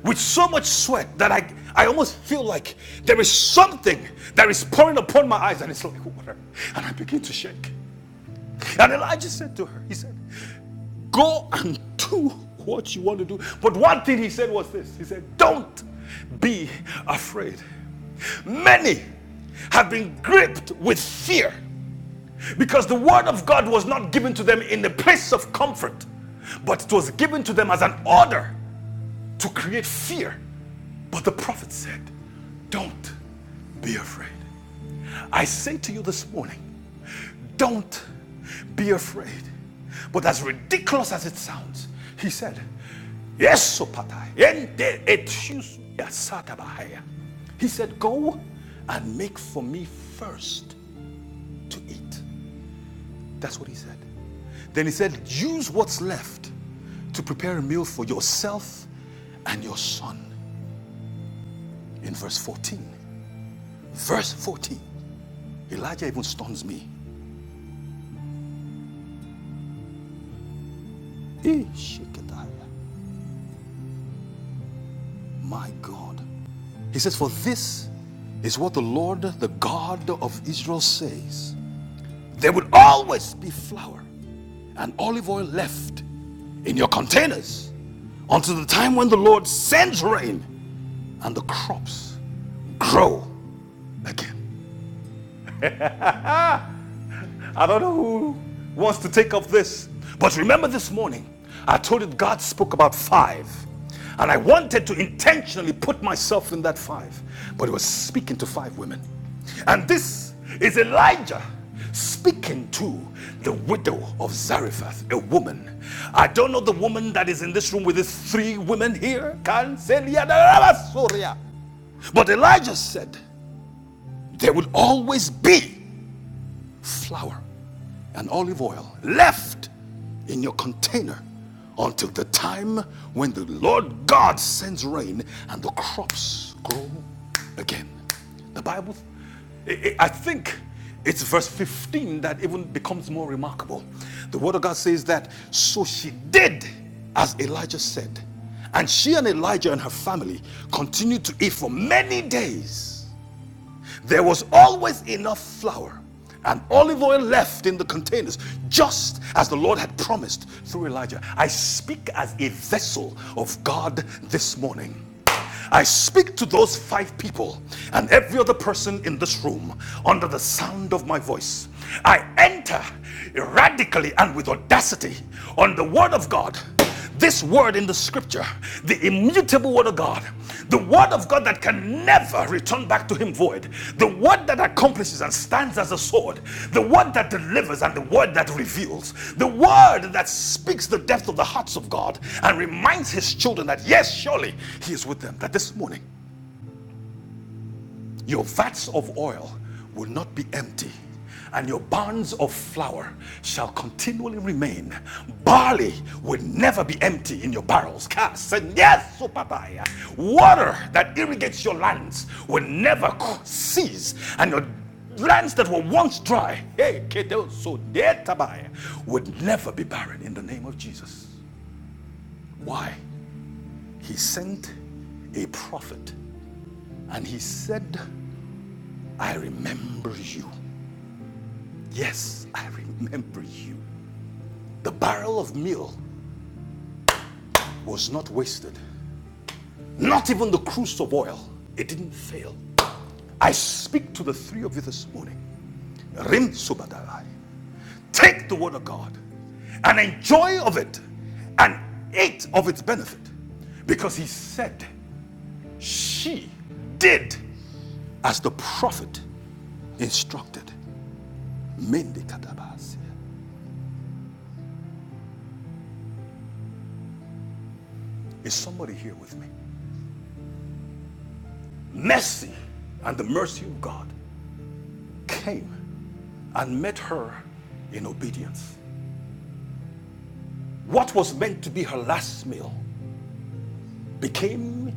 B: with so much sweat that I, I almost feel like there is something that is pouring upon my eyes and it's like water. And I begin to shake. And Elijah said to her, He said, Go and do what you want to do. But one thing he said was this He said, Don't be afraid. Many have been gripped with fear because the word of God was not given to them in the place of comfort, but it was given to them as an order to create fear. But the prophet said, Don't be afraid. I say to you this morning, don't be afraid. But as ridiculous as it sounds, he said, Yes, Sopata, ente et shusu ya satabahaya." He said, Go and make for me first to eat. That's what he said. Then he said, Use what's left to prepare a meal for yourself and your son. In verse 14. Verse 14. Elijah even stuns me. Eh, My God. He says, For this is what the Lord, the God of Israel, says there would always be flour and olive oil left in your containers until the time when the Lord sends rain and the crops grow again. I don't know who wants to take up this, but remember this morning, I told you God spoke about five. And I wanted to intentionally put myself in that five, but he was speaking to five women. And this is Elijah speaking to the widow of Zarephath, a woman. I don't know the woman that is in this room with these three women here. But Elijah said, There will always be flour and olive oil left in your container until the time when the Lord God sends rain and the crops grow again. The Bible, I think it's verse 15 that even becomes more remarkable. The Word of God says that, so she did as Elijah said. And she and Elijah and her family continued to eat for many days there was always enough flour and olive oil left in the containers, just as the Lord had promised through Elijah. I speak as a vessel of God this morning. I speak to those five people and every other person in this room under the sound of my voice. I enter radically and with audacity on the word of God this word in the scripture, the immutable word of God, the word of God that can never return back to him void, the word that accomplishes and stands as a sword, the word that delivers and the word that reveals, the word that speaks the depth of the hearts of God and reminds his children that, yes, surely he is with them. That this morning, your vats of oil will not be empty, and your barns of flour shall continually remain. Barley will never be empty in your barrels. yes, supapaya. Water that irrigates your lands will never cease, and your lands that were once dry hey, kedosodetabaya, would never be barren in the name of Jesus. Why? He sent a prophet and he said, I remember you Yes, I remember you. The barrel of meal was not wasted, not even the cruse of oil. It didn't fail. I speak to the three of you this morning. Rim Subadalai. Take the word of God and enjoy of it and eat of its benefit. Because he said, She did as the prophet instructed. Mendi Kadabasi. Is somebody here with me? Mercy and the mercy of God came and met her in obedience. What was meant to be her last meal became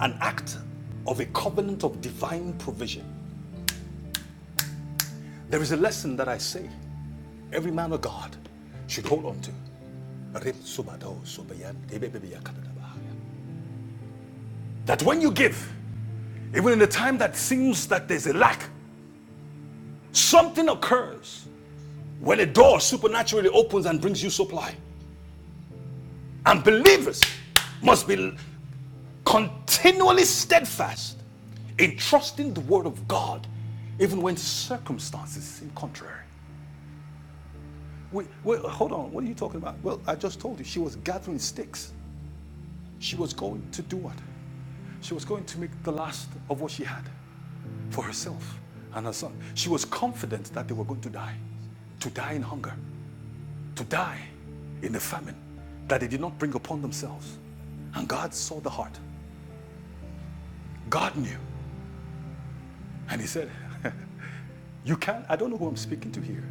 B: an act of a covenant of divine provision. There is a lesson that I say every man of God should hold on to. That when you give, even in the time that seems that there's a lack, something occurs when a door supernaturally opens and brings you supply. And believers must be continually steadfast in trusting the word of God, even when circumstances seem contrary. Wait, wait, hold on. What are you talking about? Well, I just told you she was gathering sticks. She was going to do what? She was going to make the last of what she had for herself and her son. She was confident that they were going to die, to die in hunger, to die in the famine that they did not bring upon themselves. And God saw the heart. God knew. And He said, You can, I don't know who I'm speaking to here,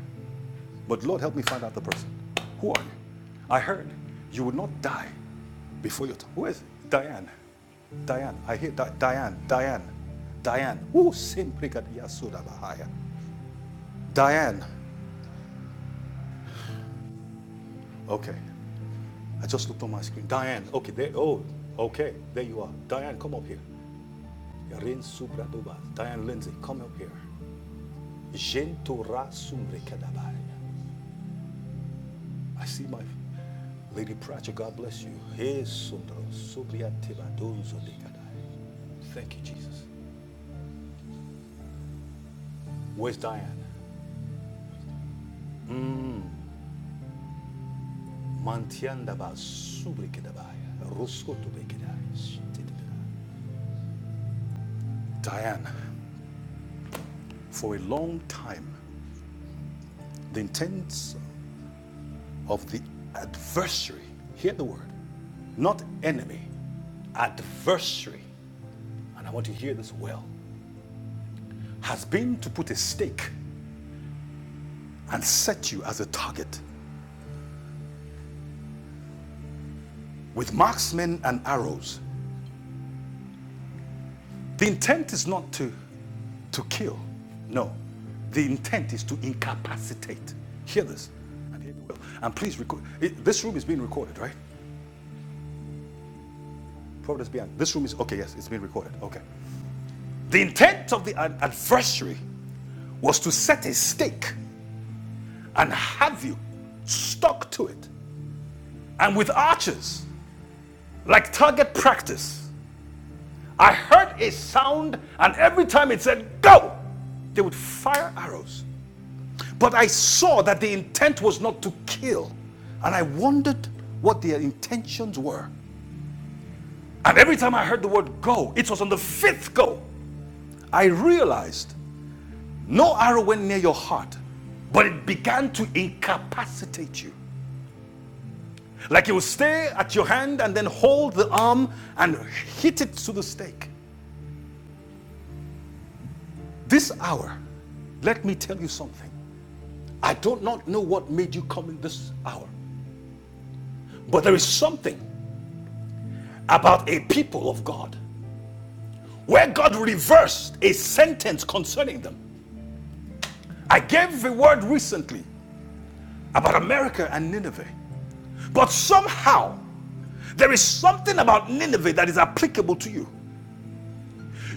B: but Lord, help me find out the person. Who are you? I heard you would not die before your time. Who is it? Diane? Diane. I hear Di- Diane. Diane. Diane. Ooh, simprikadiya sudabahaya. Diane. Okay. I just looked on my screen. Diane. Okay, there. Oh, okay. There you are. Diane, come up here. Rin Subraduba. Diane Lindsay, come up here. Jentura sumbrikadabaya. I see my Lady Pratchett, God bless you. Hey, Sundaro, Subriatiba, Dunzo de Kadai. Thank you, Jesus. Where's Diane? Mantiandaba, Subrikidabaya, Ruskotubekidai, Shitidabaya. Diane, for a long time, the intents of the adversary, hear the word, not enemy, adversary, and I want you to hear this well, has been to put a stake and set you as a target with marksmen and arrows. The intent is not to, to kill. No. The intent is to incapacitate. Hear this. And hear me well. And please record. It, this room is being recorded, right? Providence be behind. This room is. Okay, yes, it's being recorded. Okay. The intent of the adversary was to set a stake and have you stuck to it. And with archers, like target practice, I heard a sound, and every time it said, go, they would fire arrows But I saw that the intent was not to kill, and I wondered what their intentions were. And every time I heard the word go, it was on the fifth go, I realized no arrow went near your heart, but it began to incapacitate you. Like it would stay at your hand and then hold the arm and hit it to the stake. This hour, let me tell you something. I do not know what made you come in this hour, but there is something about a people of God where God reversed a sentence concerning them. I gave a word recently about America and Nineveh, but somehow there is something about Nineveh that is applicable to you.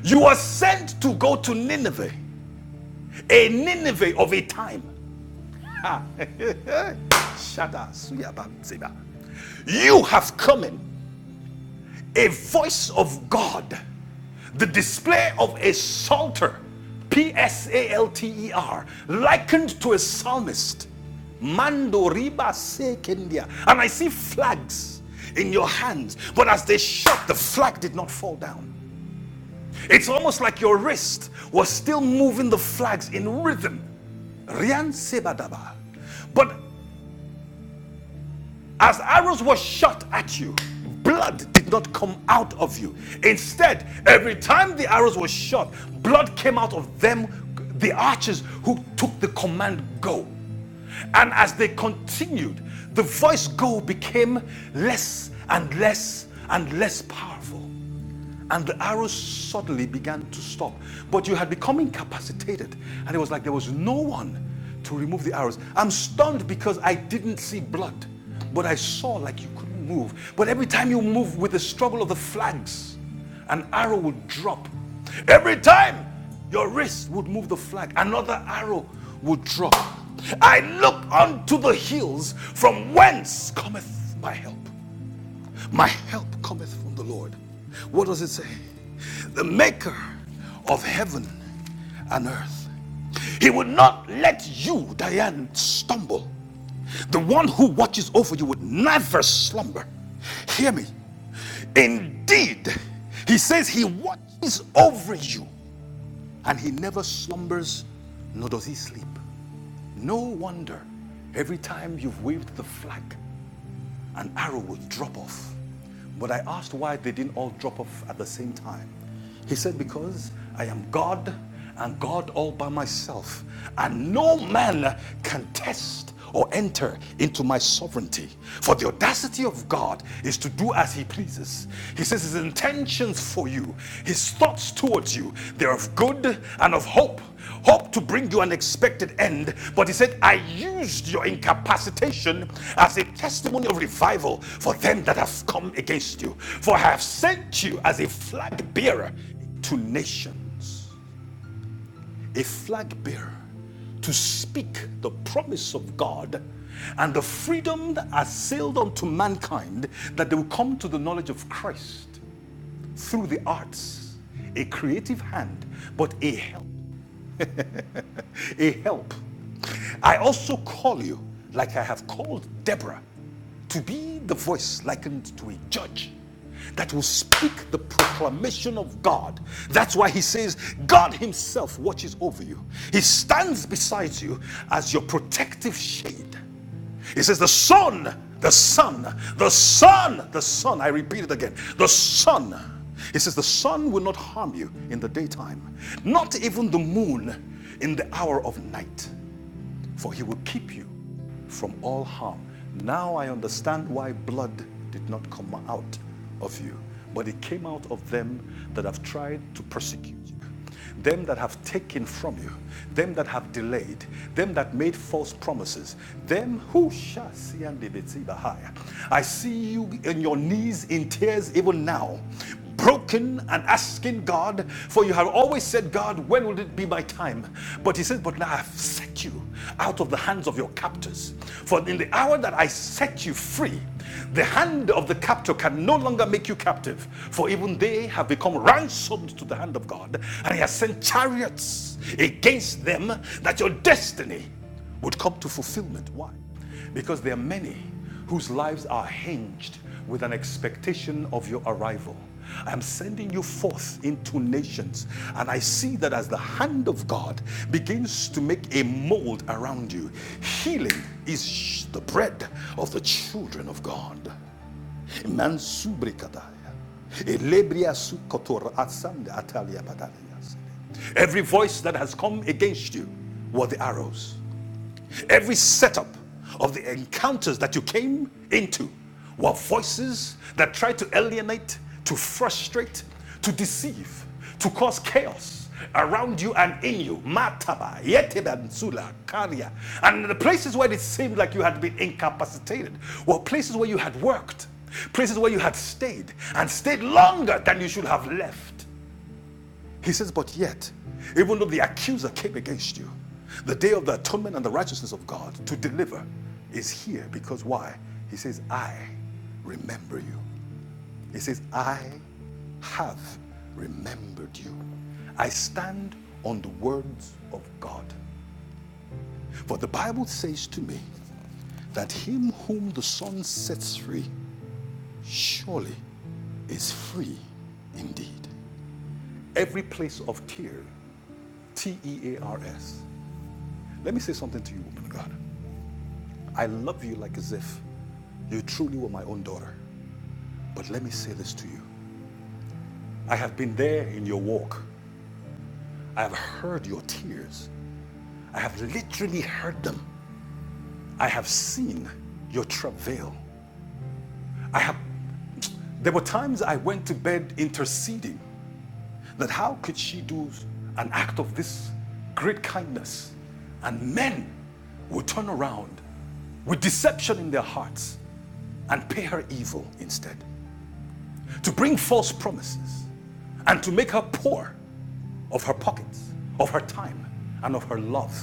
B: You were sent to go to Nineveh, a Nineveh of a time. You have come in a voice of God, the display of a psalter, P S A L T E R, likened to a psalmist. Mando riba se kendia. And I see flags in your hands, but as they shot, the flag did not fall down. It's almost like your wrist was still moving the flags in rhythm. Rian sebadaba. But as arrows were shot at you, blood did not come out of you. Instead, every time the arrows were shot, blood came out of them, the archers who took the command go. And as they continued, the voice go became less and less and less powerful. And the arrow suddenly began to stop. But you had become incapacitated. And it was like there was no one to remove the arrows. I'm stunned because I didn't see blood, but I saw like you couldn't move. But every time you move with the struggle of the flags, an arrow would drop. Every time your wrist would move the flag, another arrow would drop. I look unto the hills from whence cometh my help. My help cometh from the Lord. What does it say? The maker of heaven and earth. He would not let you, Diane, stumble. The one who watches over you would never slumber. Hear me. Indeed, he says he watches over you and he never slumbers nor does he sleep. No wonder every time you've waved the flag an arrow would drop off. But I asked why they didn't all drop off at the same time. He said, Because I am God and God all by myself, and no man can test or enter into my sovereignty. For the audacity of God is to do as he pleases. He says his intentions for you, his thoughts towards you, they're of good and of hope hope to bring you an expected end. But he said, I used your incapacitation as a testimony of revival for them that have come against you. For I have sent you as a flag bearer to nations, a flag bearer to speak the promise of God and the freedom that are sealed unto mankind that they will come to the knowledge of Christ through the arts, a creative hand, but a help a help. I also call you, like I have called Deborah, to be the voice likened to a judge that will speak the proclamation of God. That's why he says, God Himself watches over you, He stands beside you as your protective shade. He says, The Son, the Son, the Son, the Son. I repeat it again. The Son. He says, The sun will not harm you in the daytime, not even the moon in the hour of night for he will keep you from all harm. Now I understand why blood did not come out of you, but it came out of them that have tried to persecute you, them that have taken from you, them that have delayed, them that made false promises, them who shall see and be betrayed by I see you in your knees in tears even now, broken and asking God, for you have always said, God, when will it be my time? But he says, But now I've set you out of the hands of your captors. For in the hour that I set you free, the hand of the captor can no longer make you captive, for even they have become ransomed to the hand of God, and he has sent chariots against them that your destiny would come to fulfillment. Why? Because there are many whose lives are hinged with an expectation of your arrival. I am sending you forth into nations, and I see that as the hand of God begins to make a mold around you, healing is the bread of the children of God. Every voice that has come against you were the arrows. Every setup of the encounters that you came into were voices that tried to alienate, to frustrate, to deceive, to cause chaos around you and in you. Mataba, Yetebansula, Karia. And the places where it seemed like you had been incapacitated were places where you had worked, places where you had stayed, and stayed longer than you should have left he says, But yet, even though the accuser came against you, the day of the atonement and the righteousness of God to deliver is here because why? He says, I remember you. He says, I have remembered you. I stand on the words of God. For the Bible says to me that him whom the Son sets free surely is free indeed. Every place of tear, T E A R S, Let me say something to you, woman of God. I love you like as if you truly were my own daughter. But let me say this to you I have been there in your walk. I have heard your tears. I have literally heard them. I have seen your travail. I have. There were times I went to bed interceding that how could she do an act of this great kindness and men would turn around with deception in their hearts and pay her evil instead to bring false promises and to make her poor of her pockets of her time and of her love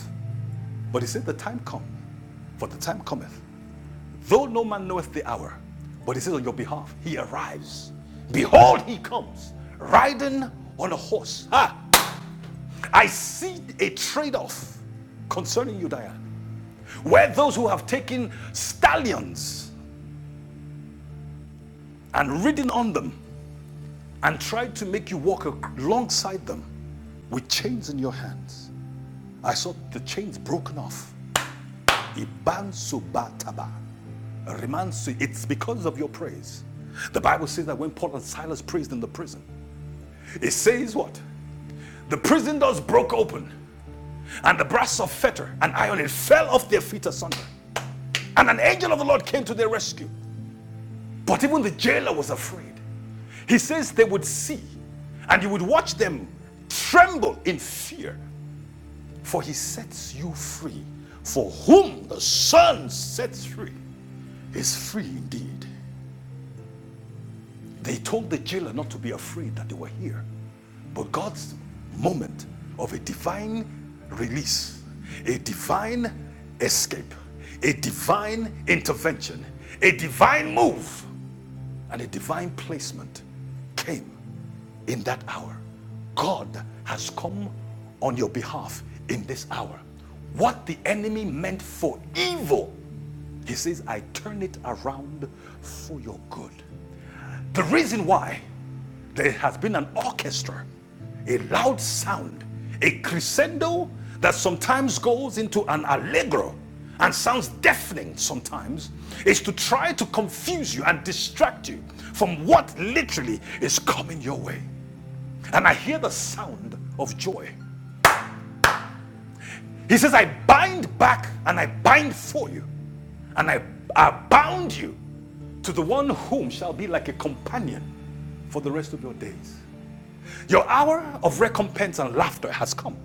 B: but he said the time come for the time cometh though no man knoweth the hour but he says on your behalf he arrives behold he comes riding on a horse Ah. I see a trade off concerning you, Diane, where those who have taken stallions and ridden on them and tried to make you walk alongside them with chains in your hands. I saw the chains broken off. Ibansubataba. Remansu- It's because of your praise. The Bible says that when Paul and Silas praised in the prison, it says what? The prison doors broke open, and the brass of fetter and iron it fell off their feet asunder. And an angel of the Lord came to their rescue. But even the jailer was afraid. He says they would see, and he would watch them tremble in fear, for he sets you free. For whom the Son sets free is free indeed. They told the jailer not to be afraid that they were here. But God's moment of a divine release, a divine escape, a divine intervention, a divine move And a divine placement came in that hour. God has come on your behalf in this hour. What the enemy meant for evil, he says, I turn it around for your good. The reason why there has been an orchestra, a loud sound, a crescendo that sometimes goes into an allegro and sounds deafening sometimes, is to try to confuse you and distract you from what literally is coming your way. And I hear the sound of joy. He says, I bind back and I bind for you, and I, I bound you to the one whom shall be like a companion for the rest of your days. Your hour of recompense and laughter has come.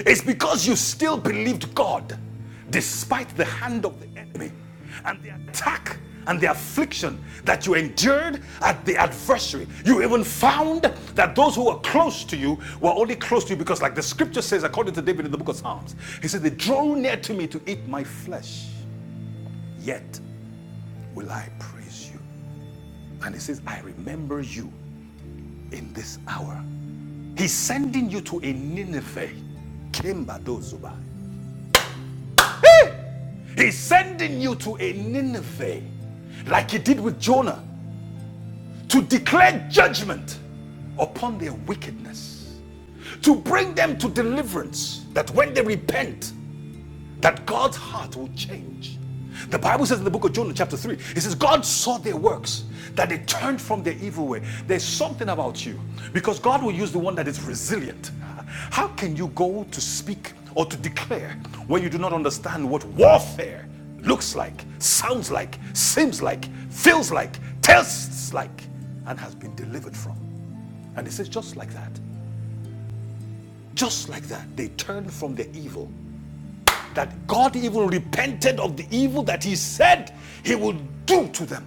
B: It's because you still believed God despite the hand of the enemy and the attack and the affliction that you endured at the adversary. You even found that those who were close to you were only close to you because, like the scripture says, according to David in the book of Psalms, he said, They draw near to me to eat my flesh, yet will I praise you. And he says, I remember you in this hour He's sending you to a Nineveh. Kimbado He's sending you to a Nineveh, like he did with Jonah, to declare judgment upon their wickedness, to bring them to deliverance, that when they repent, that God's heart will change. The Bible says in the book of Jonah, chapter 3, it says, God saw their works, that they turned from their evil way. There's something about you because God will use the one that is resilient. How can you go to speak or to declare when you do not understand what warfare looks like, sounds like, seems like, feels like, tastes like, and has been delivered from? And it says, just like that, just like that, they turned from their evil that God even repented of the evil that he said he would do to them.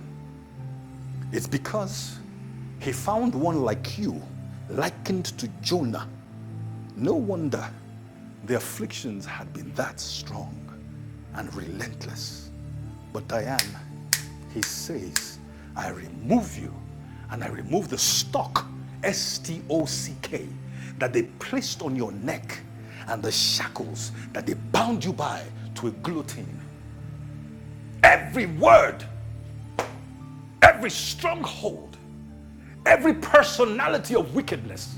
B: It's because he found one like you, likened to Jonah, no wonder the afflictions had been that strong and relentless. But Diane, he says, I remove you and I remove the stock, S T O C K, that they placed on your neck and the shackles that they bound you by to a guillotine. Every word, every stronghold every personality of wickedness,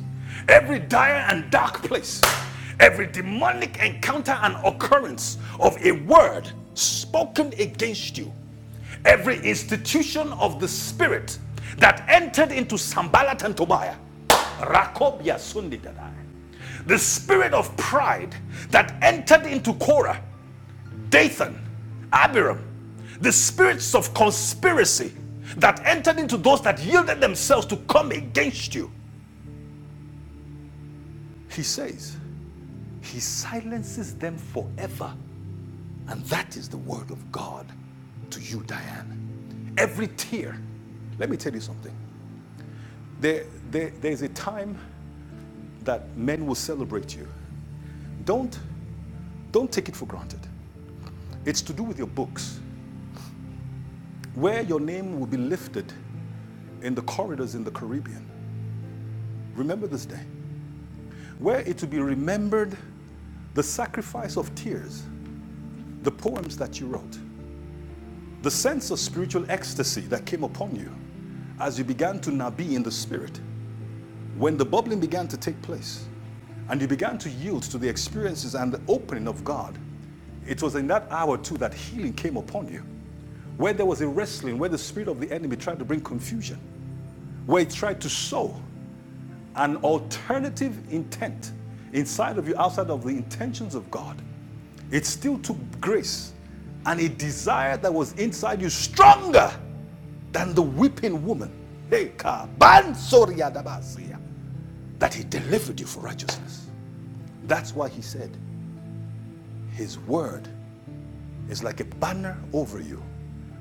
B: every dire and dark place, every demonic encounter and occurrence of a word spoken against you, every institution of the spirit that entered into Sambalat and Tobiah, Rakobia Sundidadai, the spirit of pride that entered into Korah Dathan, Abiram, the spirits of conspiracy that entered into those that yielded themselves to come against you. He says, He silences them forever. And that is the word of God to you, Diane. Every tear. Let me tell you something. There, there, there's a time that men will celebrate you. Don't, don't take it for granted. It's to do with your books, where your name will be lifted in the corridors in the Caribbean. Remember this day. where it will be remembered the sacrifice of tears, the poems that you wrote, the sense of spiritual ecstasy that came upon you as you began to nabi in the spirit, when the bubbling began to take place and you began to yield to the experiences and the opening of God, it was in that hour too that healing came upon you. Where there was a wrestling, where the spirit of the enemy tried to bring confusion, where it tried to sow an alternative intent inside of you, outside of the intentions of God, it still took grace and a desire that was inside you stronger than the weeping woman Hey, kabansoriadabasia, that he delivered you for righteousness. That's why he said, His word is like a banner over you,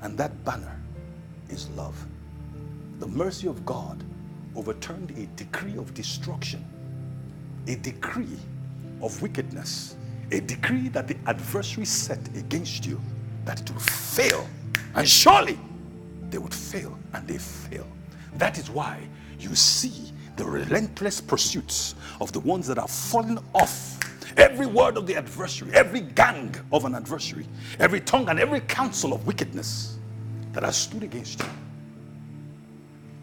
B: and that banner is love. The mercy of God overturned a decree of destruction a decree of wickedness, a decree that the adversary set against you, that it will fail. And surely they would fail, and they fail. That is why you see the relentless pursuits of the ones that are falling off. Every word of the adversary, every gang of an adversary, every tongue and every counsel of wickedness that has stood against you,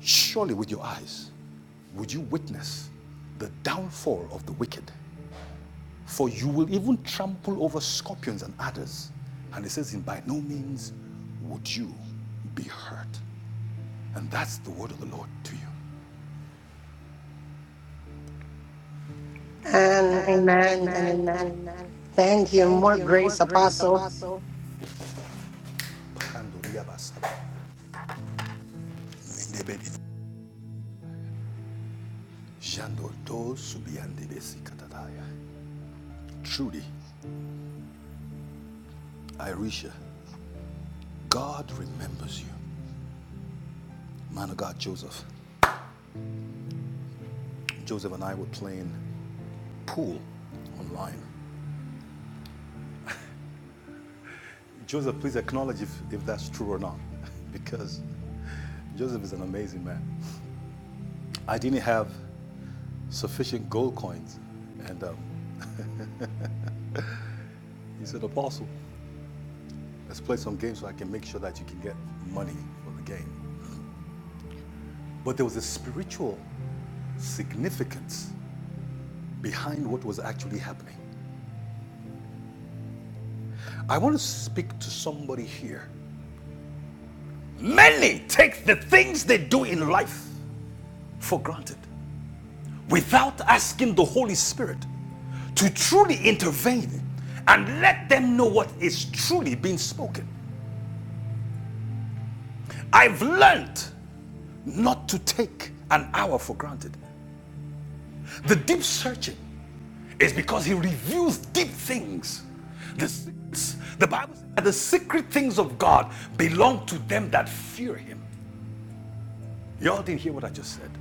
B: surely with your eyes would you witness the downfall of the wicked for you will even trample over scorpions and adders. And it says, In by no means would you be hurt. And that's the word of the Lord to you.
C: And
B: And
C: amen and
B: amen and
C: amen.
B: amen.
C: Thank you.
B: Thank
C: More
B: you. More
C: grace,
B: grace,
C: Apostle.
B: Apostle. Truly, Irisha, God remembers you. Man of God, Joseph. Joseph and I were playing pool online. Joseph, please acknowledge if, if that's true or not, because Joseph is an amazing man. I didn't have sufficient gold coins, and um, he said, Apostle, let's play some games so I can make sure that you can get money for the game. But there was a spiritual significance behind what was actually happening. I want to speak to somebody here. Many take the things they do in life for granted. without asking the Holy Spirit to truly intervene and let them know what is truly being spoken. I've learned not to take an hour for granted. The deep searching is because he reveals deep things. The, the Bible says that the secret things of God belong to them that fear him. Y'all didn't hear what I just said.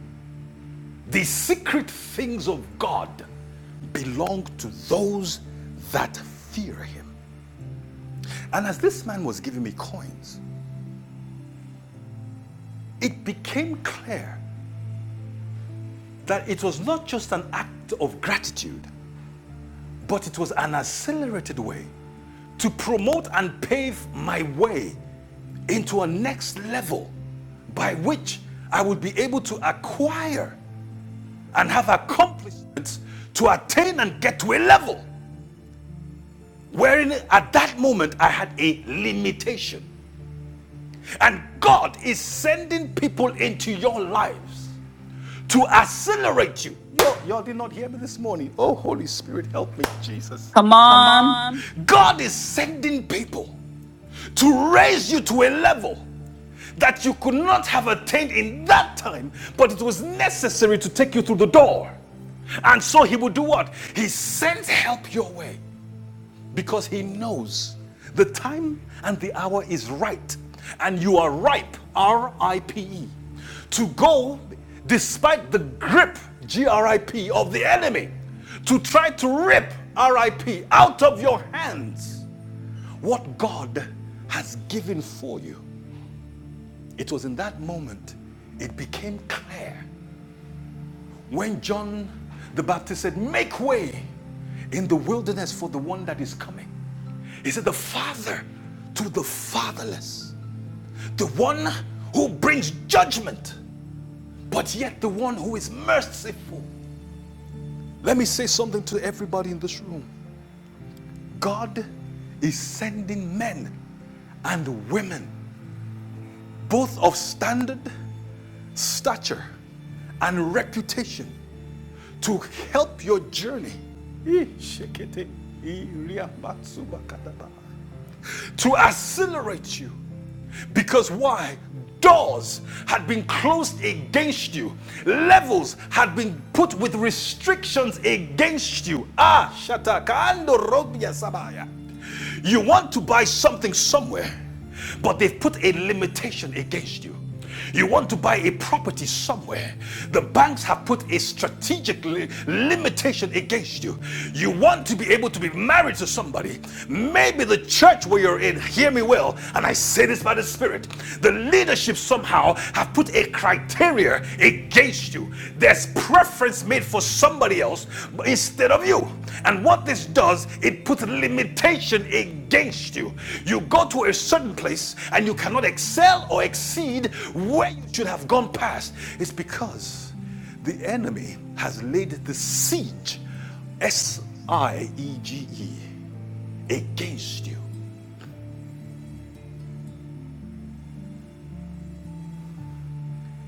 B: The secret things of God belong to those that fear him. And as this man was giving me coins, it became clear that it was not just an act of gratitude, but it was an accelerated way to promote and pave my way into a next level by which I would be able to acquire and have accomplishments to attain and get to a level wherein at that moment I had a limitation. And God is sending people into your lives to accelerate you. Y'all, y'all did not hear me this morning. Oh, Holy Spirit, help me, Jesus.
A: Come
B: Come
A: on.
B: on. God is sending people to raise you to a level that you could not have attained in that time, but it was necessary to take you through the door. And so he would do what? He sends help your way because he knows the time and the hour is right and you are ripe r-i-p-e to go despite the grip g-r-i-p of the enemy to try to rip r-i-p out of your hands what god has given for you it was in that moment it became clear when John the Baptist said, Make way in the wilderness for the one that is coming, he said, The Father to the fatherless, the one who brings judgment, but yet the one who is merciful. Let me say something to everybody in this room God is sending men and women, both of standard, stature, and reputation to help your journey. To accelerate you. Because why? Doors had been closed against you, levels had been put with restrictions against you. Ah, Shatakando Robia Sabaya. You want to buy something somewhere. But they've put a limitation against you. You want to buy a property somewhere. The banks have put a strategic li- limitation against you. You want to be able to be married to somebody. Maybe the church where you're in, hear me well, and I say this by the Spirit, the leadership somehow have put a criteria against you. There's preference made for somebody else instead of you. And what this does, it puts limitation against you. You go to a certain place and you cannot excel or exceed where you should have gone past. It's because the enemy has laid the siege, S I E G E, against you.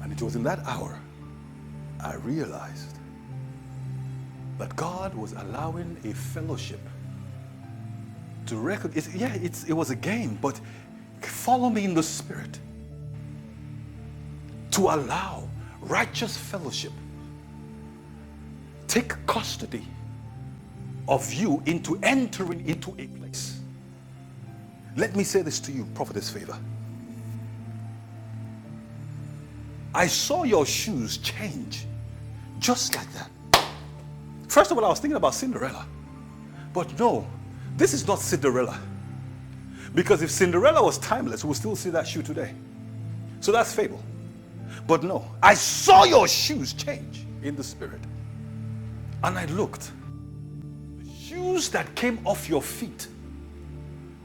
B: And it was in that hour I realized that God was allowing a fellowship to recognize, yeah, it's, it was a game, but follow me in the spirit to allow righteous fellowship take custody of you into entering into a place. Let me say this to you, prophetess favor. I saw your shoes change just like that. First of all, I was thinking about Cinderella, but no, this is not Cinderella. Because if Cinderella was timeless, we'll still see that shoe today. So that's fable. But no, I saw your shoes change in the spirit. And I looked, Shoes that came off your feet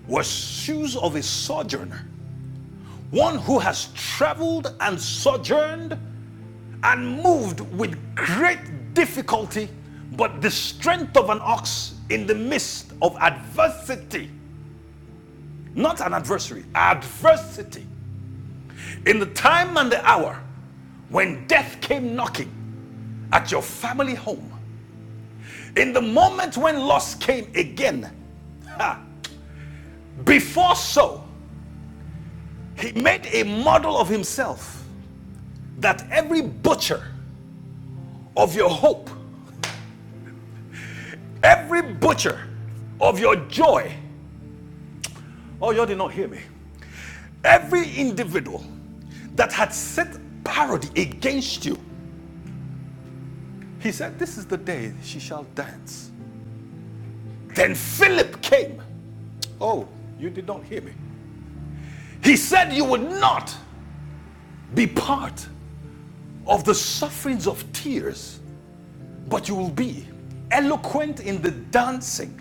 B: were shoes of a sojourner, one who has traveled and sojourned and moved with great difficulty, but the strength of an ox in the midst of adversity, not an adversary, adversity. In the time and the hour when death came knocking at your family home, in the moment when loss came again, ha, before so, He made a model of himself that every butcher of your hope, every butcher of your joy, oh, you did not hear me. Every individual that had set parody against you, he said, This is the day she shall dance. Then Philip came. Oh, you did not hear me. He said, You would not be part of the sufferings of tears But you will be eloquent in the dancing,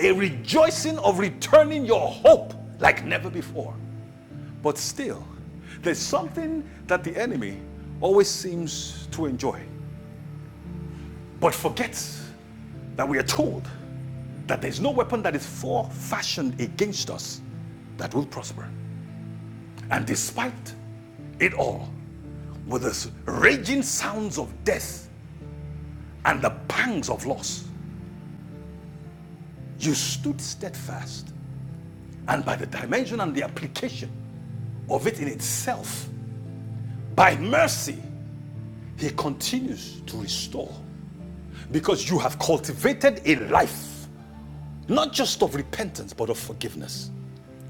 B: a rejoicing of returning your hope like never before. But still, there's something that the enemy always seems to enjoy, but forgets that we are told that there's no weapon that is fashioned against us that will prosper. And despite it all, with the raging sounds of death and the pangs of loss, you stood steadfast And by the dimension and the application of it in itself, by mercy, He continues to restore. Because you have cultivated a life, not just of repentance, but of forgiveness.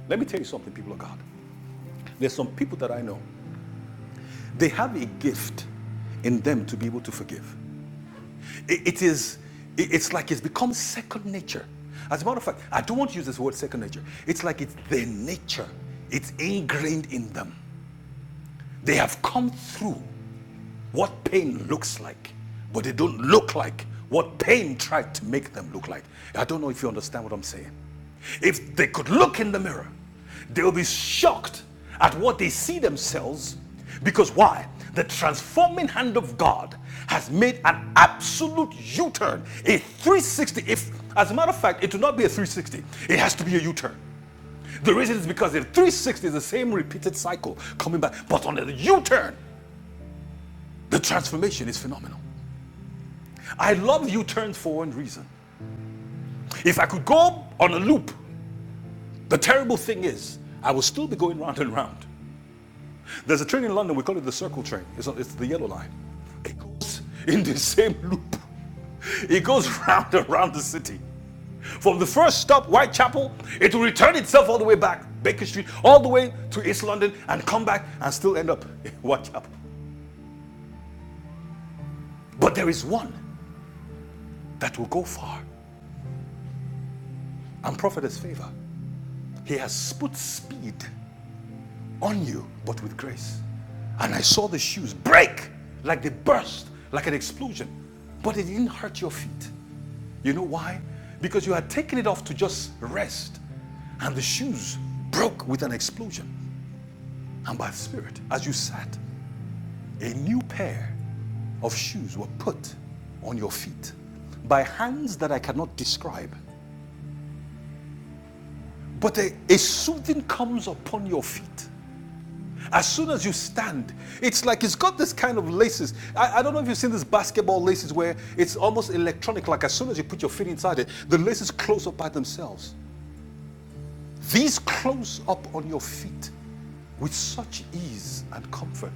B: Let me tell you something, people of God. There's some people that I know, they have a gift in them to be able to forgive. It, it is, it- it's like it's become second nature. As a matter of fact, I don't want to use this word second nature. It's like it's their nature. It's ingrained in them. They have come through what pain looks like, but they don't look like what pain tried to make them look like. I don't know if you understand what I'm saying. If they could look in the mirror, they'll be shocked at what they see themselves because why? The transforming hand of God has made an absolute U turn, a 360. If, as a matter of fact, it will not be a 360, it has to be a U turn. The reason is because the 360 is the same repeated cycle coming back, but on the U turn, the transformation is phenomenal. I love U-turns for one reason. If I could go on a loop, the terrible thing is I will still be going round and round. There's a train in London, we call it the circle train. It's, not- it's the yellow line. It goes in the same loop. It goes round and round the city. From the first stop, Whitechapel, it will return itself all the way back, Baker Street, all the way to East London, and come back and still end up in Whitechapel. But there is one that will go far, and Prophet has favor. He has put speed on you, but with grace. And I saw the shoes break like they burst, like an explosion, but it didn't hurt your feet. You know why? Because you had taken it off to just rest, and the shoes broke with an explosion. And by the Spirit, as you sat, a new pair of shoes were put on your feet by hands that I cannot describe. But a, a soothing comes upon your feet As soon as you stand, it's like it's got this kind of laces. I, I don't know if you've seen these basketball laces where it's almost electronic, like as soon as you put your feet inside it, the laces close up by themselves. These close up on your feet with such ease and comfort.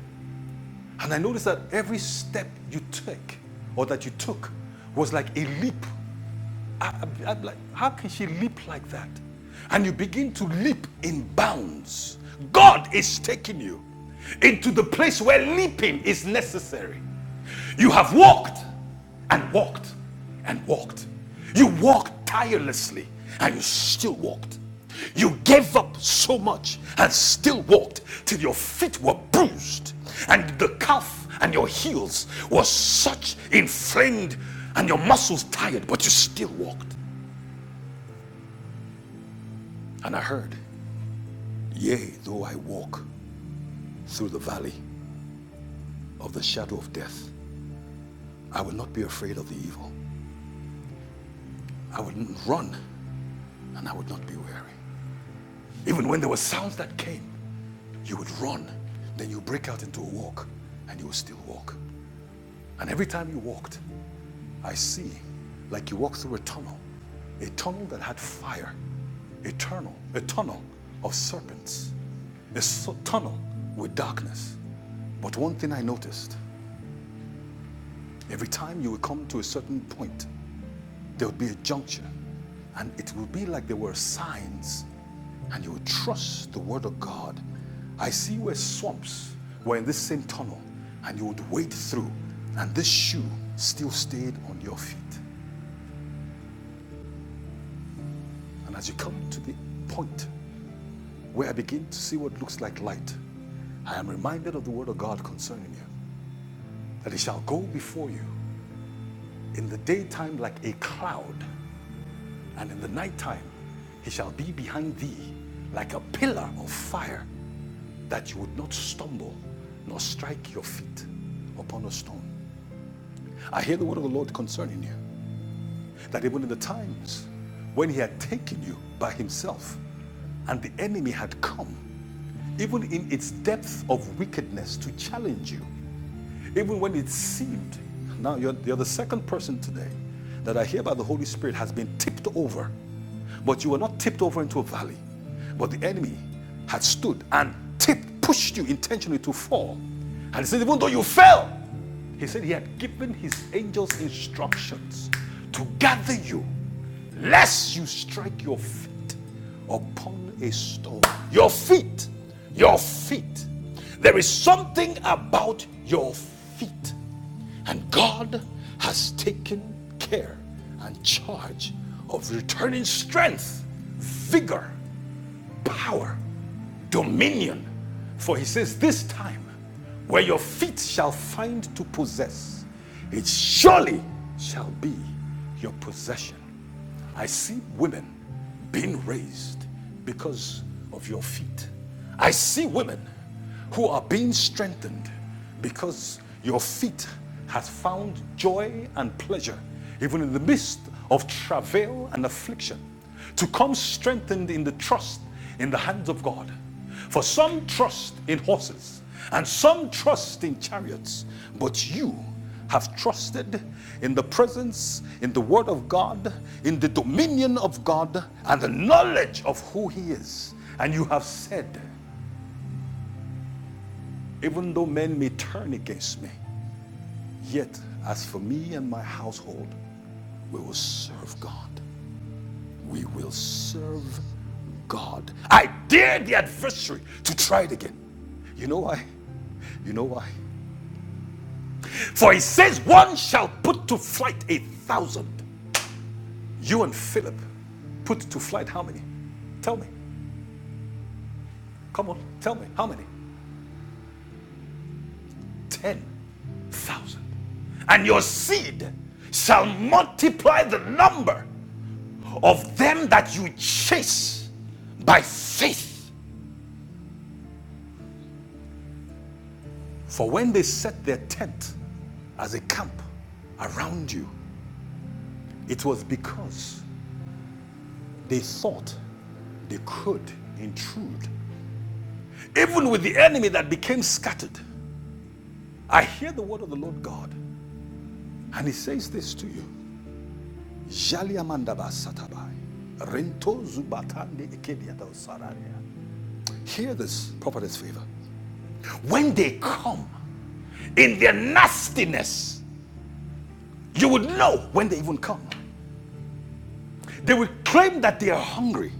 B: And I noticed that every step you take or that you took was like a leap I, am like, how can she leap like that? And you begin to leap in bounds. God is taking you into the place where leaping is necessary. You have walked and walked and walked. You walked tirelessly and you still walked. You gave up so much and still walked till your feet were bruised and the calf and your heels were such inflamed and your muscles tired, but you still walked. And I heard, Yea, though I walk through the valley of the shadow of death, I would not be afraid of the evil. I would run and I would not be weary. Even when there were sounds that came, you would run, then you break out into a walk and you would still walk. And every time you walked, I see, like you walk through a tunnel, a tunnel that had fire, a tunnel, a tunnel of serpents, a so- tunnel with darkness. But one thing I noticed every time you would come to a certain point, there would be a juncture, and it would be like there were signs, and you would trust the word of God. I see where swamps were in this same tunnel, and you would wade through, and this shoe still stayed on your feet. And as you come to the point where I begin to see what looks like light, I am reminded of the word of God concerning you that it shall go before you in the daytime like a cloud, and in the nighttime he shall be behind thee like a pillar of fire, that you would not stumble nor strike your feet upon a stone. I hear the word of the Lord concerning you that even in the times when he had taken you by himself and the enemy had come, even in its depth of wickedness to challenge you, even when it seemed, now you're, you're the second person today that I hear by the Holy Spirit has been tipped over, but you were not tipped over into a valley, but the enemy had stood and tipped, pushed you intentionally to fall. And he said, even though you fell, he said he had given his angels instructions to gather you, lest you strike your feet upon a stone. Your feet, your feet. There is something about your feet. And God has taken care and charge of returning strength, vigor, power, dominion. For he says, This time, where your feet shall find to possess, it surely shall be your possession. I see women being raised because of your feet. I see women who are being strengthened because your feet has found joy and pleasure even in the midst of travail and affliction to come strengthened in the trust in the hands of God for some trust in horses and some trust in chariots but you have trusted in the presence in the word of God in the dominion of God and the knowledge of who he is and you have said even though men may turn against me, yet as for me and my household, we will serve God. We will serve God. I dare the adversary to try it again. You know why? You know why? For he says, One shall put to flight a thousand. You and Philip put to flight how many? Tell me. Come on, tell me. How many? Ten thousand. And your seed shall multiply the number of them that you chase by faith. For when they set their tent as a camp around you, it was because they thought they could intrude. Even with the enemy that became scattered, I hear the word of the Lord God, and he says this to you. Hear this prophet's favor. When they come in their nastiness, You would know when they even come. They will claim that they are hungry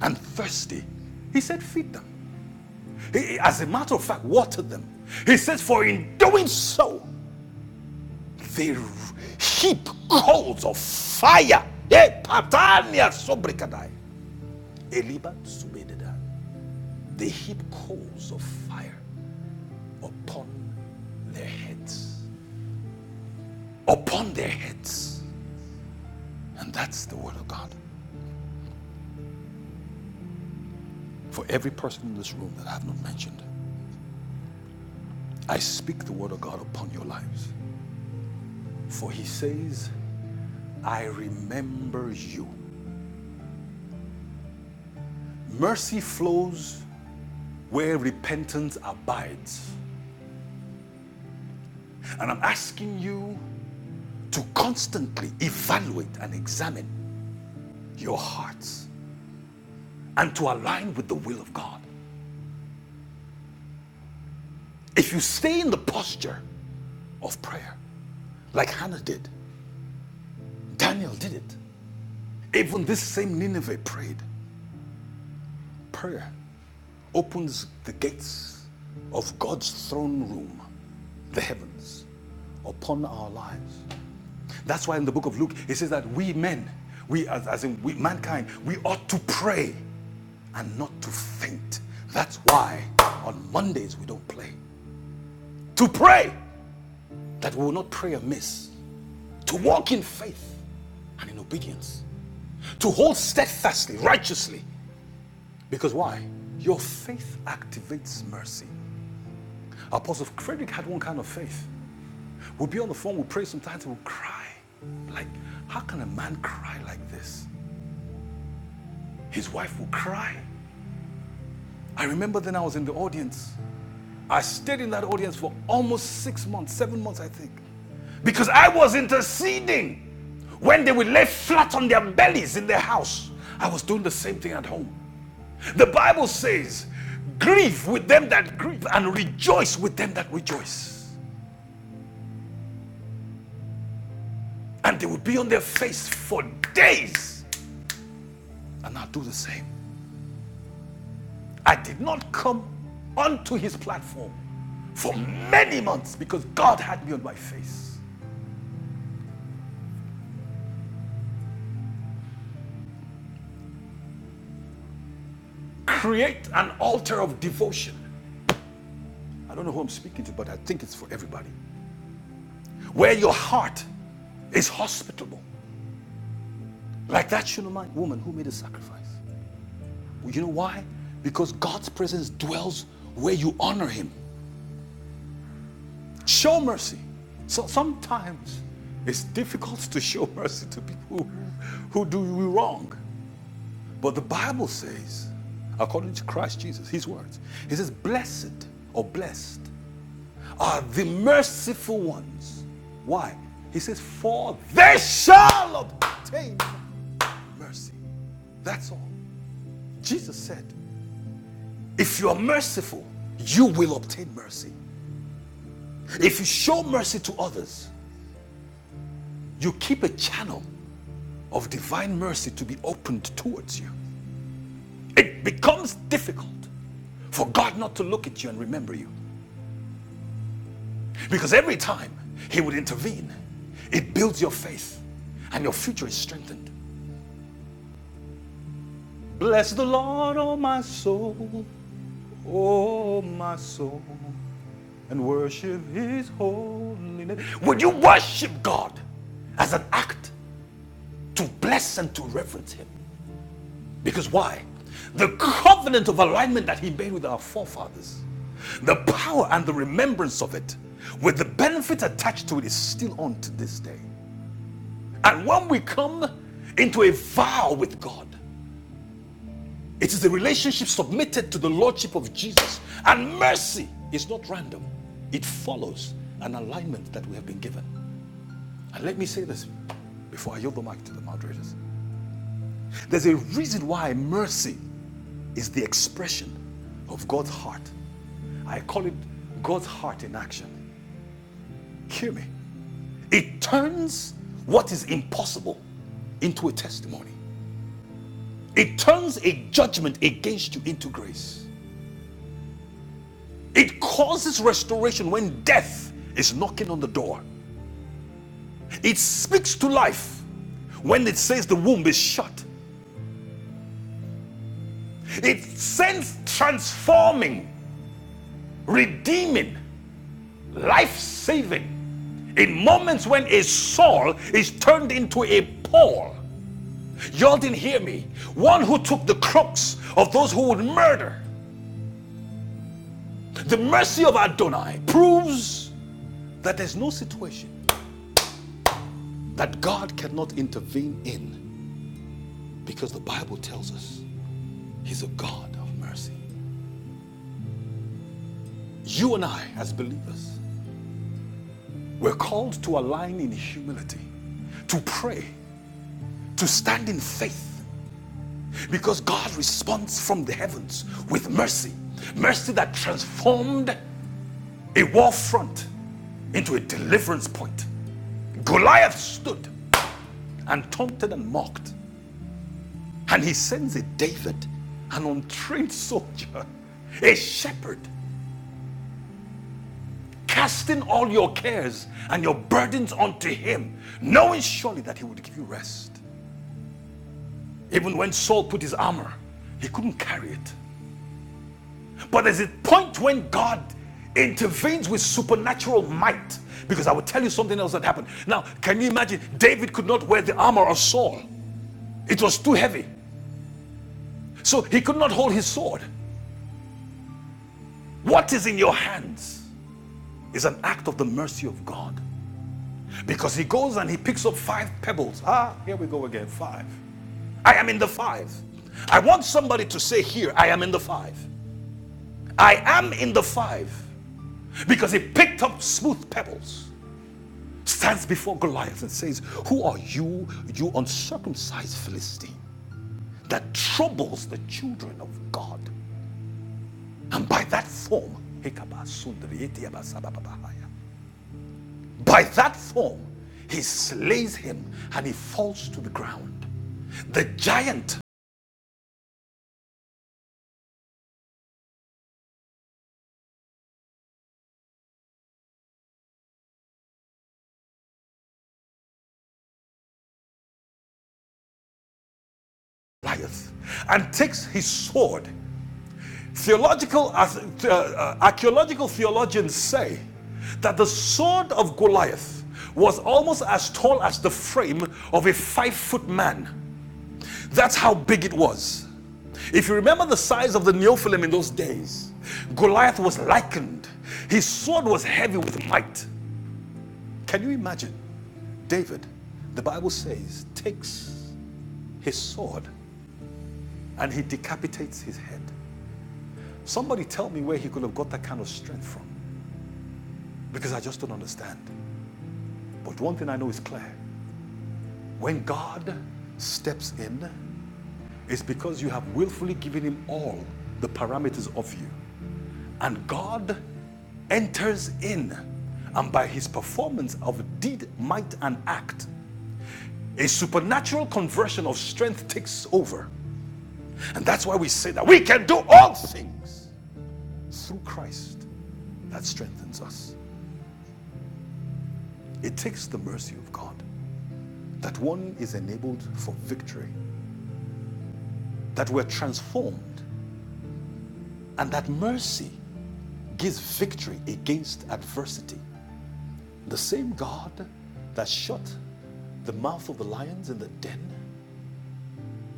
B: and thirsty. He said, Feed them. He- as a matter of fact, water them. He says, For in doing so, they heap coals of fire. Eh, They heap coals of fire upon their heads. Upon their heads. And that's the word of God for every person in this room that I have not mentioned. I speak the word of God upon your lives. For he says, I remember you. Mercy flows where repentance abides. And I'm asking you to constantly evaluate and examine your hearts and to align with the will of God. If you stay in the posture of prayer, like Hannah did, Daniel did it, even this same Nineveh prayed prayer opens the gates of God's throne room, the heavens, upon our lives. That's why in the book of Luke, it says that we men, we as, as in we, mankind, we ought to pray and not to faint. That's why on Mondays we don't play. To pray that we will not pray amiss, to walk in faith and in obedience, to hold steadfastly, righteously. Because why? Your faith activates mercy. Apostle Frederick had one kind of faith. We'll be on the phone, we'll pray sometimes, we'll cry. Like, how can a man cry like this? His wife will cry. I remember then I was in the audience. I stayed in that audience for almost six months, seven months, I think, because I was interceding when they would lay flat on their bellies in their house. I was doing the same thing at home. The Bible says, Grieve with them that grieve and rejoice with them that rejoice. And they would be on their face for days. And I'll do the same. I did not come onto his platform for many months because God had me on my face. Create an altar of devotion. I don't know who I'm speaking to, but I think it's for everybody. Where your heart is hospitable, like that Shunammite woman who made a sacrifice. You know why? Because God's presence dwells where you honor Him. Show mercy. So sometimes it's difficult to show mercy to people who, who do you wrong. But the Bible says, according to Christ Jesus, his words, he says, Blessed or blessed are the merciful ones. Why? He says, For they shall obtain mercy. That's all. Jesus said, If you are merciful, you will obtain mercy. If you show mercy to others, you keep a channel of divine mercy to be opened towards you. It becomes difficult for God not to look at you and remember you. Because every time He would intervene, it builds your faith and your future is strengthened. Bless the Lord, oh my soul, oh my soul, and worship His holy name. Would you worship God as an act to bless and to reverence Him? Because why? The covenant of alignment that He made with our forefathers, the power and the remembrance of it, with the benefits attached to it, is still on to this day. And when we come into a vow with God, it is a relationship submitted to the Lordship of Jesus. And mercy is not random, it follows an alignment that we have been given. And let me say this before I yield the mic to the moderators there's a reason why mercy is the expression of God's heart. I call it God's heart in action. Hear me. It turns what is impossible into a testimony. It turns a judgment against you into grace. It causes restoration when death is knocking on the door. It speaks to life when it says the womb is shut. It sends transforming, redeeming, life saving in moments when a Saul is turned into a Paul. Y'all didn't hear me. One who took the crooks of those who would murder. The mercy of Adonai proves that there's no situation that God cannot intervene in because the Bible tells us He's a God of mercy. You and I, as believers, we're called to align in humility, to pray, to stand in faith because God responds from the heavens with mercy, mercy that transformed a war front into a deliverance point. Goliath stood and taunted and mocked, and he sends a David, an untrained soldier, a shepherd casting all your cares and your burdens onto him, knowing surely that he would give you rest. Even when Saul put his armor, he couldn't carry it. But there's a point when God intervenes with supernatural might. Because I will tell you something else that happened. Now, can you imagine? David could not wear the armor of Saul, it was too heavy. So he could not hold his sword. What is in your hands is an act of the mercy of God. Because he goes and he picks up five pebbles. Ah, here we go again, five I am in the five. I want somebody to say here, I am in the five. I am in the five because he picked up smooth pebbles, stands before Goliath and says, Who are you, you uncircumcised Philistine, that troubles the children of God? And by that form, by that form, he slays him and he falls to the ground the giant Goliath and takes his sword Theological, uh, uh, uh, archaeological theologians say that the sword of Goliath was almost as tall as the frame of a five foot man. That's how big it was. If you remember the size of the Neophilim in those days, Goliath was likened. His sword was heavy with might. Can you imagine? David, the Bible says, takes his sword and he decapitates his head. Somebody tell me where he could have got that kind of strength from. because I just don't understand. But one thing I know is clear when God steps in, it's because you have willfully given Him all the parameters of you. And God enters in, and by His performance of deed, might, and act, a supernatural conversion of strength takes over. And that's why we say that we can do all things through Christ that strengthens us. It takes the mercy of God that one is enabled for victory that we're transformed, and that mercy gives victory against adversity. The same God that shut the mouth of the lions in the den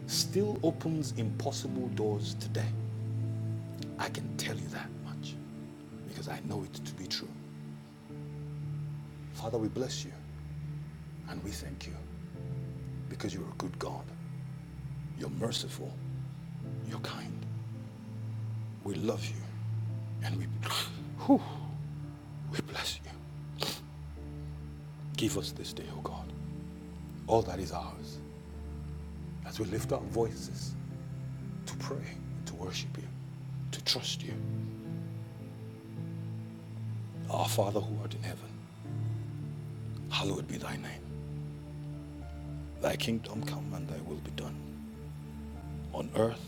B: still opens impossible doors today. I can tell you that much because I know it to be true. Father, we bless you and we thank you because you're a good God. You're merciful. You're kind. We love you and we, we bless you. Give us this day, O God, all that is ours as we lift our voices to pray, to worship you, to trust you. Our Father who art in heaven, hallowed be thy name. Thy kingdom come and thy will be done on earth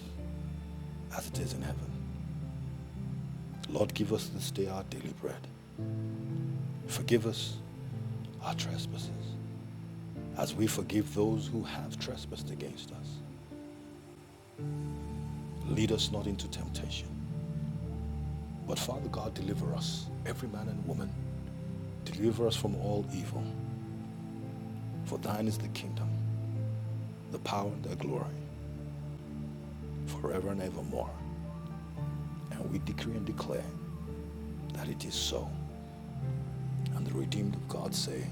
B: as it is in heaven. Lord, give us this day our daily bread. Forgive us our trespasses as we forgive those who have trespassed against us. Lead us not into temptation, but Father God, deliver us, every man and woman. Deliver us from all evil, for thine is the kingdom, the power, and the glory, forever and evermore. And we decree and declare that it is so. And the redeemed of God say,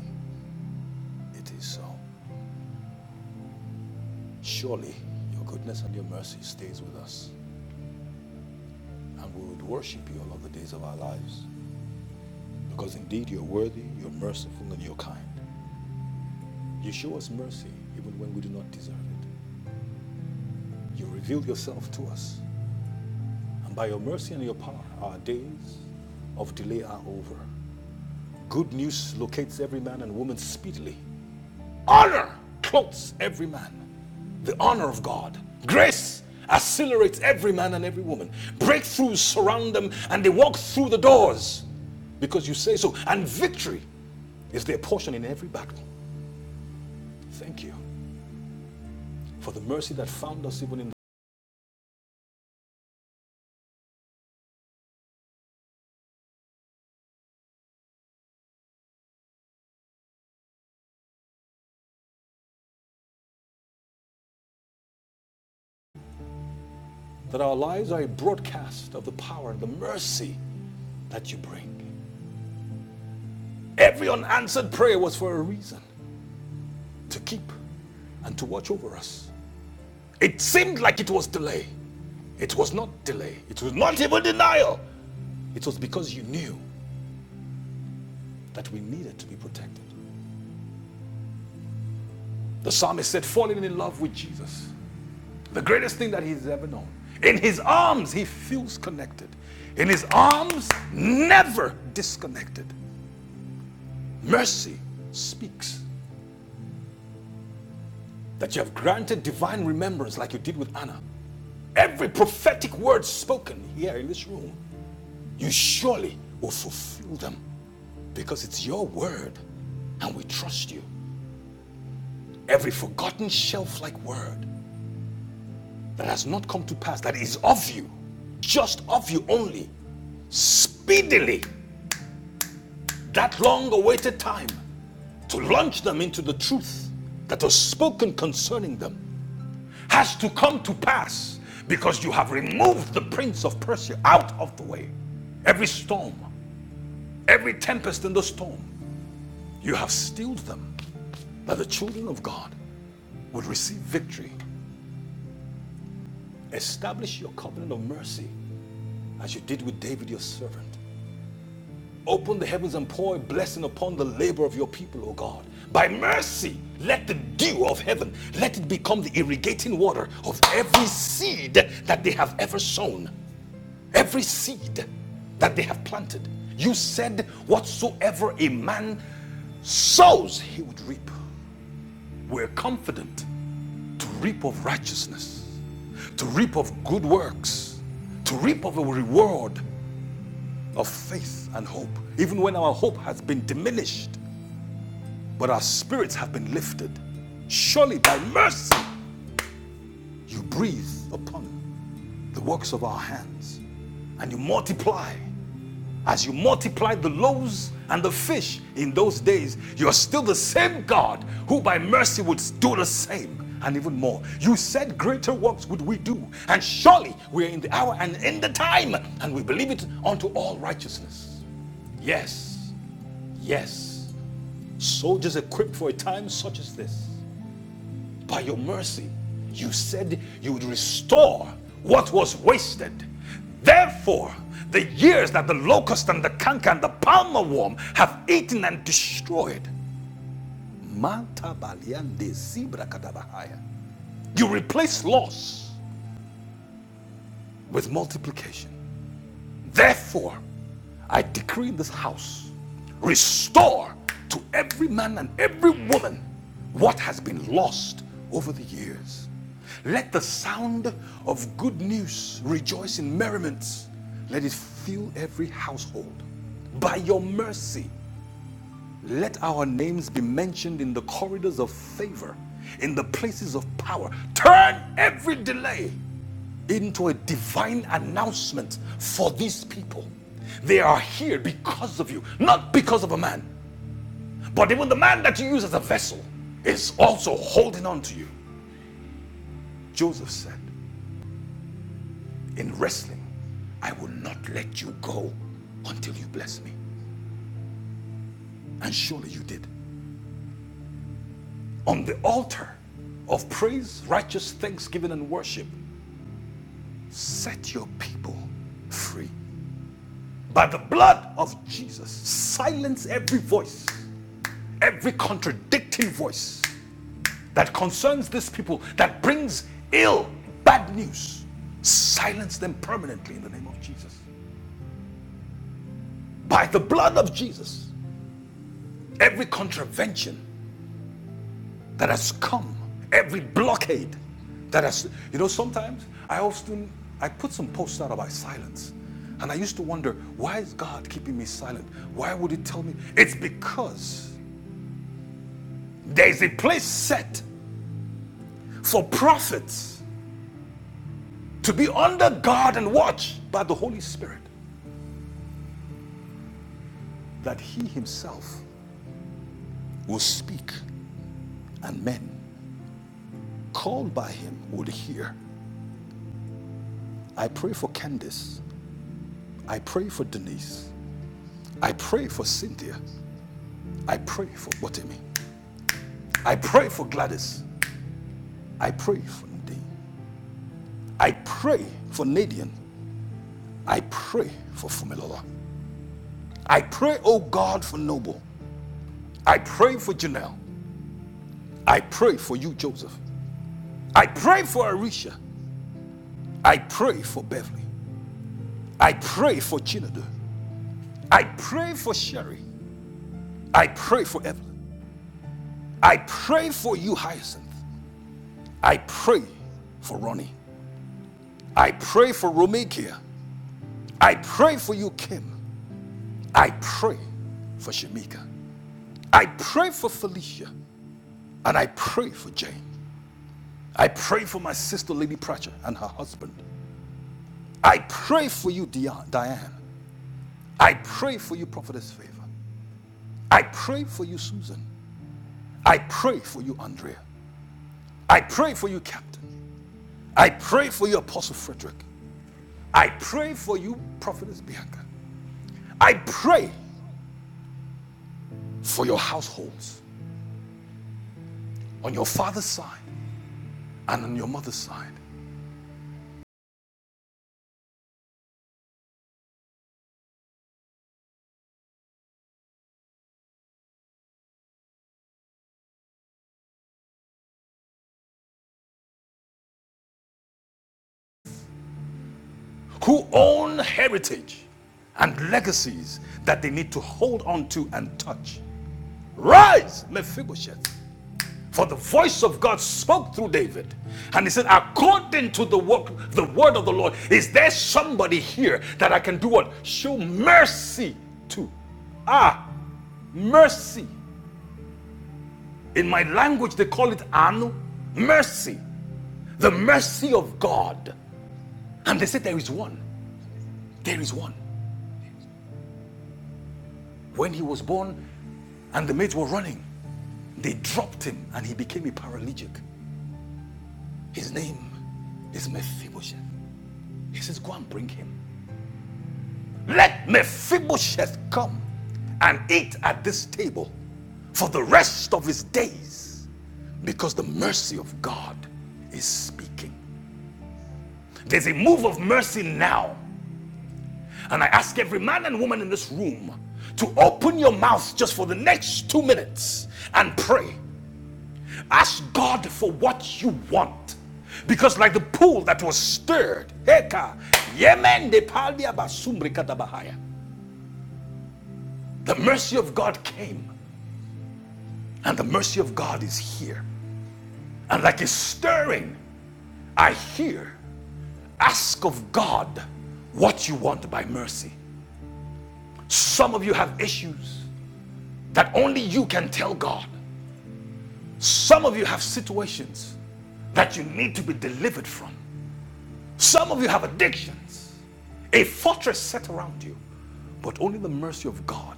B: It is so. Surely your goodness and your mercy stays with us, and we would worship you all of the days of our lives. Because indeed you're worthy, you're merciful, and you're kind. You show us mercy even when we do not deserve it. You reveal yourself to us, and by your mercy and your power, our days of delay are over. Good news locates every man and woman speedily. Honor clothes every man. the honor of God. Grace accelerates every man and every woman. Breakthroughs surround them and they walk through the doors because you say so. And victory is their portion in every battle. Thank you for the mercy that found us even in that our lives are a broadcast of the power and the mercy that you bring. Every unanswered prayer was for a reason to keep and to watch over us. It seemed like it was delay. It was not delay. It was not even denial. It was because you knew that we needed to be protected. The psalmist said, falling in love with Jesus, the greatest thing that he's ever known. In his arms, he feels connected. In his arms, never disconnected. Mercy speaks that you have granted divine remembrance like you did with Anna. Every prophetic word spoken here in this room, you surely will fulfill them because it's your word and we trust you. Every forgotten shelf like word, that has not come to pass, that is of you, just of you only, speedily, that long awaited time to launch them into the truth that was spoken concerning them has to come to pass because you have removed the prince of Persia out of the way. Every storm, every tempest in the storm, you have stilled them that the children of God would receive victory. Establish your covenant of mercy as you did with David, your servant. Open the heavens and pour a blessing upon the labor of your people, O God. By mercy, let the dew of heaven, let it become the irrigating water of every seed that they have ever sown, every seed that they have planted. You said, whatsoever a man sows, he would reap. We're confident to reap of righteousness, to reap of good works, to reap of a reward of faith and hope, even when our hope has been diminished. but our spirits have been lifted. Surely by mercy you breathe upon the works of our hands and you multiply. As you multiplied the loaves and the fish in those days, you're still the same God who by mercy would do the same and even more. You said, Greater works would we do, and surely we are in the hour and in the time, and we believe it unto all righteousness. Yes, yes, soldiers equipped for a time such as this By your mercy, you said you would restore what was wasted. Therefore, the years that the locust and the canker and the palmer worm have eaten and destroyed, you replace loss with multiplication. Therefore, I decree in this house restore to every man and every woman what has been lost over the years. Let the sound of good news rejoice in merriment. Let it fill every household. By your mercy, let our names be mentioned in the corridors of favor, in the places of power. Turn every delay into a divine announcement for these people. They are here because of you, not because of a man. But even the man that you use as a vessel is also holding on to you. Joseph said, In wrestling, I will not let you go until you bless me. And surely you did. On the altar of praise, righteous thanksgiving, and worship, set your people free. By the blood of Jesus, silence every voice every contradicting voice that concerns these people, that brings ill, bad news, silence them permanently in the name of Jesus. By the blood of Jesus, every contravention that has come, every blockade that has, you know, sometimes I often, I put some posts out about silence. And I used to wonder, why is God keeping me silent? Why would He tell me? It's because there is a place set for prophets to be under guard and watch by the Holy Spirit, that He Himself will speak and men called by Him will hear. I pray for Candace. I pray for Denise. I pray for Cynthia. I pray for Botemi. I pray for Gladys. I pray for Nadine. I pray for Nadian. I pray for Fumilola. I pray, oh God, for Noble. I pray for Janelle. I pray for you, Joseph. I pray for Arisha. I pray for Beverly. I pray for Chinadu. I pray for Sherry. I pray for Evelyn. I pray for you, Hyacinth. I pray for Ronnie. I pray for Romikia. I pray for you, Kim. I pray for Shamika. I pray for Felicia. And I pray for Jane. I pray for my sister, Lady Pratchett, and her husband. I pray for you, Diane. I pray for you, Prophetess Favor. I pray for you, Susan. I pray for you, Andrea. I pray for you, Captain. I pray for you, Apostle Frederick. I pray for you, Prophetess Bianca. I pray for your households on your father's side and on your mother's side who own heritage and legacies that they need to hold on to and touch. Rise, Mephibosheth, for the voice of God spoke through David. And he said, according to the work, the word of the Lord, is there somebody here that I can do what? Show mercy to. Ah, mercy. In my language, they call it anu, mercy, the mercy of God. And they said, There is one, there is one. When he was born and the maids were running, they dropped him and he became a paralytic. His name is Mephibosheth. He says, Go and bring him. Let Mephibosheth come and eat at this table for the rest of his days because the mercy of God is speaking. There's a move of mercy now And I ask every man and woman in this room to open your mouth just for the next two minutes and pray. Ask God for what you want. Because, like the pool that was stirred, the mercy of God came, and the mercy of God is here. And like a stirring, I hear, ask of God what you want by mercy. Some of you have issues that only you can tell God. Some of you have situations that you need to be delivered from. Some of you have addictions, a fortress set around you, but only the mercy of God.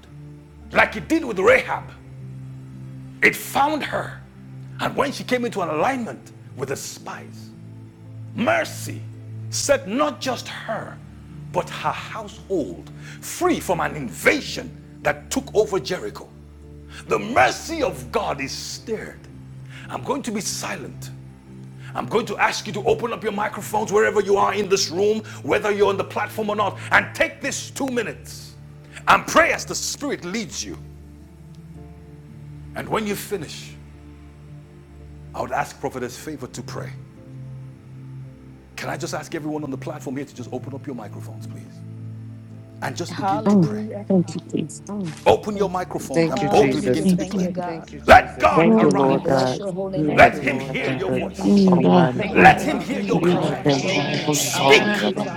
B: Like it did with Rahab, it found her. And when she came into an alignment with the spies, mercy set not just her, but her household free from an invasion that took over Jericho. The mercy of God is stirred. I'm going to be silent I'm going to ask you to open up your microphones wherever you are in this room, whether you're on the platform or not, and take this two minutes and pray as the Spirit leads you. And when you finish, I would ask Prophetess Favor to pray. Can I just ask everyone on the platform here to just open up your microphones, please? And just begin Hallelujah. to
D: Oh,
B: pray.
D: thank you, Jesus.
B: Open your microphones
E: Thank you,
B: and boldly Hallelujah. begin
E: Jesus.
B: to Thank
D: Thank
B: declare. you,
D: you.
B: God. Thank Let Jesus. God
E: Thank you,
B: arise.
D: Oh,
B: We
E: Lord
F: Kutaka
B: bless
E: God.
B: your holy name.
E: You
B: Let
E: have
B: him
E: been
B: hear
E: nothing
B: your
G: Thank
F: and
E: but
G: you,
B: voice.
G: Lord.
D: mm, God.
E: almighty
F: and the
G: Thank you,
D: Oh,
B: Let
F: Bahaya
E: God.
F: the
B: him hear your
D: thank
G: Jesus.
E: You
F: Bus
D: you,
B: cry.
E: have
D: Jesus.
E: been
G: Thank you, Lord
E: all in all.
G: Jesus.
E: Lord.
B: Speak,
F: and the
E: God.
F: Bas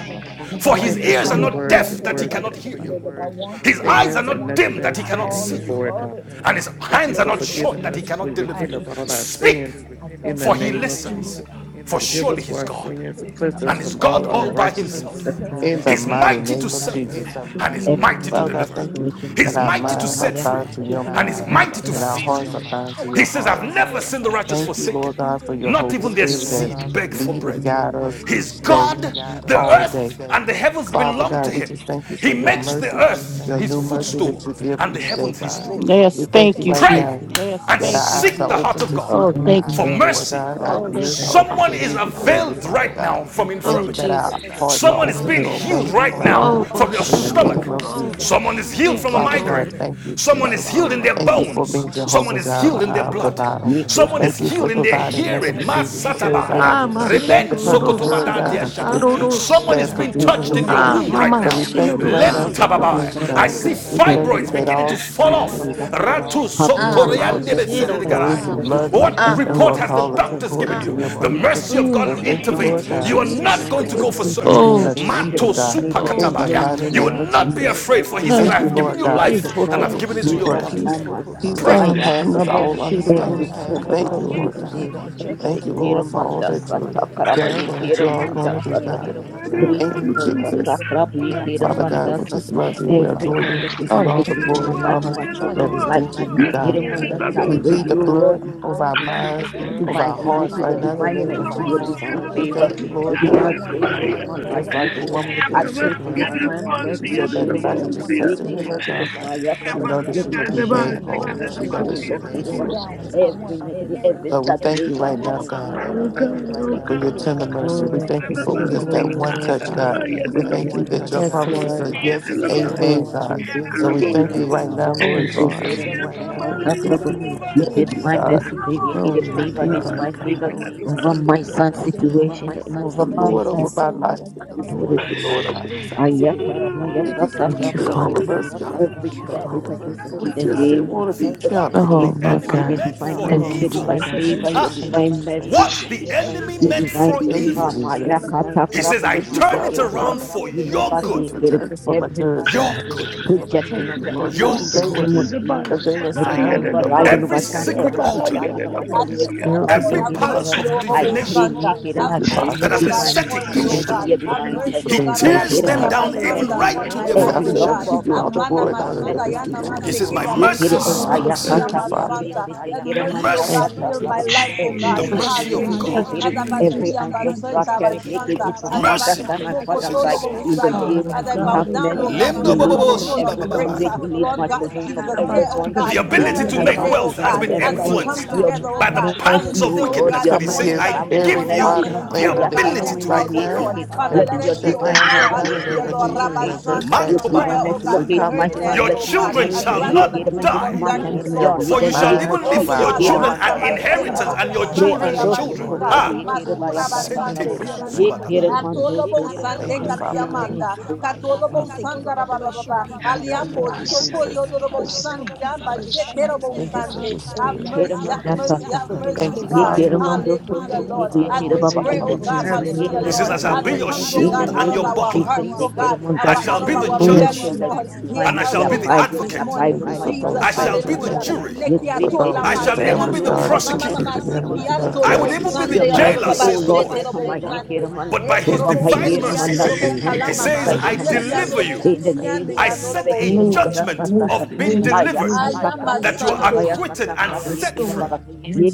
F: the
E: We
B: for
G: Lord,
B: his
E: thank
G: we
E: you for
B: ears are
E: your
D: Mm.
B: not
F: Busi
G: glorify
E: word,
F: and
E: your
B: deaf
G: you
B: that
F: the
B: he
G: this
E: word
F: Bas
B: cannot
E: that
B: hear
G: morning,
B: you.
F: the
G: mighty
F: Bus.
B: His
G: God.
B: eyes are
E: stands
B: not
E: and
G: And
B: dim
G: thank
E: nothing
G: you
B: that he
E: else
G: for what
B: cannot
G: you're
E: stands
B: see
F: Need
G: doing,
E: before
B: you.
E: it, God.
G: mighty
B: And
G: God.
B: his
G: And thank
E: Thank
G: you,
E: you
B: hands are
E: for
B: not
G: Lord
B: short
E: forgiving
F: your
B: that he
G: Jesus,
E: us.
F: mercy.
G: for
E: We
B: cannot
G: doing
B: deliver
F: We
G: it
E: repent
B: you.
E: of
G: for
E: all
G: us,
F: just
E: our
G: mighty
B: Speak,
E: sins
G: God.
E: in
G: The
E: the
B: for he
E: name
G: great
F: need
E: of
G: I
F: you,
G: am
F: oh
B: listens,
E: Jesus.
G: that I
F: God,
B: for
G: am,
E: Forgive
B: surely
E: us
B: you
G: mighty
E: for
B: he's
E: our
G: God. I'm
B: God
E: sins and
F: in
G: very
F: the
E: cleanse us
B: and
F: name
B: is
F: of
E: from
G: grateful
B: God
G: this
E: all
B: all
F: Jesus.
B: by
H: whatsoever
F: Have
G: morning,
F: your
G: mighty
E: unrighteousness
F: way
B: himself.
F: in our
G: God.
E: in
H: the
F: lives.
E: the
B: He's
G: Very
H: favor
E: mighty
B: mighty
H: of
B: to
H: my
E: name of
G: thankful,
H: life
B: save
G: oh
H: and my-
E: Jesus.
G: God.
F: Have
H: God,
G: We
F: your
B: and
F: way
G: give
B: is
G: you
H: every
F: in
G: all
B: mighty
F: our
G: the
B: to
E: Father
I: So
H: negative
E: God,
I: you can
G: praises
B: deliver.
F: ministry,
E: thank
I: see
F: oh
G: and
E: you
G: the
I: the
H: situation
F: God.
E: that
B: He's
H: in
G: glory,
E: our
H: my
G: all
B: mighty
G: the
H: life.
B: to
E: minds are
G: honor
B: set
H: Maya
B: free
E: bound to
G: belongs to
H: Kasova.
F: Your
E: your
B: and
G: you,
B: is
E: mind
F: glory.
H: I
G: mighty
B: mighty
I: difference
B: to
H: pray
E: and
G: God.
E: our
H: for
B: feed
H: the
E: hearts
B: you.
E: are
H: Manda
E: bound
G: Mighty
E: to
B: He
E: your
B: says,
G: God,
B: I've
E: hearts.
G: mighty
B: never seen the
G: God, mighty
B: righteous
E: Thank you, Lord God,
G: God, we
E: for
B: forsaken,
E: your
B: not
G: thank
E: Holy
G: you,
B: even their
G: Jesus. We
E: Spirit
B: seed
E: that
B: beg for
G: honor
E: lead
G: you.
E: and
B: bread.
E: guide
G: We
E: us
B: He's
E: each
G: glorify
E: day,
B: God,
G: your
B: the
E: all
G: name.
E: day.
B: earth and the
G: We
B: heavens
G: bless
E: Father
G: you,
B: belong
E: God,
G: our
B: to
E: we
B: him.
E: just thank you
G: Father.
E: for
B: He
G: We
E: your
B: makes the
G: thank
E: mercy,
G: you,
B: earth
G: mighty
E: your
B: his
E: new
G: God,
E: mercy that
B: footstool
E: you
G: faithful
E: give
B: and the
E: each day,
B: heavens
G: Savior.
B: his
E: God.
B: throne room.
E: We
D: Yes,
E: thank
G: You
D: thank
E: you
D: you,
G: are
E: right
G: the
B: Pray
E: now
G: greatest,
B: Yes,
D: Jesus.
B: and
E: that our
G: mighty
B: seek the
E: eyes are
B: heart
E: open
G: God.
B: of
E: to
B: God
E: see
G: We
D: Oh,
E: you
G: thank you
D: thank you.
B: for
G: for
H: Manda
G: what you
E: more,
G: have
B: mercy.
E: God.
G: done and
B: Oh,
E: Our
D: Oh,
G: what you
E: ears are open
G: continue
B: Someone
E: to
G: to
B: is
E: hear
G: do,
E: you
F: Jesus.
G: mighty
E: clearly,
B: availed
G: God.
E: Father
B: right
E: God.
B: now
G: Your
B: from
E: Thank
D: oh,
E: you
G: mercy,
E: that
B: infirmity.
G: mighty
E: our
G: God,
D: Jesus.
E: hearts
H: we
E: are
B: Someone
H: give
G: speaketh
B: is
H: him
E: open
B: being
E: to
G: for us,
E: obey
B: healed
H: blessing.
E: you
G: mighty
B: right
E: right
G: God.
B: now
E: now
D: Oh,
B: from
G: We
B: your
E: in
G: thank
E: the
G: you, Lord
B: stomach.
E: name of
G: Jesus, for
D: Basharudosi.
E: Jesus.
B: Someone
G: always
B: is
G: being
B: healed from
D: Thank
B: a
D: you,
E: Father
G: there,
E: God,
D: Lord.
B: migraine.
G: doing
E: thank
G: this
E: you,
G: for
B: Someone
G: us,
B: is
E: Jesus.
G: mighty
B: healed in their
G: God,
D: Oh,
E: Thank you
D: oh,
E: for
B: bones.
E: being
G: protecting
B: Someone
E: Jehovah
G: us,
D: Jesus.
B: is
E: Jireh,
B: healed in
G: healing
B: their
G: us,
E: our
B: blood.
G: mighty
E: provider.
H: We
G: God.
H: pray
B: Someone
D: Hallelujah.
H: take
E: Thank
B: is
E: you for
B: healed
G: Mighty
B: in
D: Thank
B: their
G: God,
D: you,
E: providing, and
G: thank you,
E: making
B: hearing.
G: Lord
D: Jesus.
E: provisions.
G: Jesus,
E: You
G: for
E: say, as
G: never
E: I
D: Ah,
H: care
G: leaving us,
E: seek after
G: mighty
H: of
E: purpose,
G: God.
H: Manda
E: Lord
D: Masharudosi,
G: Thank
E: God,
G: you,
H: Sotaka.
G: Lord
E: that
G: Jesus,
E: you,
G: for
B: Someone
D: Katarudosi.
G: sending
B: is
E: that
G: your
B: being
G: word
E: provision
B: touched
H: Every
E: will
G: and
B: in your
E: follow.
D: Ah,
G: healing
B: womb
G: us
B: right
D: Mama
E: So
G: from
H: negativity
B: now.
E: we thank you
G: destruction,
E: right now
B: Lem
D: Shinodosi.
E: for
G: mighty
H: Mayaka
G: God.
B: tababai.
E: provision,
H: Sakaraba
B: I
G: Thank
E: God.
G: you,
B: see
H: Yusuf,
G: Lord
E: We thank
H: every
G: Jesus,
E: you
B: fibroids
G: for
E: that
B: beginning to
G: doing
E: all
H: corpus.
G: what
B: fall
G: only
B: off.
H: Mayaka
G: you
E: things
G: can
H: Sakaraba,
G: do,
B: Ratu
H: have
G: mighty
D: Ah,
G: God.
H: mercy,
E: work
G: Uh,
H: have
E: for
B: sokoriande
H: mercy
G: Thank
H: on
G: you, Lord
H: every
E: those
D: Masharudosi.
E: who
H: negative
G: Jesus,
B: besedegarai.
E: love
H: situation
E: you
B: What
H: of
G: uh,
E: and
H: my
E: who
B: report
E: are
G: for
H: life,
B: has the
E: called
H: at the
G: overcoming
B: doctors
E: according
B: given you?
E: to
H: name of
E: your
G: everything
B: The
G: for us,
E: purpose.
H: Jesus.
B: mercy of
G: mighty
B: God
D: Oh,
E: So
B: will
G: God.
H: My
E: thank you,
G: Thank you
B: intervene.
D: thank
G: for
H: own
E: Lord
D: you,
H: road
E: God,
B: You
G: showing
B: are
H: to
G: us
H: the
G: the
B: not
D: Jesus.
B: going
G: way,
B: to
H: mountains
E: for
B: go
H: of
B: for
G: mighty
E: keeping,
G: God.
B: surgery.
G: Uh,
E: being
D: Oh,
H: neighbor,
E: a
H: the
G: Thank you
E: keeper,
H: wicked,
B: Mato
G: for
E: God,
H: may
G: leading
H: the
G: us,
E: in the
G: mighty
E: mighty
B: supakatabaya. You
H: name,
G: God,
E: name
B: will
E: of
G: to
I: between
B: not be
E: Jesus.
G: victory,
H: mercy, the
B: afraid, for he
G: mighty
D: oh,
H: favor,
B: says,
D: in
E: Thank
B: I
G: God.
E: you,
H: and
B: have
H: the
B: given
E: Lord
B: you
G: Uh,
E: God
G: Thank
H: mercies
G: you,
H: of
B: life
G: Lord
B: and
D: total,
H: God
B: I've given
I: the
B: it to
G: Jesus.
H: be
B: you
E: for
D: Intororosima.
B: abundantly.
E: peace,
H: upon my
G: Thank you,
E: peace
I: two.
H: son,
E: that
B: Pray.
G: Lord
D: Um,
G: Jesus.
E: surpasses
H: Mayaka
E: all
G: Your
H: every
E: understanding.
G: word,
E: Thank
G: oh
E: you,
H: corpse in
E: Lord
H: the
G: Abba
E: God.
D: Mamashirorosikatarorosi.
G: Father,
H: name of
G: we
H: Jesus.
E: Thank you,
G: bless you.
E: Lord, for
G: We
E: all
H: Kiramanda
E: that you've
G: glorify
H: Sata
G: you, we
H: Karaba Ye
E: done and that you're
G: magnify
E: all
G: you.
E: going
H: Kiramanda
E: to do,
G: We
H: Sata
E: God.
G: glorify you
H: Bri
G: and
E: Thank
G: we
H: and
E: you,
G: magnify
H: Rosata
E: Jesus.
G: you.
H: Krabi
D: Mm.
G: We
E: Father
G: honor
E: God,
G: you,
H: Hiramanda
E: we
H: Sat
G: we
E: just love you.
G: bless
E: We
G: you,
H: every
E: adore
G: Abba
E: you. We
H: negative
E: Give you
D: Oh,
E: all
G: Father.
E: the
D: thank
H: situation
D: you,
H: in
E: glory
H: my
G: We
E: and
B: your
H: life,
G: bless
B: you,
H: in
E: honor
H: my
B: glory.
G: you,
B: Father.
G: Abba
E: that
B: I
H: children's
B: all
E: is
B: the
H: life.
E: due
B: glory,
E: to
B: I
G: Father.
E: you,
H: Ye
B: the and
G: We
E: God.
B: healing,
G: thank
H: Hiramanda
G: you,
H: Sat,
E: We
H: I
G: oh
B: adoration,
H: pray
B: healing, oh
E: plead
H: to
E: the
H: you,
G: God. We
H: Lord,
E: blood
G: thank you,
B: God.
G: we
B: I
E: over our
B: We
G: thank
B: thank
G: you, we
B: plead the
E: minds,
B: you.
G: thank
H: your
G: you.
E: over
B: Thank
H: divine
E: our
G: We
B: blood you. over you. our
E: hearts
H: unity,
G: give
B: Thank
H: your
E: right
G: you
E: now
B: eyes,
G: all
B: you
E: in
G: the
B: that
E: the
H: divine
B: over
E: name of
B: you
G: glory
H: mercy,
B: our are
H: your
B: hearts,
G: because
E: Jesus.
G: it
H: divine
B: right
E: We
B: father, in the your
G: belongs
H: favor,
E: thank
B: the
E: you,
G: only
B: name of people.
G: to
H: your
B: I
E: Lord
B: Jesus.
G: you,
H: divine
E: God.
B: want the
H: grace
B: We
G: only
H: over
B: ask
H: my
G: to
E: And
H: life.
E: just
H: Ye
G: you,
E: like
B: blood,
E: the
B: oh
H: Hiram,
G: only
E: woman with
B: you,
G: to
E: the
H: I
B: God. I
G: you,
E: issue
H: pray
E: of
B: want
H: for
G: mighty
B: your
E: blood.
H: your
G: God,
B: people to I don't
H: divine
B: want this
E: She
H: blessing, Ye
E: said
G: mighty
E: that if I
H: Hiraman,
G: God,
E: can just
H: Ye
E: touch and
G: mighty
E: heal her
B: nation
G: God,
H: Hiramanda
B: free.
E: God,
G: mighty
B: I
E: she
G: God.
H: Yakaka,
B: want
E: know
G: We
E: that
B: this
H: your
E: she will
G: worship
E: be
H: divine
B: nation to
E: made
B: to
G: you.
H: financial
B: be
G: We
E: whole.
B: I want this nation to be healed and
E: She
H: blessings,
E: know
G: worship
E: that
H: oh
G: you
B: whole
E: she
H: Lord,
E: will
G: this
E: be
B: and
E: free.
G: morning,
H: Hiram,
G: mighty
B: balanced. I
G: God.
H: every
B: want
H: negative,
G: We
H: every
B: America
E: So
G: worship
E: we
B: to be
G: you
E: thank
G: this
E: you
H: stagnation
E: right
H: in
E: now,
H: the
B: blessed.
G: morning,
B: I
H: name
E: God,
B: want
G: mighty
B: Lord, we
G: God,
B: thank
H: of
B: you America right to
G: the
H: the
B: now,
E: for
B: be God,
E: your
B: healed. I
E: tender
H: Hiramanda
G: everlasting
B: want
E: mercy. We
G: lover
D: glory,
G: of
E: thank
B: America
E: you
D: the
B: in for the
G: my
B: your
D: bit
E: for
D: of
E: just
B: tender
G: soul.
B: Jesus
E: that
D: glory,
E: one
B: mercies
D: Lord
B: to that
E: touch,
G: I
H: Sat.
D: God.
E: God.
B: thankful
G: worship
E: We
G: you
B: that because
H: In
B: that
E: thank
G: this
E: you
B: one touch, God.
E: that your
D: Yes,
G: morning.
E: promises
D: Lord.
G: Great
B: We
E: are
G: are
H: the
B: thank
E: yes
B: you
E: and
G: you,
B: that your
G: Lord.
B: want to
E: amen,
D: Praise
E: God.
G: You
B: yes
H: name
G: are
E: So
D: Jesus.
B: and
E: we thank
G: mighty,
E: you
B: amen,
E: right
B: God.
E: now,
H: of
D: Oh,
G: mighty,
E: Lord
B: So we
H: Jesus,
G: mighty,
D: Lord,
B: thank
E: Jesus.
B: you
H: freedom and
G: mighty,
B: right now,
D: it
G: mighty.
B: Lord
D: wouldn't
B: to
D: be
B: God.
D: for you,
B: receive
G: And
H: Let your
E: Thank you,
G: mighty
D: Jesus.
H: divine
E: God.
G: God.
H: mercy favor, your
D: Well,
G: I
D: we would
B: Yes,
G: bless
H: favor,
D: be,
G: you
H: the
B: God.
G: this
D: Lord
H: divine
G: morning.
D: God.
H: favor
G: I honor
E: Thank
G: you.
H: over
E: you for
H: my
E: being
H: son's
G: Majesty, I
H: situation and
E: The
H: over my
G: glorify
D: Thank
E: Lord
G: you.
E: over
D: you,
B: so
E: my
D: Father.
G: I
E: life. Thank you
G: thank you,
E: for
B: Lord,
H: daughter's
E: being
B: dynamic,
G: Lord
E: the
B: about so
E: Lord
H: situation.
G: Jesus.
E: over
B: God.
E: this
B: so
G: I
E: household.
B: Lord,
G: thank
H: Ayakarama
G: you,
B: fortified
E: Thank
G: mighty
E: you for
G: God. I
D: Thank you,
H: yakatakarabu
E: keeping
G: thank
E: all
B: thank
D: Father.
E: of
G: you,
B: you,
H: yakiramam.
E: us,
G: Lord
E: God.
B: God,
G: Jesus,
H: Every
B: Thank
H: cause
B: for
G: for
H: is
G: you
B: of
G: have
B: us,
H: against
G: done
H: him
G: it
H: in
E: We
H: the
B: God.
E: just
G: again and
E: didn't
H: name of
B: For
E: want to
G: again,
E: be
H: Jesus.
B: what
E: kept.
G: mighty
D: Oh,
G: God.
H: Against
B: the
H: my
D: my
B: enemy
H: son, your
G: We
D: God.
B: meant for
H: divine
G: bless
B: Lord,
H: mercy,
D: Thank
B: name,
G: you.
D: you,
H: your
E: So
B: evil,
H: divine
E: thank you,
B: God.
D: Jesus.
H: favor, your
E: Jesus.
B: ah, Thank you,
G: Hallelujah.
H: divine
B: thank you,
H: mercy.
B: what the enemy
H: You
G: Hallelujah.
B: meant
E: So
H: divine
I: Ora
B: for
E: thank you,
I: masandere
H: favor,
B: evil,
I: ya
H: Maya
E: Jesus.
I: sikira
G: Hallelujah.
B: he says,
H: Katakaraba,
B: I
H: you
E: Thank you,
H: take
B: turn it
G: Ah,
E: Father
H: care of
B: around
H: mamas.
E: God.
B: for
G: Jesus,
H: You
G: yes,
B: your
H: never
E: Thank you
B: good,
H: take
E: for
H: care
G: God.
H: of
E: turning for my
H: every
E: good,
G: Mighty
B: your
E: God.
G: God,
B: good,
G: for
E: Thank
H: projection of
E: you,
H: the
G: everything
F: The
E: Lord, that
H: enemy
B: your
G: you
H: in the
F: Bus,
E: today
G: shall
E: would
B: good.
H: name
E: be
H: of
F: the
G: receive
E: a
F: Bus,
H: Jesus.
E: day
G: glory.
E: of
H: Let
G: In
F: Bahaya
H: divine
E: signs,
F: the
H: override
G: everything,
H: and
J: Hallelujah,
F: Bus,
B: Every
G: mighty
F: and
H: overturn
G: God,
F: the
B: secret
H: every
G: we give
B: altar,
G: you
F: Bahaya
H: projection of
F: the
H: the
F: Bus.
H: enemy.
G: thanks.
F: yeah.
G: We
H: Maya
E: miracles,
G: give
J: Lord.
B: every
E: and
G: you
J: Have
E: wonders,
B: palace
J: mercy,
G: thanks,
H: Kirava,
B: of
J: O
E: God.
H: I
G: mighty
J: Hobo
B: divination
G: God.
H: claim you
J: Santa.
G: We
H: and
E: Thank
J: Have
H: I
E: you,
G: give you
H: claim
E: Father,
J: mercy,
B: that
H: your
J: O
B: has
G: thanks,
B: been
J: God,
G: mighty
B: set
H: divine
J: upon me,
E: for
G: God.
J: O
E: being
B: against
E: the
H: mercy,
G: We
J: God.
H: your
G: lift
B: you,
E: keeper.
J: Have
G: your
E: Thank
H: divine
E: you
G: name
H: faith.
E: for
J: mercy,
G: up
J: O
B: He
G: on
E: being
J: God,
H: You
G: high,
E: faithful,
B: tears
H: care
B: them
G: mighty
J: Abasuya
E: God.
B: down
H: for
G: God.
B: even
J: Basanta,
H: every
B: right
J: upon
B: to
J: my
B: their
G: Mighty
E: And
J: life,
E: I
H: every
J: O
G: God,
E: forever
H: locked
B: foundations.
J: God.
G: we
E: give
H: door
E: you
J: Have
E: all
H: be
E: the
G: thank you,
J: mana
E: glory
H: open,
E: and
G: Lord
H: have
E: honor that
J: masuka
E: is
G: Jesus,
H: mercy
E: due
H: be
J: yana
E: to
B: He
E: you,
H: open.
B: says,
G: for
B: My
G: your
J: masekeya
H: You
E: Jesus.
B: mercy
H: care
G: perfect
H: and
J: bashoto
G: peace
J: lobo
H: Maya
B: speaks.
G: is
J: kia
E: Thank
F: Father,
E: you,
G: still,
H: Katakaraba,
E: Father.
H: you
G: mighty
J: masanta.
H: take
J: Let
H: care
G: God.
H: of
J: mercy, O
H: manda
E: Thank
B: Mercy,
J: God,
E: you,
J: fill
G: Oh
J: my
H: Sakaraba,
E: Jesus.
J: life,
G: God,
J: O
H: every
B: the
J: God.
F: Jesus,
B: mercy of
G: thank
H: negativity.
G: you,
H: Ye
J: Hallelujah.
F: Jesus,
B: God.
H: Kirim.
J: As
G: Jesus, for your
H: Every
F: Jesus,
J: Abasuya
G: mercy,
H: ancestral
F: Jesus,
J: Basanta
G: your
H: curse, yeke
J: Bashanta,
G: mercy,
H: be
G: your
H: from
F: Jesus.
H: my
J: as
G: mercy,
H: mother's
B: Mercy,
G: your
H: side, my
G: mercy,
J: Abasoko
G: and
H: father's
B: says He
G: your
H: side,
J: Tolo
B: speaks.
H: in
G: grace,
H: the
J: Saye,
F: God,
H: name
G: Abba
F: oh
J: as
H: of
J: I
H: Jesus,
J: bow
F: God,
G: Father.
H: have
F: oh
J: down, O
H: mercy.
G: We
J: God.
F: God,
J: God,
F: you're
G: thank
J: before
G: you
F: the
H: Release
J: your
H: me
G: this
H: from
J: throne
H: every
J: of
G: morning.
J: grace.
F: Kadabas,
G: We
H: bondage.
J: uh,
G: thank
H: Release
J: Lord
G: you
H: my
J: God,
G: this
H: children from
J: Jesus,
G: morning.
H: every
J: here,
F: Kadabas,
J: oh
G: We
H: bondage.
J: God,
B: The
G: thank
F: Kadabos,
B: ability
H: Release
J: hear
G: you,
J: us
B: to
H: my
G: Lord
B: make
J: today,
F: the
J: oh
B: wealth
G: God.
H: grandchildren
B: has
H: from
J: God,
B: been
G: We
J: as
H: every
F: Kadabas,
J: we
G: thank
H: bondage.
J: come
B: influenced
G: you
H: Your
J: together,
G: this
J: oh
B: by the
J: God. Father,
G: morning,
B: pangs
J: you
H: mercy,
B: of
J: say,
G: mighty
H: oh
J: oh
E: We
G: God,
H: Lord,
B: wickedness,
J: God,
H: your
B: but
J: that
B: he
E: come
B: says,
J: one
G: for
H: mercy.
E: against
B: I
G: you have
J: shall
H: Have me
J: chase
H: your
B: give
G: made
E: every
J: one
F: oh
B: you
E: plot
H: mercy.
J: thousand
G: provision
E: and
J: and
F: God,
B: the
J: two,
G: for
E: plan
J: O
E: of
G: us,
E: the
J: God,
G: mighty
H: Ayakata
B: ability
E: enemy
B: to
E: right
B: make
G: God.
J: 10,000,
B: wealth.
E: now
J: Lord.
H: Krubiekiki.
G: We
J: Father,
G: thank
E: and
H: Let
J: let
E: be
G: you,
H: your
G: O
J: every,
E: shut
J: oh
G: God,
H: divine
E: down
J: God,
E: right now in
H: mercy
G: for
E: the
J: hallelujah,
E: name
G: your
E: of
J: Lord,
H: Yekerum,
E: Jesus and
J: Rabba
G: us,
H: locate me.
E: reverse
J: Santa,
G: mighty
E: back
H: Look,
E: to him.
J: prayer,
H: divine
G: God.
J: oh
H: mercy,
E: We
G: We
J: God, be
H: locate
G: thank
E: come
J: heard
H: my
J: in
G: you, O
J: heaven,
H: son.
B: Your
E: against
H: Let
J: oh
H: him
G: God,
J: God,
H: meet
B: children
H: me.
G: for
J: and
B: shall
G: you have
E: anything,
J: rattle the
B: not
H: Yekerum,
J: kingdom
G: secured
H: this
G: us,
J: of
B: die,
E: the
H: month and
G: mighty
J: darkness,
E: enemy
J: Lord,
E: over
H: beyond. In
E: my
B: for
J: this
G: God.
B: you
H: the
B: shall
J: morning.
H: name
G: We
E: mind,
H: of
B: even leave
J: Oh
E: over
G: thank
B: for
H: Jesus.
G: you,
E: our
B: your
G: oh
J: Father,
H: Yekerum,
B: children
J: and
H: and
E: hearts.
G: God,
B: an
H: that's a
G: for you
J: Abashika,
B: inheritance
G: have
H: takaraba.
B: and
J: Robo
B: your
G: refreshed
H: Bre
G: us,
J: Sante,
H: and
B: children's
E: Thank
G: mighty
E: you,
H: also
B: children.
H: to
E: Lord
F: oh
J: Abashika,
G: God.
E: God.
B: Ah.
G: We
F: God,
G: thank
H: Krubiekirubaya
J: Masura
G: you, Lord
E: Thank you
G: Jesus,
J: Basante.
H: Satakrabo.
E: for strength.
G: for you
F: you're
G: have
F: the
H: Yekerum,
G: given us
F: best.
J: Atolobo
G: hope,
B: Thank
J: Sante
E: Thank you,
G: mighty
H: In
E: Father
G: God.
B: sande Mm.
E: God.
J: Katiamanda,
G: We thank you,
B: katiamanda.
G: oh
H: this
B: We
J: Catolobo
B: thank you
G: Jesus,
B: for the
J: Sandara
B: bo
J: Baba
B: bless you
G: for
J: Baba,
B: sanda
G: you
B: people.
G: have
B: I rabababa.
F: You're
B: thank
F: the most good. You're the
G: shined
B: you,
G: your
B: people.
J: Aliambo
E: Thank you,
G: light
F: Yadabos, Kadabas,
B: Aliambo
J: Soko
G: upon
E: Jesus.
G: us,
B: her.
J: Yodorobo
G: mighty
F: Yadabas,
B: soko I dodoro thank
J: Sante,
B: you,
G: God.
F: the
J: Amba
B: Father
F: Kadabas,
G: We
B: sande. God,
G: thank
B: by
G: you,
B: Jesus'
J: Sheterobo
G: Lord
B: name.
E: Thank you
B: I
E: for
J: Sante.
B: bo
E: your
G: Jesus,
B: pray,
J: Have
B: sande. God,
E: spirit.
G: that
B: Have
G: you have
J: mercy,
B: right
J: have
H: Keramanda
B: pray now
F: praise
B: mercy,
F: and
J: mercy,
B: have
G: made
J: have
B: for
H: sataka.
B: mercy, have
G: us
F: glory,
G: the
E: Thank
J: mercy,
G: head
E: you,
G: and
H: Ye
B: deliverance,
F: God,
J: God.
G: not
B: mercy, and
G: the
E: Father.
F: hallelujah.
G: tail,
H: keramando
B: God. Lord.
G: mighty
H: soto
J: Hallelujah,
B: Deliverance
G: God,
B: mercy,
J: Lord.
H: krobu
B: for
H: ye
J: As
H: kera
B: Lord.
J: we
F: I
H: ba
B: people.
H: ba
G: above
F: see
B: As we
H: ba
G: and
J: pray,
F: your
H: ba
E: Thank
J: oh
E: you,
H: ba.
G: not
F: name.
B: Deliverance
J: God,
B: pray, to O
G: beneath,
F: Have
E: Jesus.
F: your
B: God,
H: Ye
B: He God.
G: mighty
J: hallelujah,
F: way.
B: says, As
J: Lord.
G: God.
F: Have
B: mercy, I
H: keramanda
F: your
J: As
B: Deliverance be Lord.
G: We
B: your
J: it
H: sat.
F: way.
G: thank
J: comes,
F: Have
J: oh
G: you,
F: your
H: In the
J: God,
G: Lord
B: shield healing,
F: way.
B: and
J: out of
H: name
B: your God, God.
H: of
G: Jesus,
J: our
G: that
B: buckler, of
G: we
B: our
G: are
H: Jesus,
J: hearts,
H: ye
B: Deliverance,
J: oh
B: hearts,
J: God. God,
G: walking
J: out
H: keramanda
J: of
G: with
E: Jesus,
B: shall
E: in
H: sata.
F: Have
B: be
E: the
F: your
B: out
G: you
B: the of
G: on
E: name
J: our
F: way.
E: of
H: Yet
B: judge, our
D: Yes,
G: waters
J: bellies,
H: till
E: Jesus.
B: Liberty,
H: the
G: this
J: Lord.
E: Thank
G: morning,
B: Lord.
J: Hear
B: and
H: divine
B: I
G: mighty
H: mercy
B: shall
J: us,
B: be
J: oh
B: Take the
G: God.
B: us, O
H: abide
J: God,
H: with me,
J: this
B: advocate.
G: We
B: God, liberty,
H: abide
B: this
J: morning,
G: thank
H: with
E: you
G: you,
H: my
E: for
B: morning.
G: Lord
B: I
H: son,
E: those
J: Jesus.
G: Jesus,
H: abide
B: shall
G: that
H: with
B: be
E: children.
G: you
H: my
G: will
B: the
J: Hallelujah.
E: Thank
G: never
H: daughter.
E: you.
B: jury.
G: sink,
H: Your
G: you will
E: for
H: grace,
J: Nekiato
G: never
H: they
B: I
E: those
H: take
G: fall,
J: lama
H: your
B: shall even
G: mighty
E: families,
B: be
H: mercy, O
B: the
J: seanto.
G: God.
E: God,
H: Lord,
E: that
H: in
E: you're
J: Mama
B: prosecutor.
G: And
H: every
J: mama
E: keeping
G: mighty
E: them in
G: God,
H: situation
G: that
E: the
G: you are
J: sikianto
B: I would
J: robo
H: available.
G: always
B: even
E: blessings
B: be
G: here
B: the
E: we
G: to
H: Your
J: Sunday.
G: pull
E: time.
G: us
B: jailer,
H: mercy,
G: up,
J: Ababa
H: oh
B: says the
G: mighty
H: Lord,
B: Lord.
J: shete
G: God.
H: over
J: robo
H: my
G: We
J: Sunday.
H: Yekiraman,
G: bless
B: But
G: you,
B: by
G: we
J: Eko
B: his
E: Thank
H: over
E: you,
G: honor
J: robo
H: my
G: you,
B: divine
E: Jesus.
G: we
H: Yeraman,
B: mercy,
E: It's
J: sekiando
E: a
H: Nasak,
J: robo
G: magnify your
B: he
E: beautiful Lord.
H: Masculine
G: name.
J: kalamama.
B: says,
H: life,
E: Thank
B: I
E: you,
H: over my
G: We
H: daughter.
E: Jesus.
G: thank
J: Nekiando
B: deliver
G: you,
J: robo
B: you.
H: In the
G: Jesus.
H: name
J: sikiane
H: of
B: I
J: yano
H: Jesus,
B: set
J: robo.
B: a
H: Kiraman,
B: judgment of
F: Thank
H: Dasasaka,
F: you,
B: being delivered
F: Jesus.
H: Mayaka, Takra,
J: Ayama
B: that you are
J: sante.
H: Yekirabaya,
B: acquitted and
H: Satakra,
B: set
F: Hallelujah.
B: free.
H: Yekirabaka,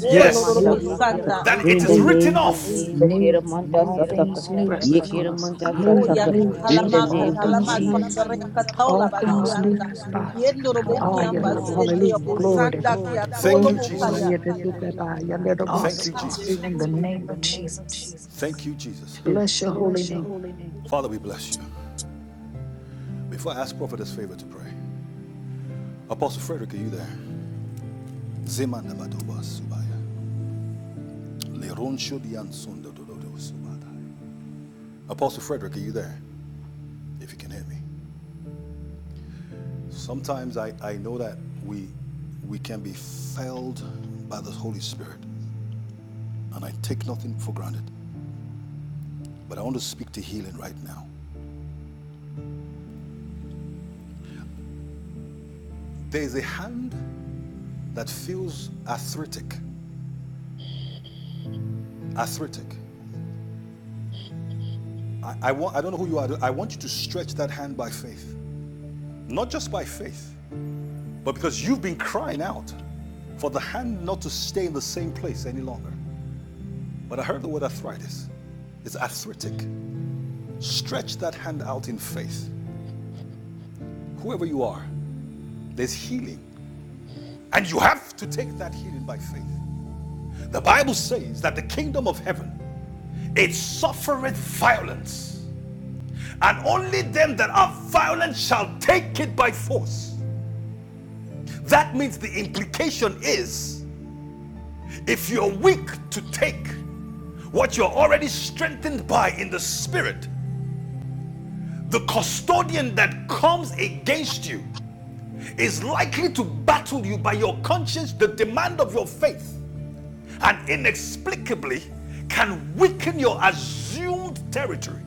J: Oh, Lord
B: Yes,
J: robo
H: Dasataka.
J: santa.
B: that it
H: In the
B: is written
H: name of
B: off.
H: Jesus, Kiraman, Dasataka,
F: Rest upon us,
H: Yekiraman,
F: O God,
J: Oh,
F: in the
J: ya
H: Dasataka.
F: name of
H: In the
J: katalama
H: name
F: Jesus.
H: of
J: katalama
H: Jesus.
J: sandere kataola
F: God,
J: basianta. Yendo robo kiamba sete robo sanda
B: Glory Thank
J: kiatolo
B: you, Oh, Jesus.
J: mokaya.
B: yeah, yeah, Thank you, oh, Jesus.
J: Hallelujah.
B: Thank you, Jesus.
F: it is so.
B: Bless your holy name. Father, we bless you. Before I ask Prophetess favor to pray, Apostle Frederick, are you there? Zemanda badoba subaya. Leronsho dian sunda dododo subadai. Apostle Frederick, are you there? If you can hear me. Sometimes I, I know that we we can be felled by the Holy Spirit, and I take nothing for granted. But I want to speak to healing right now. There is a hand that feels arthritic. Arthritic. I, I, want, I don't know who you are. I want you to stretch that hand by faith. Not just by faith, but because you've been crying out for the hand not to stay in the same place any longer. But I heard the word arthritis. It's arthritic. Stretch that hand out in faith. Whoever you are, there's healing. And you have to take that healing by faith. The Bible says that the kingdom of heaven, it suffereth violence. And only them that are violent shall take it by force. That means the implication is if you're weak to take, what you're already strengthened by in the spirit, the custodian that comes against you is likely to battle you by your conscience, the demand of your faith, and inexplicably can weaken your assumed territory.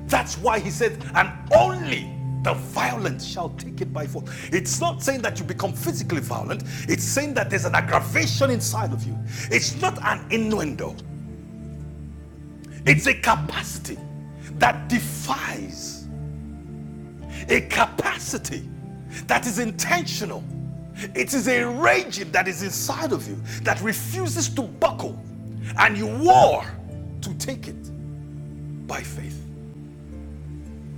B: That's why he said, and only the violent shall take it by force. It's not saying that you become physically violent, it's saying that there's an aggravation inside of you. It's not an innuendo, It's a capacity that defies, a capacity that is intentional. It is a raging that is inside of you that refuses to buckle, and you war to take it by faith.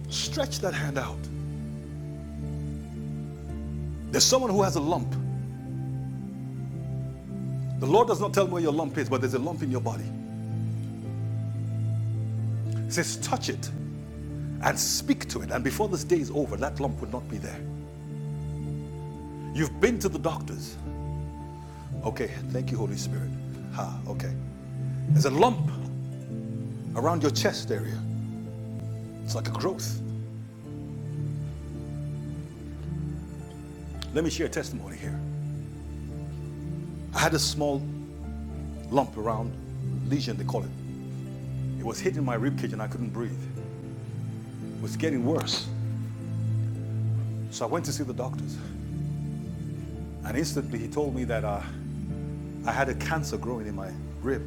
B: Stretch that hand out. There's someone who has a lump. The Lord does not tell me where your lump is, but there's a lump in your body. He says, touch it and speak to it. And before this day is over, that lump would not be there. You've been to the doctors. Okay, thank you, Holy Spirit. Ha, okay. There's a lump around your chest area. It's like a growth. Let me share a testimony here. I had a small lump around lesion, they call it. It was hitting my rib cage and I couldn't breathe. It was getting worse. So I went to see the doctors. And instantly he told me that uh, I had a cancer growing in my rib.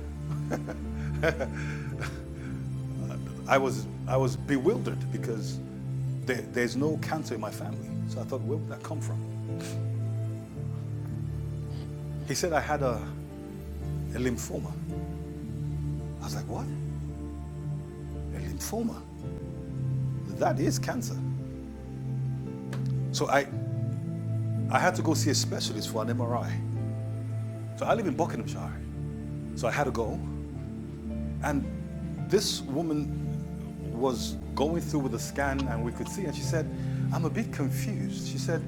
B: I was, I was bewildered because there, there's no cancer in my family. So I thought, where would that come from? He said I had a, a lymphoma. I was like, what? A lymphoma? That is cancer. So I, I had to go see a specialist for an MRI. So I live in Buckinghamshire. So I had to go. And this woman was going through with the scan and we could see, and she said, I'm a bit confused. She said,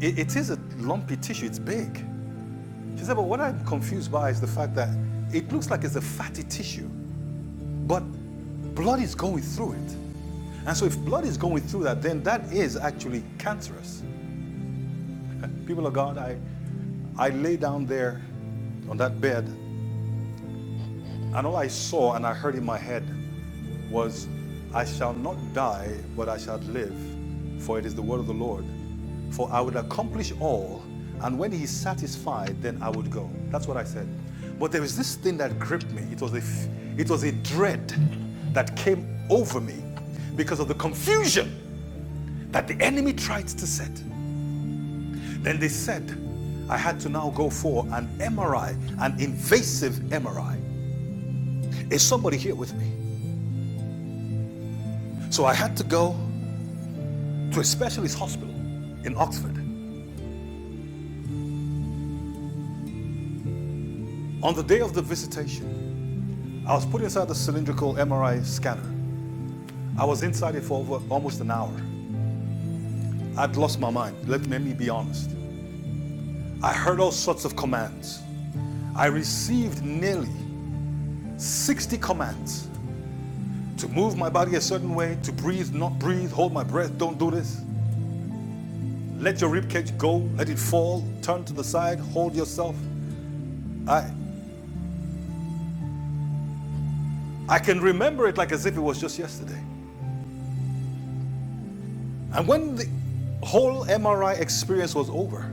B: it, it is a lumpy tissue, it's big. She said, but what I'm confused by is the fact that it looks like it's a fatty tissue, but blood is going through it. And so if blood is going through that, then that is actually cancerous. People of God, I, I lay down there on that bed And all I saw and I heard in my head was, I shall not die, but I shall live, for it is the word of the Lord. For I would accomplish all, and when he is satisfied, then I would go. That's what I said. But there was this thing that gripped me. It was a, it was a dread that came over me because of the confusion that the enemy tried to set. Then they said, I had to now go for an MRI, an invasive MRI. Is somebody here with me? So I had to go to a specialist hospital in Oxford. On the day of the visitation, I was put inside the cylindrical MRI scanner. I was inside it for over almost an hour. I'd lost my mind, let me be honest. I heard all sorts of commands. I received nearly 60 commands to move my body a certain way, to breathe, not breathe, hold my breath, don't do this. Let your ribcage go, let it fall, turn to the side, hold yourself. I I can remember it like as if it was just yesterday. And when the whole MRI experience was over,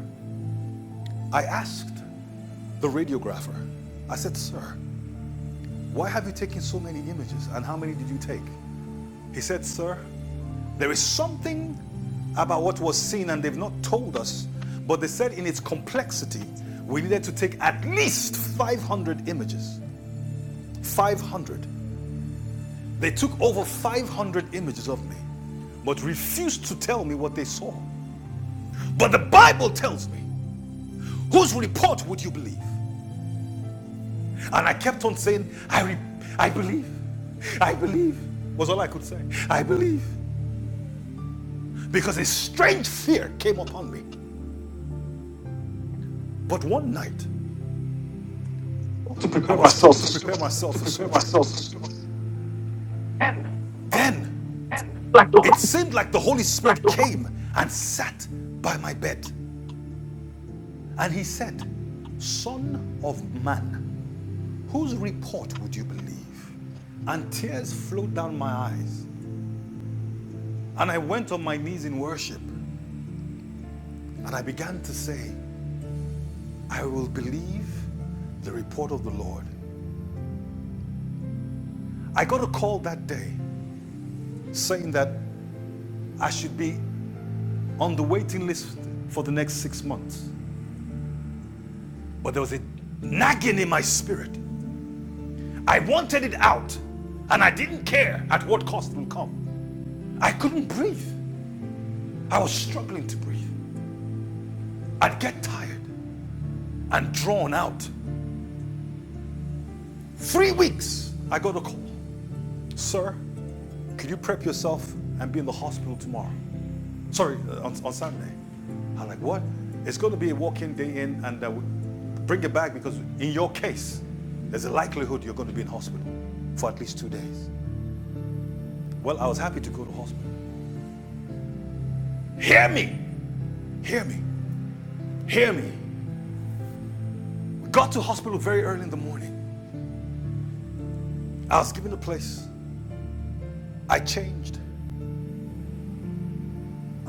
B: I asked the radiographer, I said, Sir, why have you taken so many images and how many did you take? He said, Sir, there is something about what was seen and they've not told us, but they said in its complexity, we needed to take at least 500 images. 500. They took over 500 images of me, but refused to tell me what they saw. But the Bible tells me Whose report would you believe? And I kept on saying, I, re- I believe. I believe. Was all I could say. I believe. Because a strange fear came upon me. But one night, I was told to prepare myself to for service. Then it seemed like the Holy Spirit came and sat by my bed. And he said, Son of man, whose report would you believe? and tears flowed down my eyes. And I went on my knees in worship and I began to say, I will believe the report of the Lord. I got a call that day saying that I should be on the waiting list for the next six months. But there was a nagging in my spirit. I wanted it out, and I didn't care at what cost it would come. I couldn't breathe. I was struggling to breathe. I'd get tired and drawn out. Three weeks, I got a call. Sir, could you prep yourself and be in the hospital tomorrow? Sorry, uh, on, on Sunday. I'm like, what? It's going to be a walk-in day in, and uh, bring it back because in your case, there's a likelihood you're going to be in hospital for at least two days. Well, I was happy to go to hospital. Hear me, hear me, hear me. We got to hospital very early in the morning. I was given a place. I changed,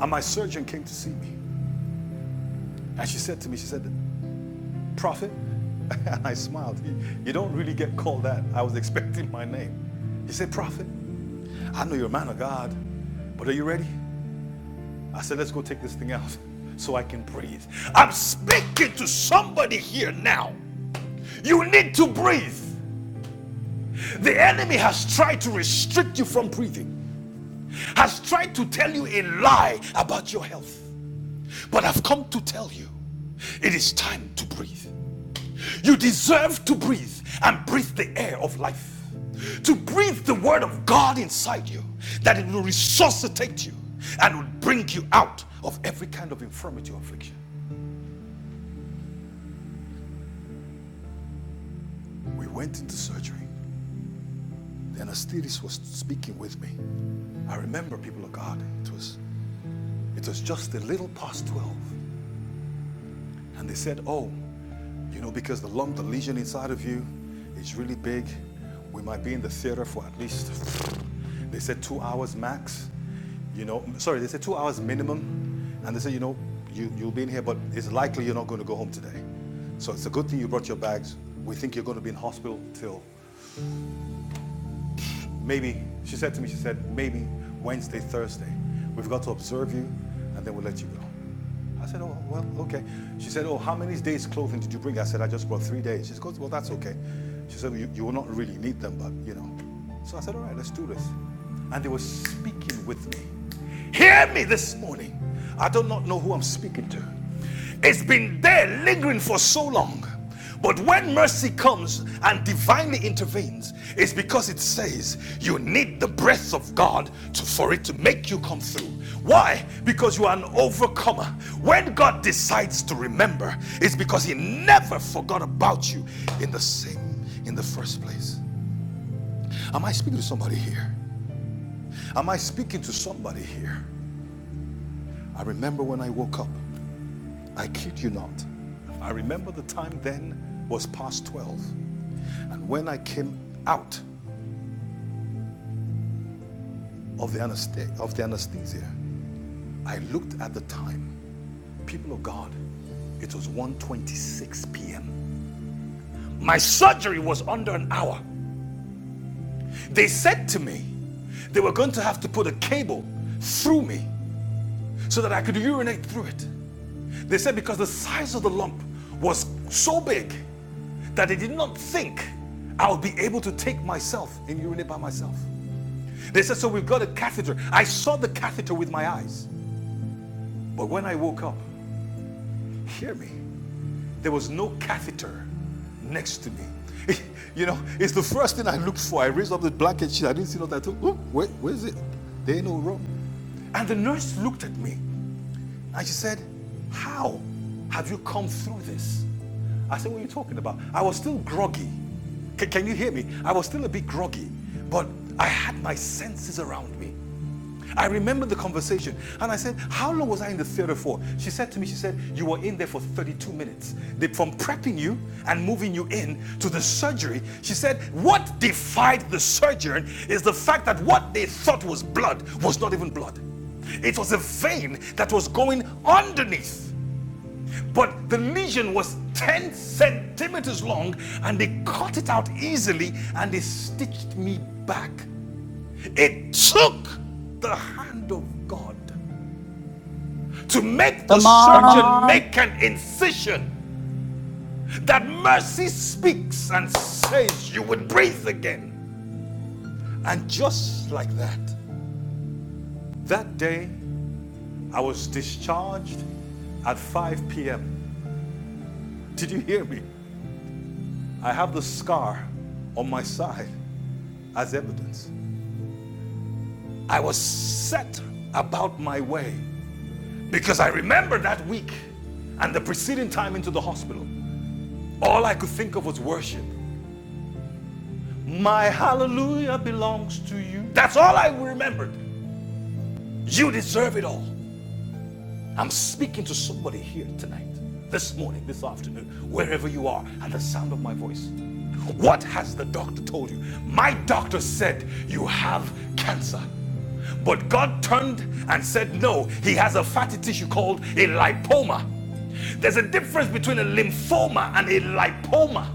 B: and my surgeon came to see me, and she said to me, she said, "Prophet," and I smiled. You don't really get called that. I was expecting my name. He said, "Prophet." I know you're a man of God, but are you ready? I said, let's go take this thing out so I can breathe. I'm speaking to somebody here now. You need to breathe. The enemy has tried to restrict you from breathing, has tried to tell you a lie about your health. But I've come to tell you it is time to breathe. You deserve to breathe and breathe the air of life. To breathe the word of God inside you, that it will resuscitate you and will bring you out of every kind of infirmity or affliction. We went into surgery. The anesthetist was speaking with me. I remember, people of God, it was, it was just a little past 12. And they said, Oh, you know, because the lump, the lesion inside of you is really big, we might be in the theater for at least, they said two hours max. You know, sorry, they said two hours minimum. And they said, You know, you, you'll be in here, but it's likely you're not going to go home today. So it's a good thing you brought your bags. We think you're going to be in hospital till Maybe, she said to me, she said, maybe Wednesday, Thursday. We've got to observe you and then we'll let you go. I said, oh, well, okay. She said, oh, how many days clothing did you bring? I said, I just brought three days. She goes, well, that's okay. She said, you, you will not really need them, but you know. So I said, all right, let's do this. And they were speaking with me. Hear me this morning. I do not know who I'm speaking to. It's been there lingering for so long. But when mercy comes and divinely intervenes, it's because it says you need the breath of God to, for it to make you come through. Why? Because you are an overcomer. When God decides to remember, it's because He never forgot about you in the same, in the first place. Am I speaking to somebody here? Am I speaking to somebody here? I remember when I woke up. I kid you not. I remember the time then was past 12. And when I came out of the, anesthe- of the anesthesia, I looked at the time. People of God, it was 1.26 p.m. My surgery was under an hour. They said to me they were going to have to put a cable through me so that I could urinate through it. They said because the size of the lump was so big that they did not think I would be able to take myself and urinate by myself. They said, So we've got a catheter. I saw the catheter with my eyes. But when I woke up, hear me, there was no catheter next to me. You know, it's the first thing I looked for. I raised up the blanket sheet. I didn't see nothing. I thought, oh, where, where is it? There ain't no room. And the nurse looked at me and she said, How have you come through this? I said, What are you talking about? I was still groggy. C- can you hear me? I was still a bit groggy, but I had my senses around me. I remember the conversation and I said, How long was I in the theater for? She said to me, She said, You were in there for 32 minutes. They, from prepping you and moving you in to the surgery, she said, What defied the surgeon is the fact that what they thought was blood was not even blood. It was a vein that was going underneath. But the lesion was 10 centimeters long and they cut it out easily and they stitched me back it took the hand of God to make the
A: Come
B: surgeon
A: on.
B: make an incision that mercy speaks and says you would breathe again. And just like that, that day I was discharged at 5 p.m. Did you hear me? I have the scar on my side as evidence. I was set about my way because I remember that week and the preceding time into the hospital. All I could think of was worship. My hallelujah belongs to you. That's all I remembered. You deserve it all. I'm speaking to somebody here tonight, this morning, this afternoon, wherever you are, at the sound of my voice. What has the doctor told you? My doctor said you have cancer. But God turned and said, no, he has a fatty tissue called a lipoma. There's a difference between a lymphoma and a lipoma.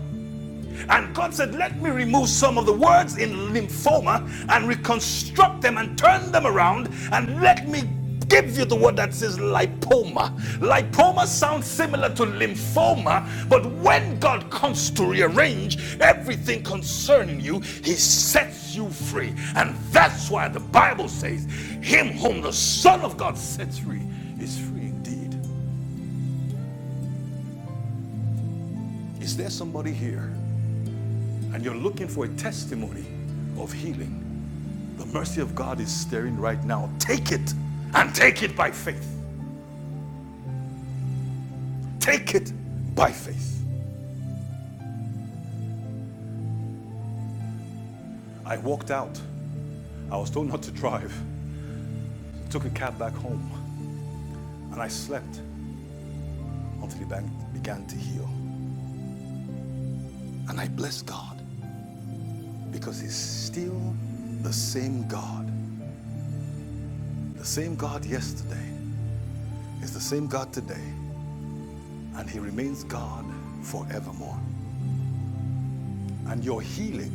B: And God said, Let me remove some of the words in lymphoma and reconstruct them and turn them around and let me give you the word that says lipoma. Lipoma sounds similar to lymphoma, but when God comes to rearrange everything concerning you, He sets you free. And that's why the Bible says, Him whom the Son of God sets free is free indeed. Is there somebody here and you're looking for a testimony of healing? The mercy of God is staring right now. Take it and take it by faith. Take it by faith. I walked out. I was told not to drive. I Took a cab back home and I slept until the bank began to heal. And I blessed God because He's still the same God. The same God yesterday is the same God today and He remains God forevermore. And your healing,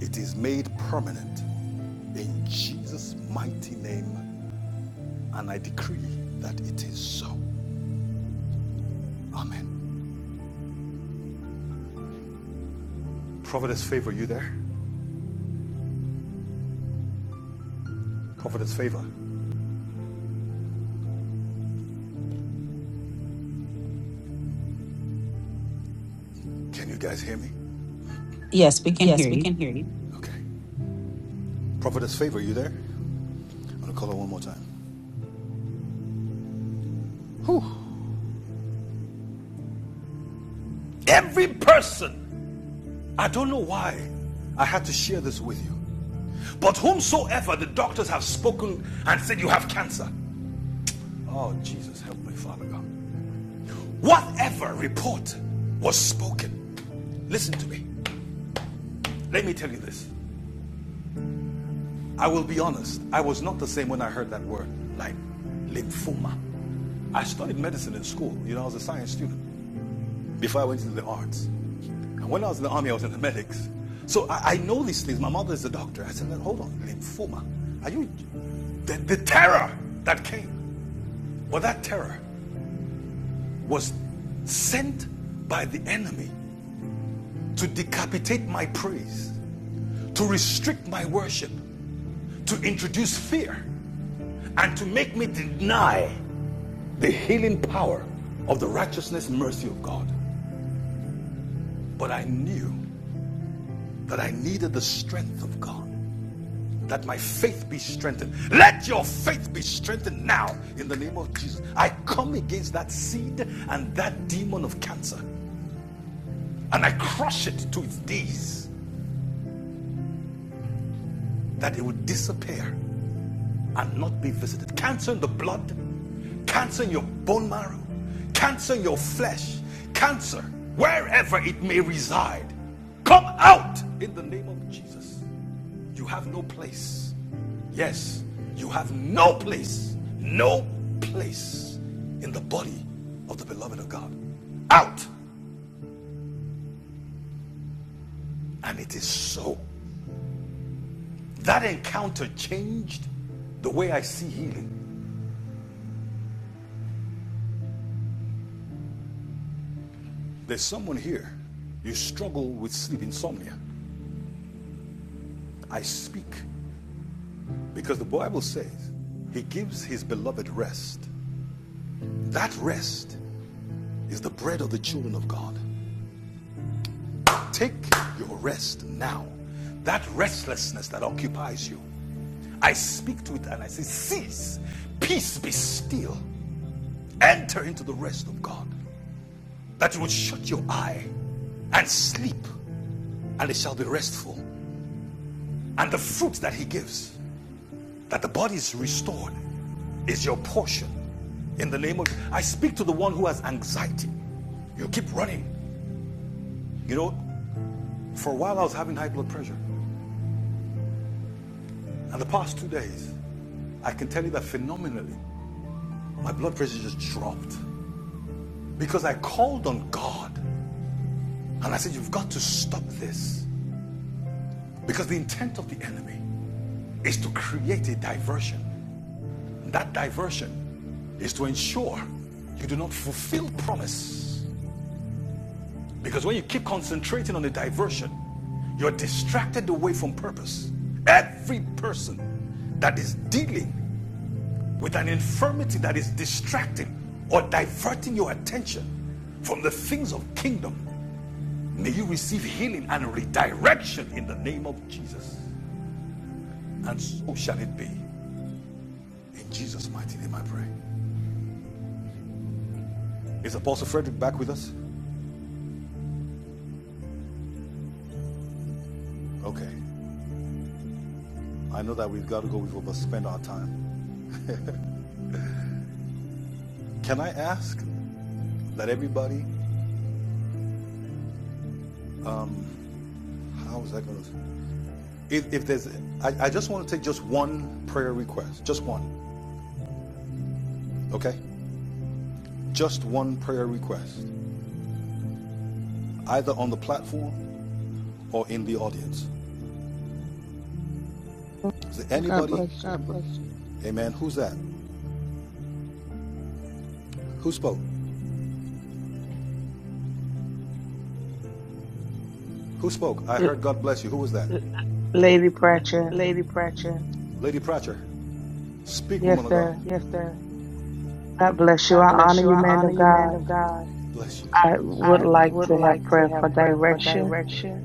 B: it is made permanent in Jesus' mighty name. And I decree that it is so. Amen. Providence favor, you there? Providence favor. Can you guys hear me?
A: Yes, we can
B: Yes,
A: hear
B: we
A: you.
B: can hear you. Okay. Prophetess Favor, you there? I'm gonna call her one more time. Every person, I don't know why I had to share this with you, but whomsoever the doctors have spoken and said you have cancer. Oh, Jesus, help me, Father God. Whatever report was spoken, listen to me. Let me tell you this. I will be honest. I was not the same when I heard that word, like lymphoma. I studied medicine in school. You know, I was a science student before I went into the arts. And when I was in the army, I was in the medics. So I, I know these things. My mother is a doctor. I said, "Well, hold on, lymphoma. Are you the, the terror that came? but that terror was sent by the enemy to decapitate my praise, to restrict my worship, to introduce fear, and to make me deny the healing power of the righteousness and mercy of God. But I knew that I needed the strength of God, that my faith be strengthened. Let your faith be strengthened now in the name of Jesus. I come against that seed and that demon of cancer, and I crush it to its days that it would disappear and not be visited. Cancer in the blood, cancer in your bone marrow, cancer in your flesh, cancer wherever it may reside. Come out in the name of Jesus. You have no place. Yes, you have no place, no place in the body of the beloved of God. Out! And it is so. That encounter changed the way I see healing. There's someone here. You struggle with sleep insomnia. I speak because the Bible says he gives his beloved rest. That rest is the bread of the children of God. Take your rest now. That restlessness that occupies you, I speak to it and I say, Cease, peace be still. Enter into the rest of God, that you will shut your eye and sleep, and it shall be restful. And the fruit that He gives that the body is restored is your portion in the name of i speak to the one who has anxiety you keep running you know for a while i was having high blood pressure and the past two days i can tell you that phenomenally my blood pressure just dropped because i called on god and i said you've got to stop this because the intent of the enemy is to create a diversion And that diversion is to ensure you do not fulfill promise Because when you keep concentrating on the diversion, you're distracted away from purpose. Every person that is dealing with an infirmity that is distracting or diverting your attention from the things of kingdom, may you receive healing and redirection in the name of Jesus. And so shall it be. In Jesus' mighty name I pray. Is Apostle Frederick back with us? Okay. I know that we've got to go. We've overspent our time. Can I ask that everybody um, How is that going to? If, if there's, I, I just want to take just one prayer request, just one, okay? Just one prayer request, either on the platform or in the audience. Is there
F: God
B: anybody?
F: bless you.
B: God bless you. Amen. Who's that? Who spoke? Who spoke? I
F: L-
B: heard God bless you. Who was that? L-
F: Lady Pratchett,
B: Lady Pratchett, Lady Pratcher. Speak, woman
F: yes,
B: of God.
F: sir.
B: yes, sir.
F: God bless you.
B: God
F: I
B: bless
F: honor
B: you.
F: you,
B: I
F: man
B: honor
F: of
B: you, man
F: God.
B: of God. Bless you.
F: I would
B: I
F: like
B: would
F: to
B: like
F: have
B: to
F: prayer
B: have
F: for
B: prayer for
F: direction.
B: direction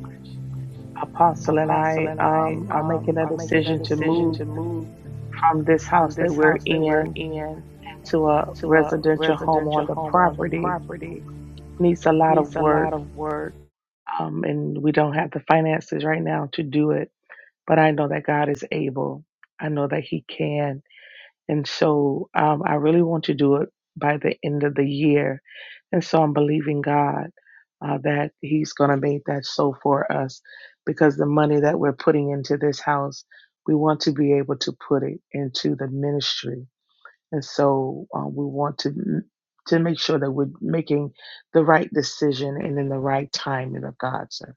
F: Apostle and
B: Apostle
F: I
B: and I
F: um, are
B: um,
F: making a
B: are making a
F: decision to
B: decision
F: move
B: to move
F: from this
B: from
F: house that
B: this
F: we're
B: house that we're
F: in
B: in
F: to a
B: to a
F: residential home
B: residential
F: on the
B: home on the
F: property
B: property.
F: needs a lot of
B: Needs a lot
F: work,
B: of work.
F: um, and we don't have the finances right now to do it. But I know that God is able. I know that He can, and so um, I really want to do it by the end of the year. And so I'm believing God uh, that He's going to make that so for us, because the money that we're putting into this house, we want to be able to put it into the ministry And so uh, we want to to make sure that we're making the right decision and in the right timing of God. sir.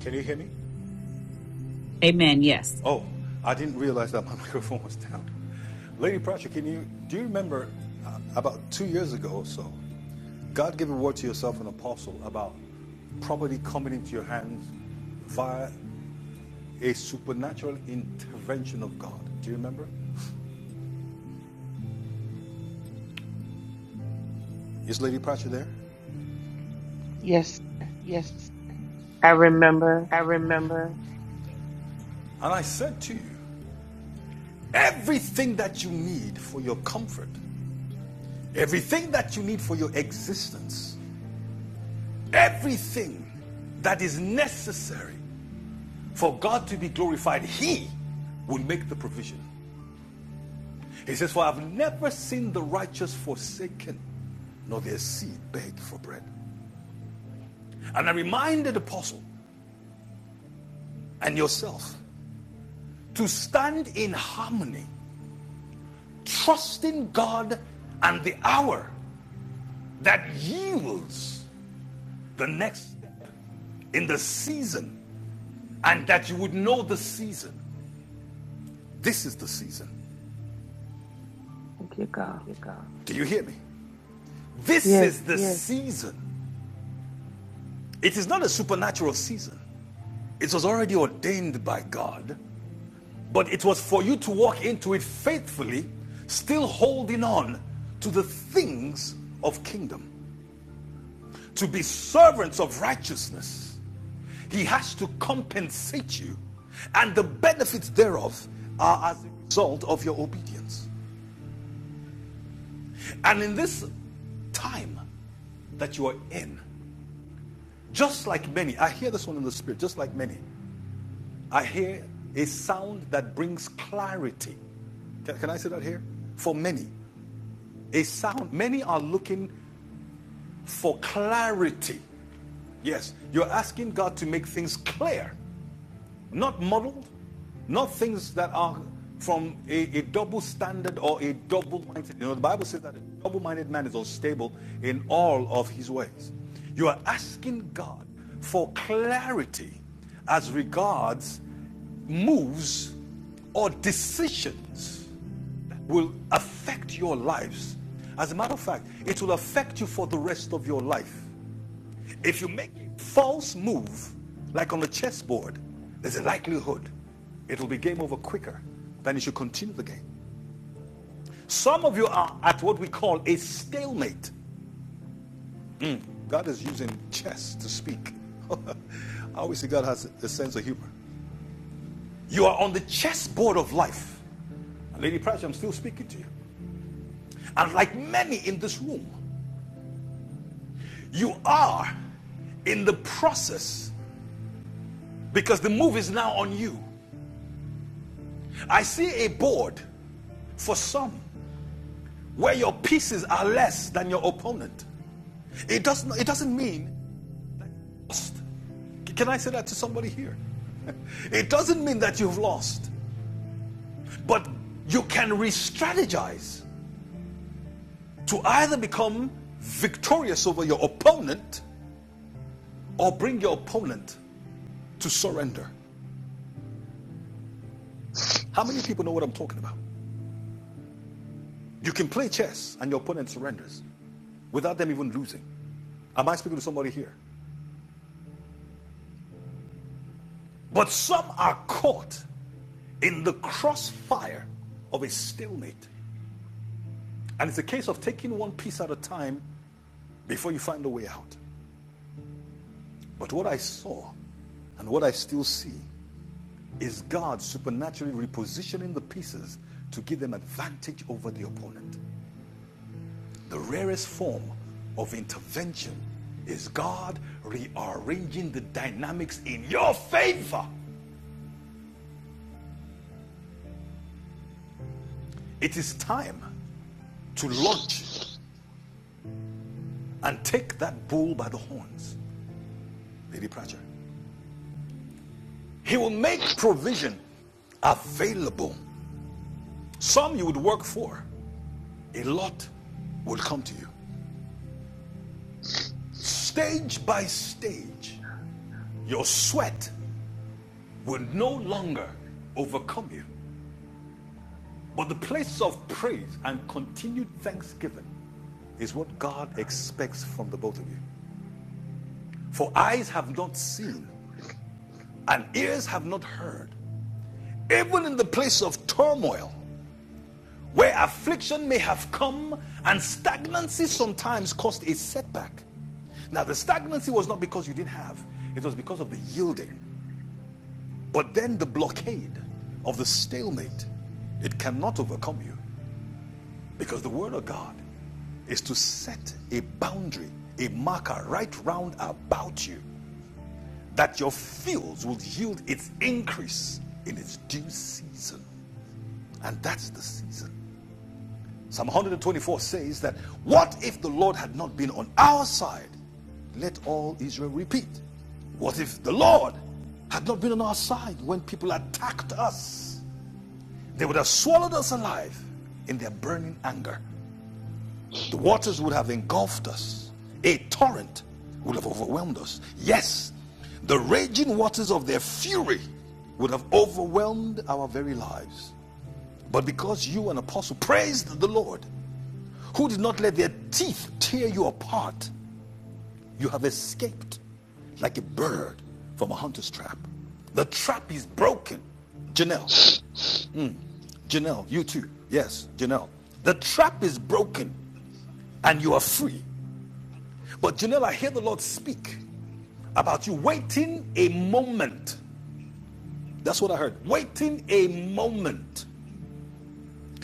B: Can you hear me? Amen. Yes. Oh, I didn't realize that my microphone was down. Lady Pratchett, can you do you remember uh, about two years ago or so? God gave a word to yourself, an apostle, about property coming into your hands via a supernatural intervention of God. Do you remember? Is Lady Pratchett there?
F: yes,
B: Yes,
F: I remember.
B: I remember. And I said to you, everything that you need for your comfort, everything that you need for your existence, everything that is necessary for God to be glorified, He will make the provision. He says, For I've never seen the righteous forsaken, nor their seed beg for bread. And I reminded the Apostle and yourself to stand in harmony, trusting God and the hour that yields the next step in the season and that you would know the season. This is the season.
F: Thank you, God.
B: Thank you, God. Do you hear me? This
F: Yes,
B: is the Yes. season. It is not a supernatural season. It was already ordained by God, but it was for you to walk into it faithfully, still holding on to the things of kingdom, to be servants of righteousness He has to compensate you, and the benefits thereof are as a result of your obedience. And in this time that you are in, just like many, I hear this one in the spirit, just like many, I hear a sound that brings clarity. Can, can I say that here? For many, a sound, many are looking for clarity. Yes, you're asking God to make things clear. not modeled, not things that are from a, a double standard or a double mindset. You know, the Bible says that a double minded man is unstable in all of his ways. You are asking God for clarity as regards moves or decisions that will affect your lives. As a matter of fact, it will affect you for the rest of your life. If you make a false move, like on the chessboard, there's a likelihood it will be game over quicker than if you continue the game. Some of you are at what we call a stalemate. God is using chess to speak. I always say God has a sense of humor. You are on the chessboard of life. Lady Pratchett, I'm still speaking to you. And like many in this room, you are in the process because the move is now on you. I see a board for some where your pieces are less than your opponent. It doesn't, it doesn't mean lost. Can I say that to somebody here? It doesn't mean that you've lost, but you can re strategize to either become victorious over your opponent or bring your opponent to surrender. How many people know what I'm talking about? You can play chess and your opponent surrenders without them even losing. Am I speaking to somebody here? But some are caught in the crossfire of a stalemate. And it's a case of taking one piece at a time before you find a way out. But what I saw and what I still see is God supernaturally repositioning the pieces to give them advantage over the opponent. The rarest form of intervention is God rearranging the dynamics in your favor. It is time to launch and take that bull by the horns, Lady Pratchett. He will make provision available. Some you would work for, a lot will come to you. Stage by stage, your sweat will no longer overcome you. But the place of praise and continued thanksgiving is what God expects from the both of you. For eyes have not seen and ears have not heard. Even in the place of turmoil, where affliction may have come and stagnancy sometimes caused a setback. Now, the stagnancy was not because you didn't have, it was because of the yielding But then the blockade of the stalemate, it cannot overcome you because the word of God is to set a boundary, a marker right round about you that your fields will yield its increase in its due season. And that's the season. Psalm 124 says that what if the Lord had not been on our side? Let all Israel repeat. What if the Lord had not been on our side when people attacked us? They would have swallowed us alive in their burning anger. The waters would have engulfed us. A torrent would have overwhelmed us. Yes, the raging waters of their fury would have overwhelmed our very lives. But because you, an apostle, praised the Lord, who did not let their teeth tear you apart, you have escaped like a bird from a hunter's trap. The trap is broken. Janelle, Janelle, you too. Yes, Janelle. The trap is broken. and you are free. But you know, I hear the Lord speak about you waiting a moment. That's what I heard. Waiting a moment.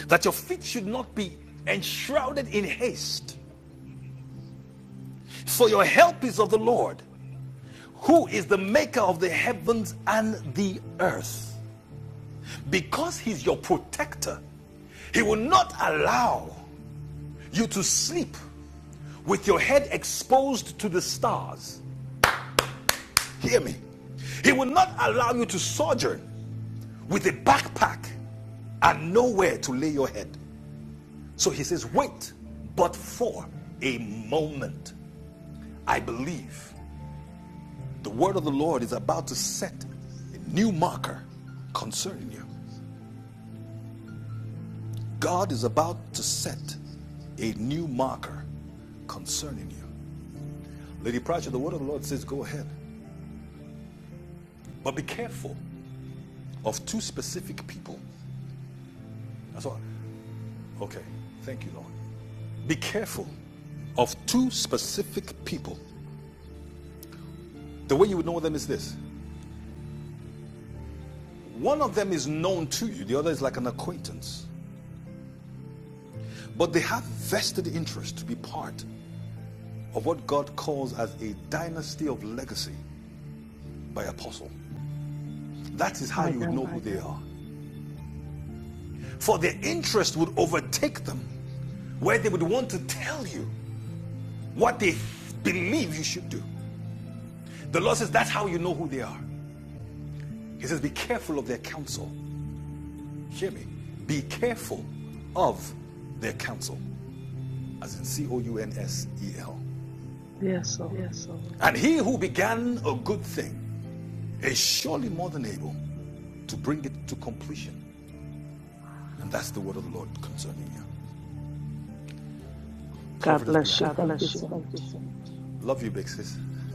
B: That your feet should not be enshrouded in haste. For your help is of the Lord, who is the maker of the heavens and the earth. Because he's your protector, he will not allow you to sleep with your head exposed to the stars. Hear me. He will not allow you to sojourn with a backpack and nowhere to lay your head. So he says, Wait, but for a moment. I believe the word of the Lord is about to set a new marker concerning you. God is about to set a new marker concerning you. Lady Pratchett, the word of the Lord says, Go ahead, but be careful of two specific people. That's all. Okay, thank you, Lord. Be careful of two specific people The way you would know them is this one of them is known to you, the other is like an acquaintance. But they have vested interest to be part of what God calls as a dynasty of legacy by apostle. That is how
F: my
B: you would know
F: God.
B: who they are. For their interest would overtake them, where they would want to tell you what they believe you should do. The Lord says that's how you know who they are. He says, Be careful of their counsel. Hear me. Be careful of their counsel, as in C O U N S E L.
F: Yes, Lord.
B: Yes, Lord. And he who began a good thing is surely more than able to bring it to completion. And that's the word of the Lord concerning you.
F: God
B: Prophetess
F: bless
B: Bianca.
F: you.
B: God
F: Thank you
B: bless you.
F: so
B: Thank
F: much.
B: you, sir. Love you, big sis. Love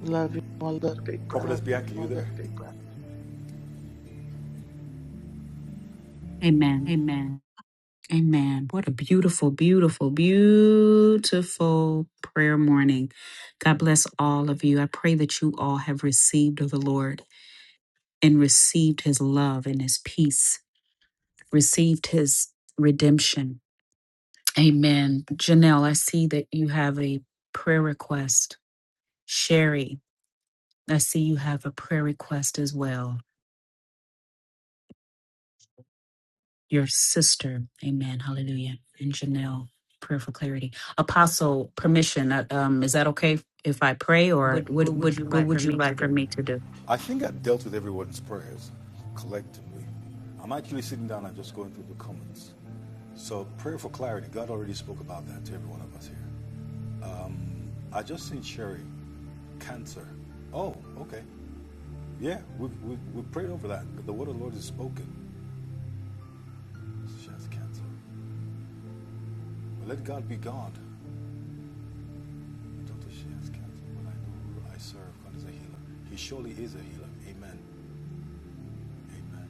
F: Love you, my little big brother.
B: Prophetess you, Bianca, you there?
A: Amen.
B: Amen.
A: Amen. What a beautiful, beautiful, beautiful prayer morning. God bless all of you. I pray that you all have received of the Lord and received his love and his peace, received his redemption. Amen. Janelle, I see that you have a
B: What, what would you like for me to do? I think I dealt with everyone's prayers collectively. I'm actually sitting down and just going through the comments. So, prayer for clarity. God already spoke about that to every one of us here. I just seen Sherry, cancer. Oh, okay. Yeah, we've, we've, we've prayed over that, but the word of the Lord is spoken. She has cancer. But let God be God. Doctor, she has cancer, but I know who I serve. God is a healer. He surely is a healer. Amen. Amen.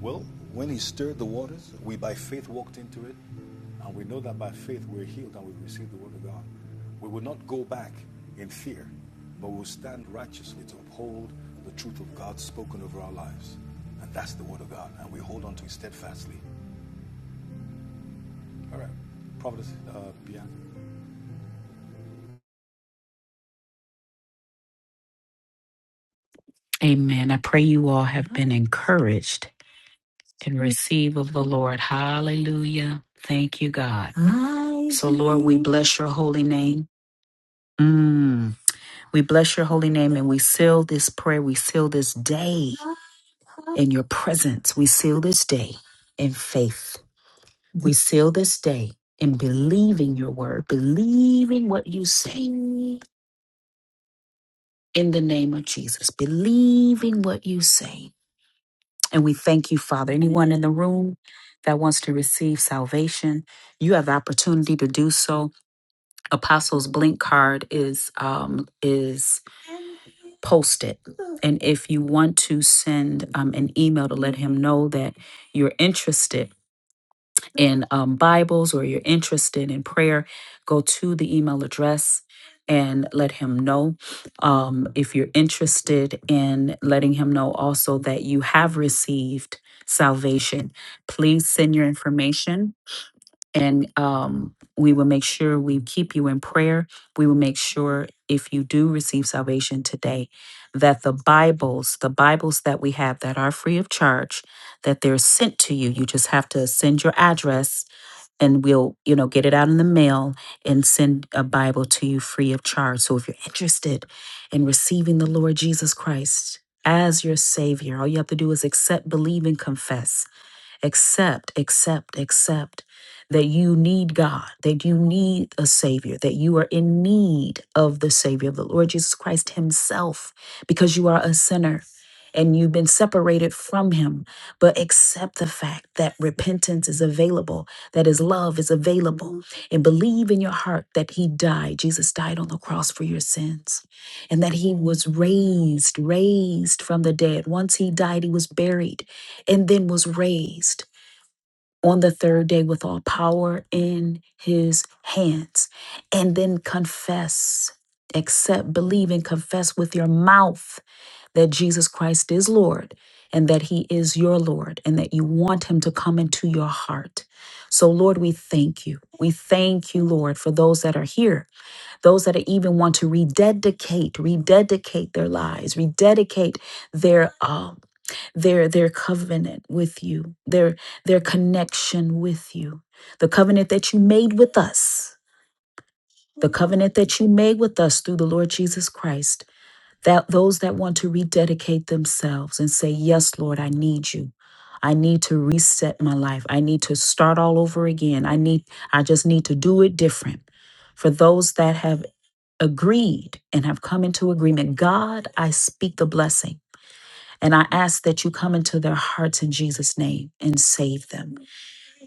B: Well, when He stirred the waters, we by faith walked into it, and we know that by faith we're healed and we receive the word of God. We will not go back in fear, but we'll stand righteously to uphold the truth of God spoken over our lives. And that's the word of God, and we hold on to it steadfastly. All right. Providence, uh, Bianca.
A: amen. I pray you all have been encouraged and receive of the Lord. Hallelujah. Thank you, God. So, Lord, we bless your holy name. Mm. We bless your holy name and we seal this prayer. We seal this day in your presence. We seal this day in faith. We seal this day in believing your word, believing what you say in the name of Jesus, believing what you say. And we thank you, Father. Anyone in the room that wants to receive salvation, you have the opportunity to do so. Apostles Blink card is um, is post it. And if you want to send um, an email to let him know that you're interested in um, Bibles or you're interested in prayer, go to the email address and let him know. Um, if you're interested in letting him know also that you have received salvation, please send your information and um, we will make sure we keep you in prayer. We will make sure if you do receive salvation today, that the Bibles, the Bibles that we have that are free of charge, that they're sent to you. You just have to send your address and we'll, you know, get it out in the mail and send a Bible to you free of charge. So if you're interested in receiving the Lord Jesus Christ as your Savior, all you have to do is accept, believe, and confess accept, accept, accept that you need God, that you need a Savior, that you are in need of the Savior of the Lord Jesus Christ Himself because you are a sinner and you've been separated from Him. But accept the fact that repentance is available, that His love is available, and believe in your heart that He died. Jesus died on the cross for your sins and that He was raised, raised from the dead. Once He died, He was buried and then was raised on the third day with all power in his hands, and then confess, accept, believe, and confess with your mouth that Jesus Christ is Lord and that he is your Lord and that you want him to come into your heart. So, Lord, we thank you. We thank you, Lord, for those that are here, those that even want to rededicate, rededicate their lives, rededicate their um, their their covenant with you their their connection with you the covenant that you made with us the covenant that you made with us through the lord jesus christ that those that want to rededicate themselves and say yes lord i need you i need to reset my life i need to start all over again i need i just need to do it different for those that have agreed and have come into agreement god i speak the blessing and I ask that you come into their hearts in Jesus' name and save them.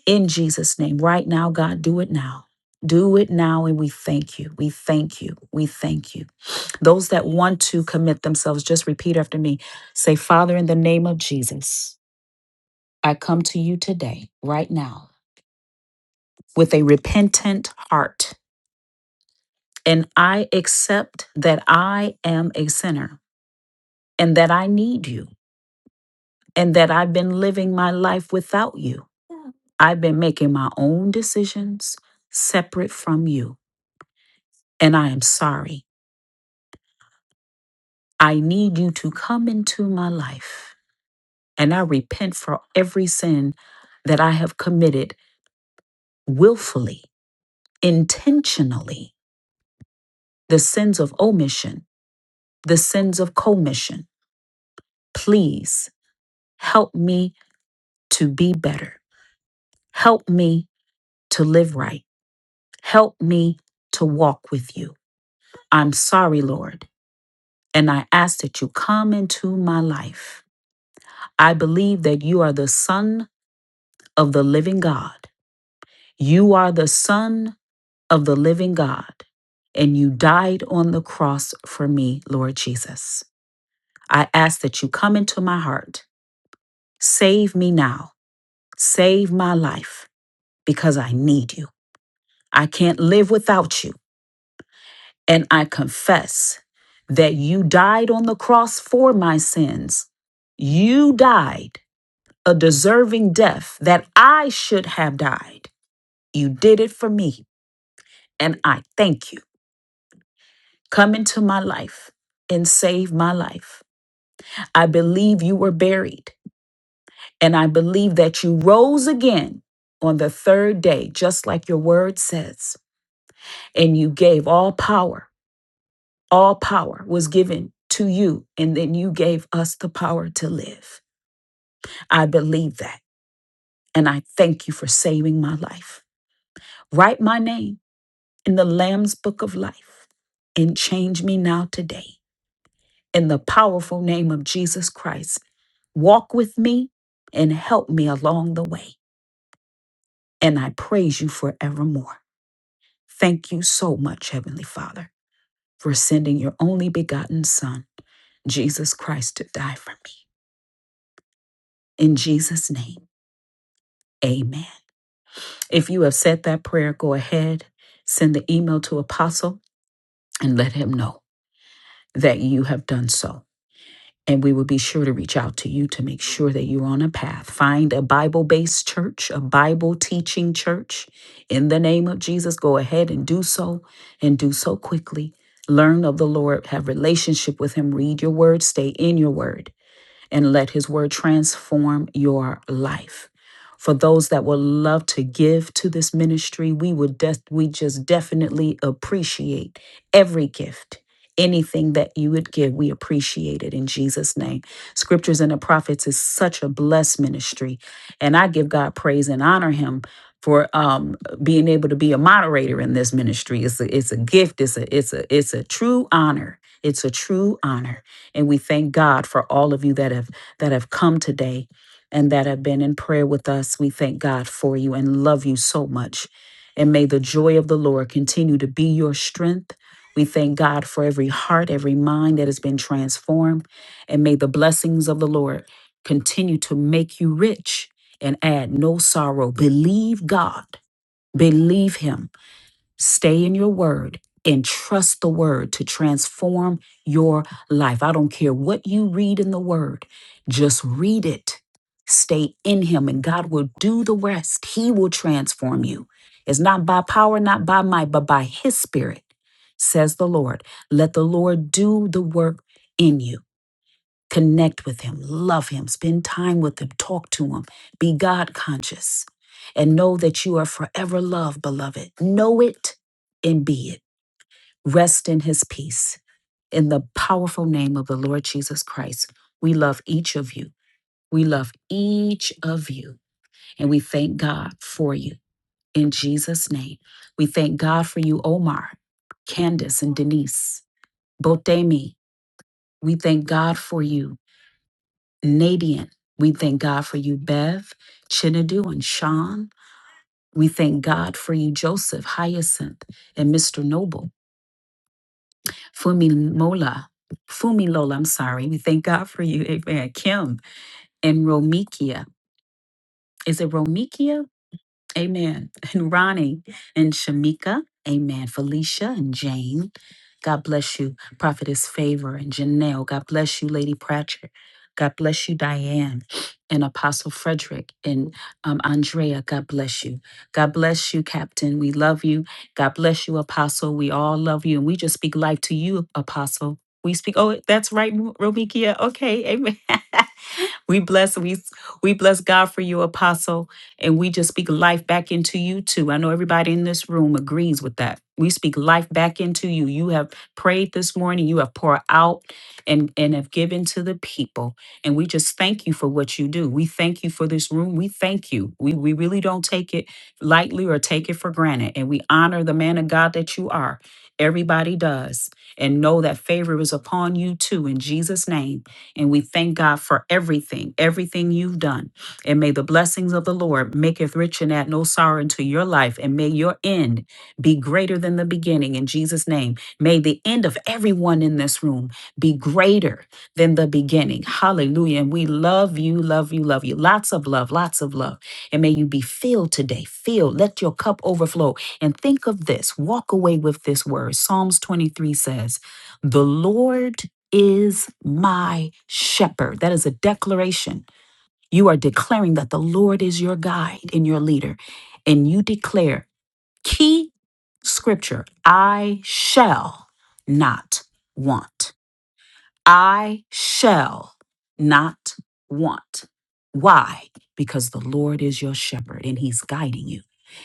A: In Jesus' name. Right now, God, do it now. Do it now, and we thank you. We thank you. We thank you. Those that want to commit themselves, just repeat after me. Say, Father, in the name of Jesus, I come to you today, right now, with a repentant heart. And I accept that I am a sinner and that I need you and that I've been living my life without you. I've been making my own decisions separate from you, and I am sorry. I need you to come into my life, and I repent for every sin that I have committed willfully, intentionally, the sins of omission, the sins of commission. Please help me to be better. Help me to live right. Help me to walk with you. I'm sorry, Lord. and I ask that you come into my life. I believe that you are the Son of the living God. You are the Son of the living God, and you died on the cross for me, Lord Jesus. I ask that you come into my heart. Save me now. Save my life because I need you. I can't live without you. And I confess that you died on the cross for my sins. You died a deserving death that I should have died. You did it for me, and I thank you. Come into my life and save my life. I believe you were buried, and I believe that you rose again on the third day, just like your word says. And you gave all power, all power was given to you, and then you gave us the power to live. I believe that, and I thank you for saving my life. Write my name in the Lamb's book of life and change me now today. In the powerful name of Jesus Christ, walk with me and help me along the way. And I praise you forevermore. Thank you so much, Heavenly Father, for sending your only begotten Son, Jesus Christ, to die for me. In Jesus' name, amen. If you have said that prayer, go ahead, send the email to Apostle, and let him know that you have done so. And we will be sure to reach out to you to make sure that you're on a path. Find a Bible based church, a Bible teaching church. In the name of Jesus, go ahead and do so and do so quickly. Learn of the Lord, have relationship with him, read your word, stay in your word and let his word transform your life. For those that would love to give to this ministry, we would def- we just definitely appreciate every gift. Anything that you would give, we appreciate it in Jesus' name. Scriptures and the Prophets is such a blessed ministry. And I give God praise and honor him for um, being able to be a moderator in this ministry. It's a, it's a gift. It's a it's a it's a true honor. It's a true honor. And we thank God for all of you that have that have come today and that have been in prayer with us. We thank God for you and love you so much. And may the joy of the Lord continue to be your strength. We thank God for every heart, every mind that has been transformed. And may the blessings of the Lord continue to make you rich and add no sorrow. Believe God. Believe Him Stay in your word and trust the word to transform your life. I don't care what you read in the word, just read it. Stay in Him, and God will do the rest. He will transform you. It's not by power, not by might, but by His Spirit, says the Lord. Let the Lord do the work in you. Connect with him, love him, spend time with him, talk to him, be God conscious, and know that you are forever loved, beloved. Know it and be it. Rest in his peace. In the powerful name of the Lord Jesus Christ, we love each of you. We love each of you, and we thank God for you. In Jesus' name, we thank God for you, Omar, Candace, and Denise, Botemi. We thank God for you. Nadian. We thank God for you, Bev, Chinadu, and Sean. We thank God for you, Joseph, Hyacinth, and Mr. Noble. Fumi Mola, Fumi Lola, I'm sorry. We thank God for you, Amen. Kim and Romikia. Is it Romikia? Amen. And Ronnie and Shamika. Amen. Felicia and Jane. God bless you, Prophetess Favor and Janelle. God bless you, Lady Pratchett. God bless you, Diane and Apostle Frederick and um, Andrea. God bless you. God bless you, Captain. We love you. God bless you, Apostle. We all love you. And we just speak life to you, Apostle. We speak, oh, that's right, Romikia. Okay, amen. we bless, we, we bless God for you, Apostle. And we just speak life back into you too. I know everybody in this room agrees with that. We speak life back into you. You have prayed this morning, you have poured out and, and have given to the people. And we just thank you for what you do. We thank you for this room. We thank you. We, we really don't take it lightly or take it for granted. And we honor the man of God that you are. Everybody does. And know that favor is upon you too in Jesus' name. And we thank God for everything, everything you've done. And may the blessings of the Lord maketh rich and add no sorrow into your life. And may your end be greater than the beginning in Jesus' name. May the end of everyone in this room be greater than the beginning. Hallelujah. And we love you, love you, love you. Lots of love, lots of love. And may you be filled today. Filled. Let your cup overflow. And think of this. Walk away with this word. Psalms 23 says, The Lord is my shepherd. That is a declaration you are declaring that the Lord is your guide and your leader. And you declare key scripture I shall not want. I shall not want. Why? Because the Lord is your shepherd and he's guiding you.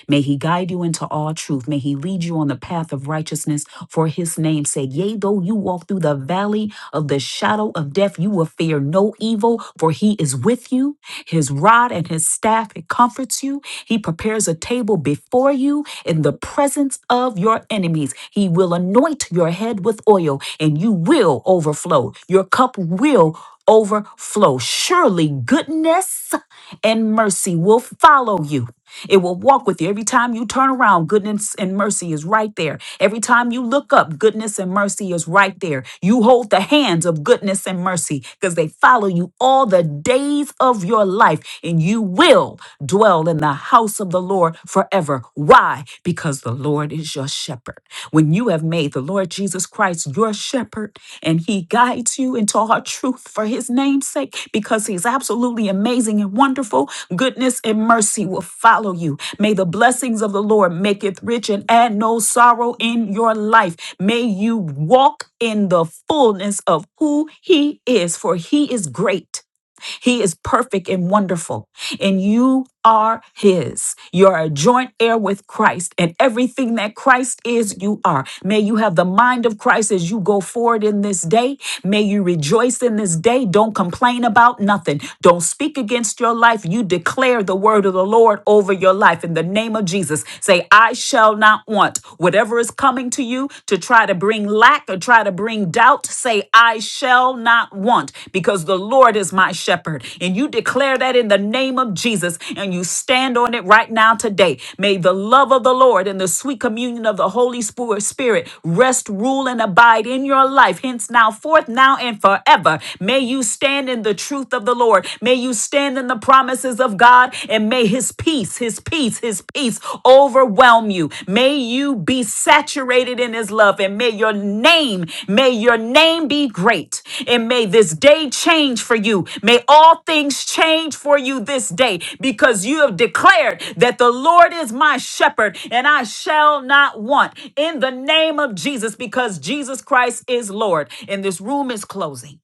A: May he guide you into all truth. May he lead you on the path of righteousness for his name's sake. Yea, though you walk through the valley of the shadow of death, you will fear no evil, for he is with you. His rod and his staff, it comforts you. He prepares a table before you in the presence of your enemies. He will anoint your head with oil and you will overflow. Your cup will overflow. Surely goodness and mercy will follow you it will walk with you. Every time you turn around, goodness and mercy is right there. Every time you look up, goodness and mercy is right there. You hold the hands of goodness and mercy because they follow you all the days of your life, and you will dwell in the house of the Lord forever. Why? Because the Lord is your shepherd. When you have made the Lord Jesus Christ your shepherd, and he guides you into all truth for his name's sake, because he's absolutely amazing and wonderful, Goodness and mercy will follow you. May the blessings of the Lord make it rich and add no sorrow in your life. May you walk in the fullness of who He is, for He is great. He is perfect and wonderful, and you are His. You're a joint heir with Christ, and everything that Christ is, you are. May you have the mind of Christ as you go forward in this day. May you rejoice in this day. Don't complain about nothing. Don't speak against your life. You declare the word of the Lord over your life in the name of Jesus. Say, I shall not want whatever is coming to you to try to bring lack or try to bring bring doubt, say, I shall not want because the Lord is my shepherd. And you declare that in the name of Jesus and you stand on it right now today. May the love of the Lord and the sweet communion of the Holy Spirit Spirit rest, rule, and abide in your life, hence now, forth, now, and forever. May you stand in the truth of the Lord. May you stand in the promises of God and may his peace, his peace, peace, his peace overwhelm you. May you be saturated in his love and may your name, may your name be great. And may this day change for you. May all things change for you this day because you have declared that the Lord is my shepherd and I shall not want in the name of Jesus because Jesus Christ is Lord. And this room is closing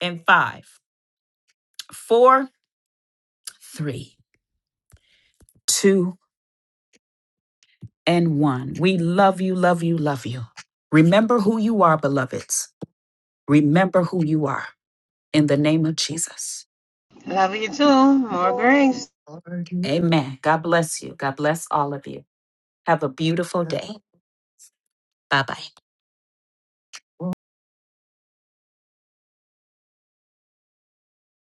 A: in five, four, three, two, and one. We love you, love you, love you. Remember who you are, beloveds. Remember who you are in the name of Jesus.
C: Love you too. More grace.
A: Amen. God bless you. God bless all of you. Have a beautiful day.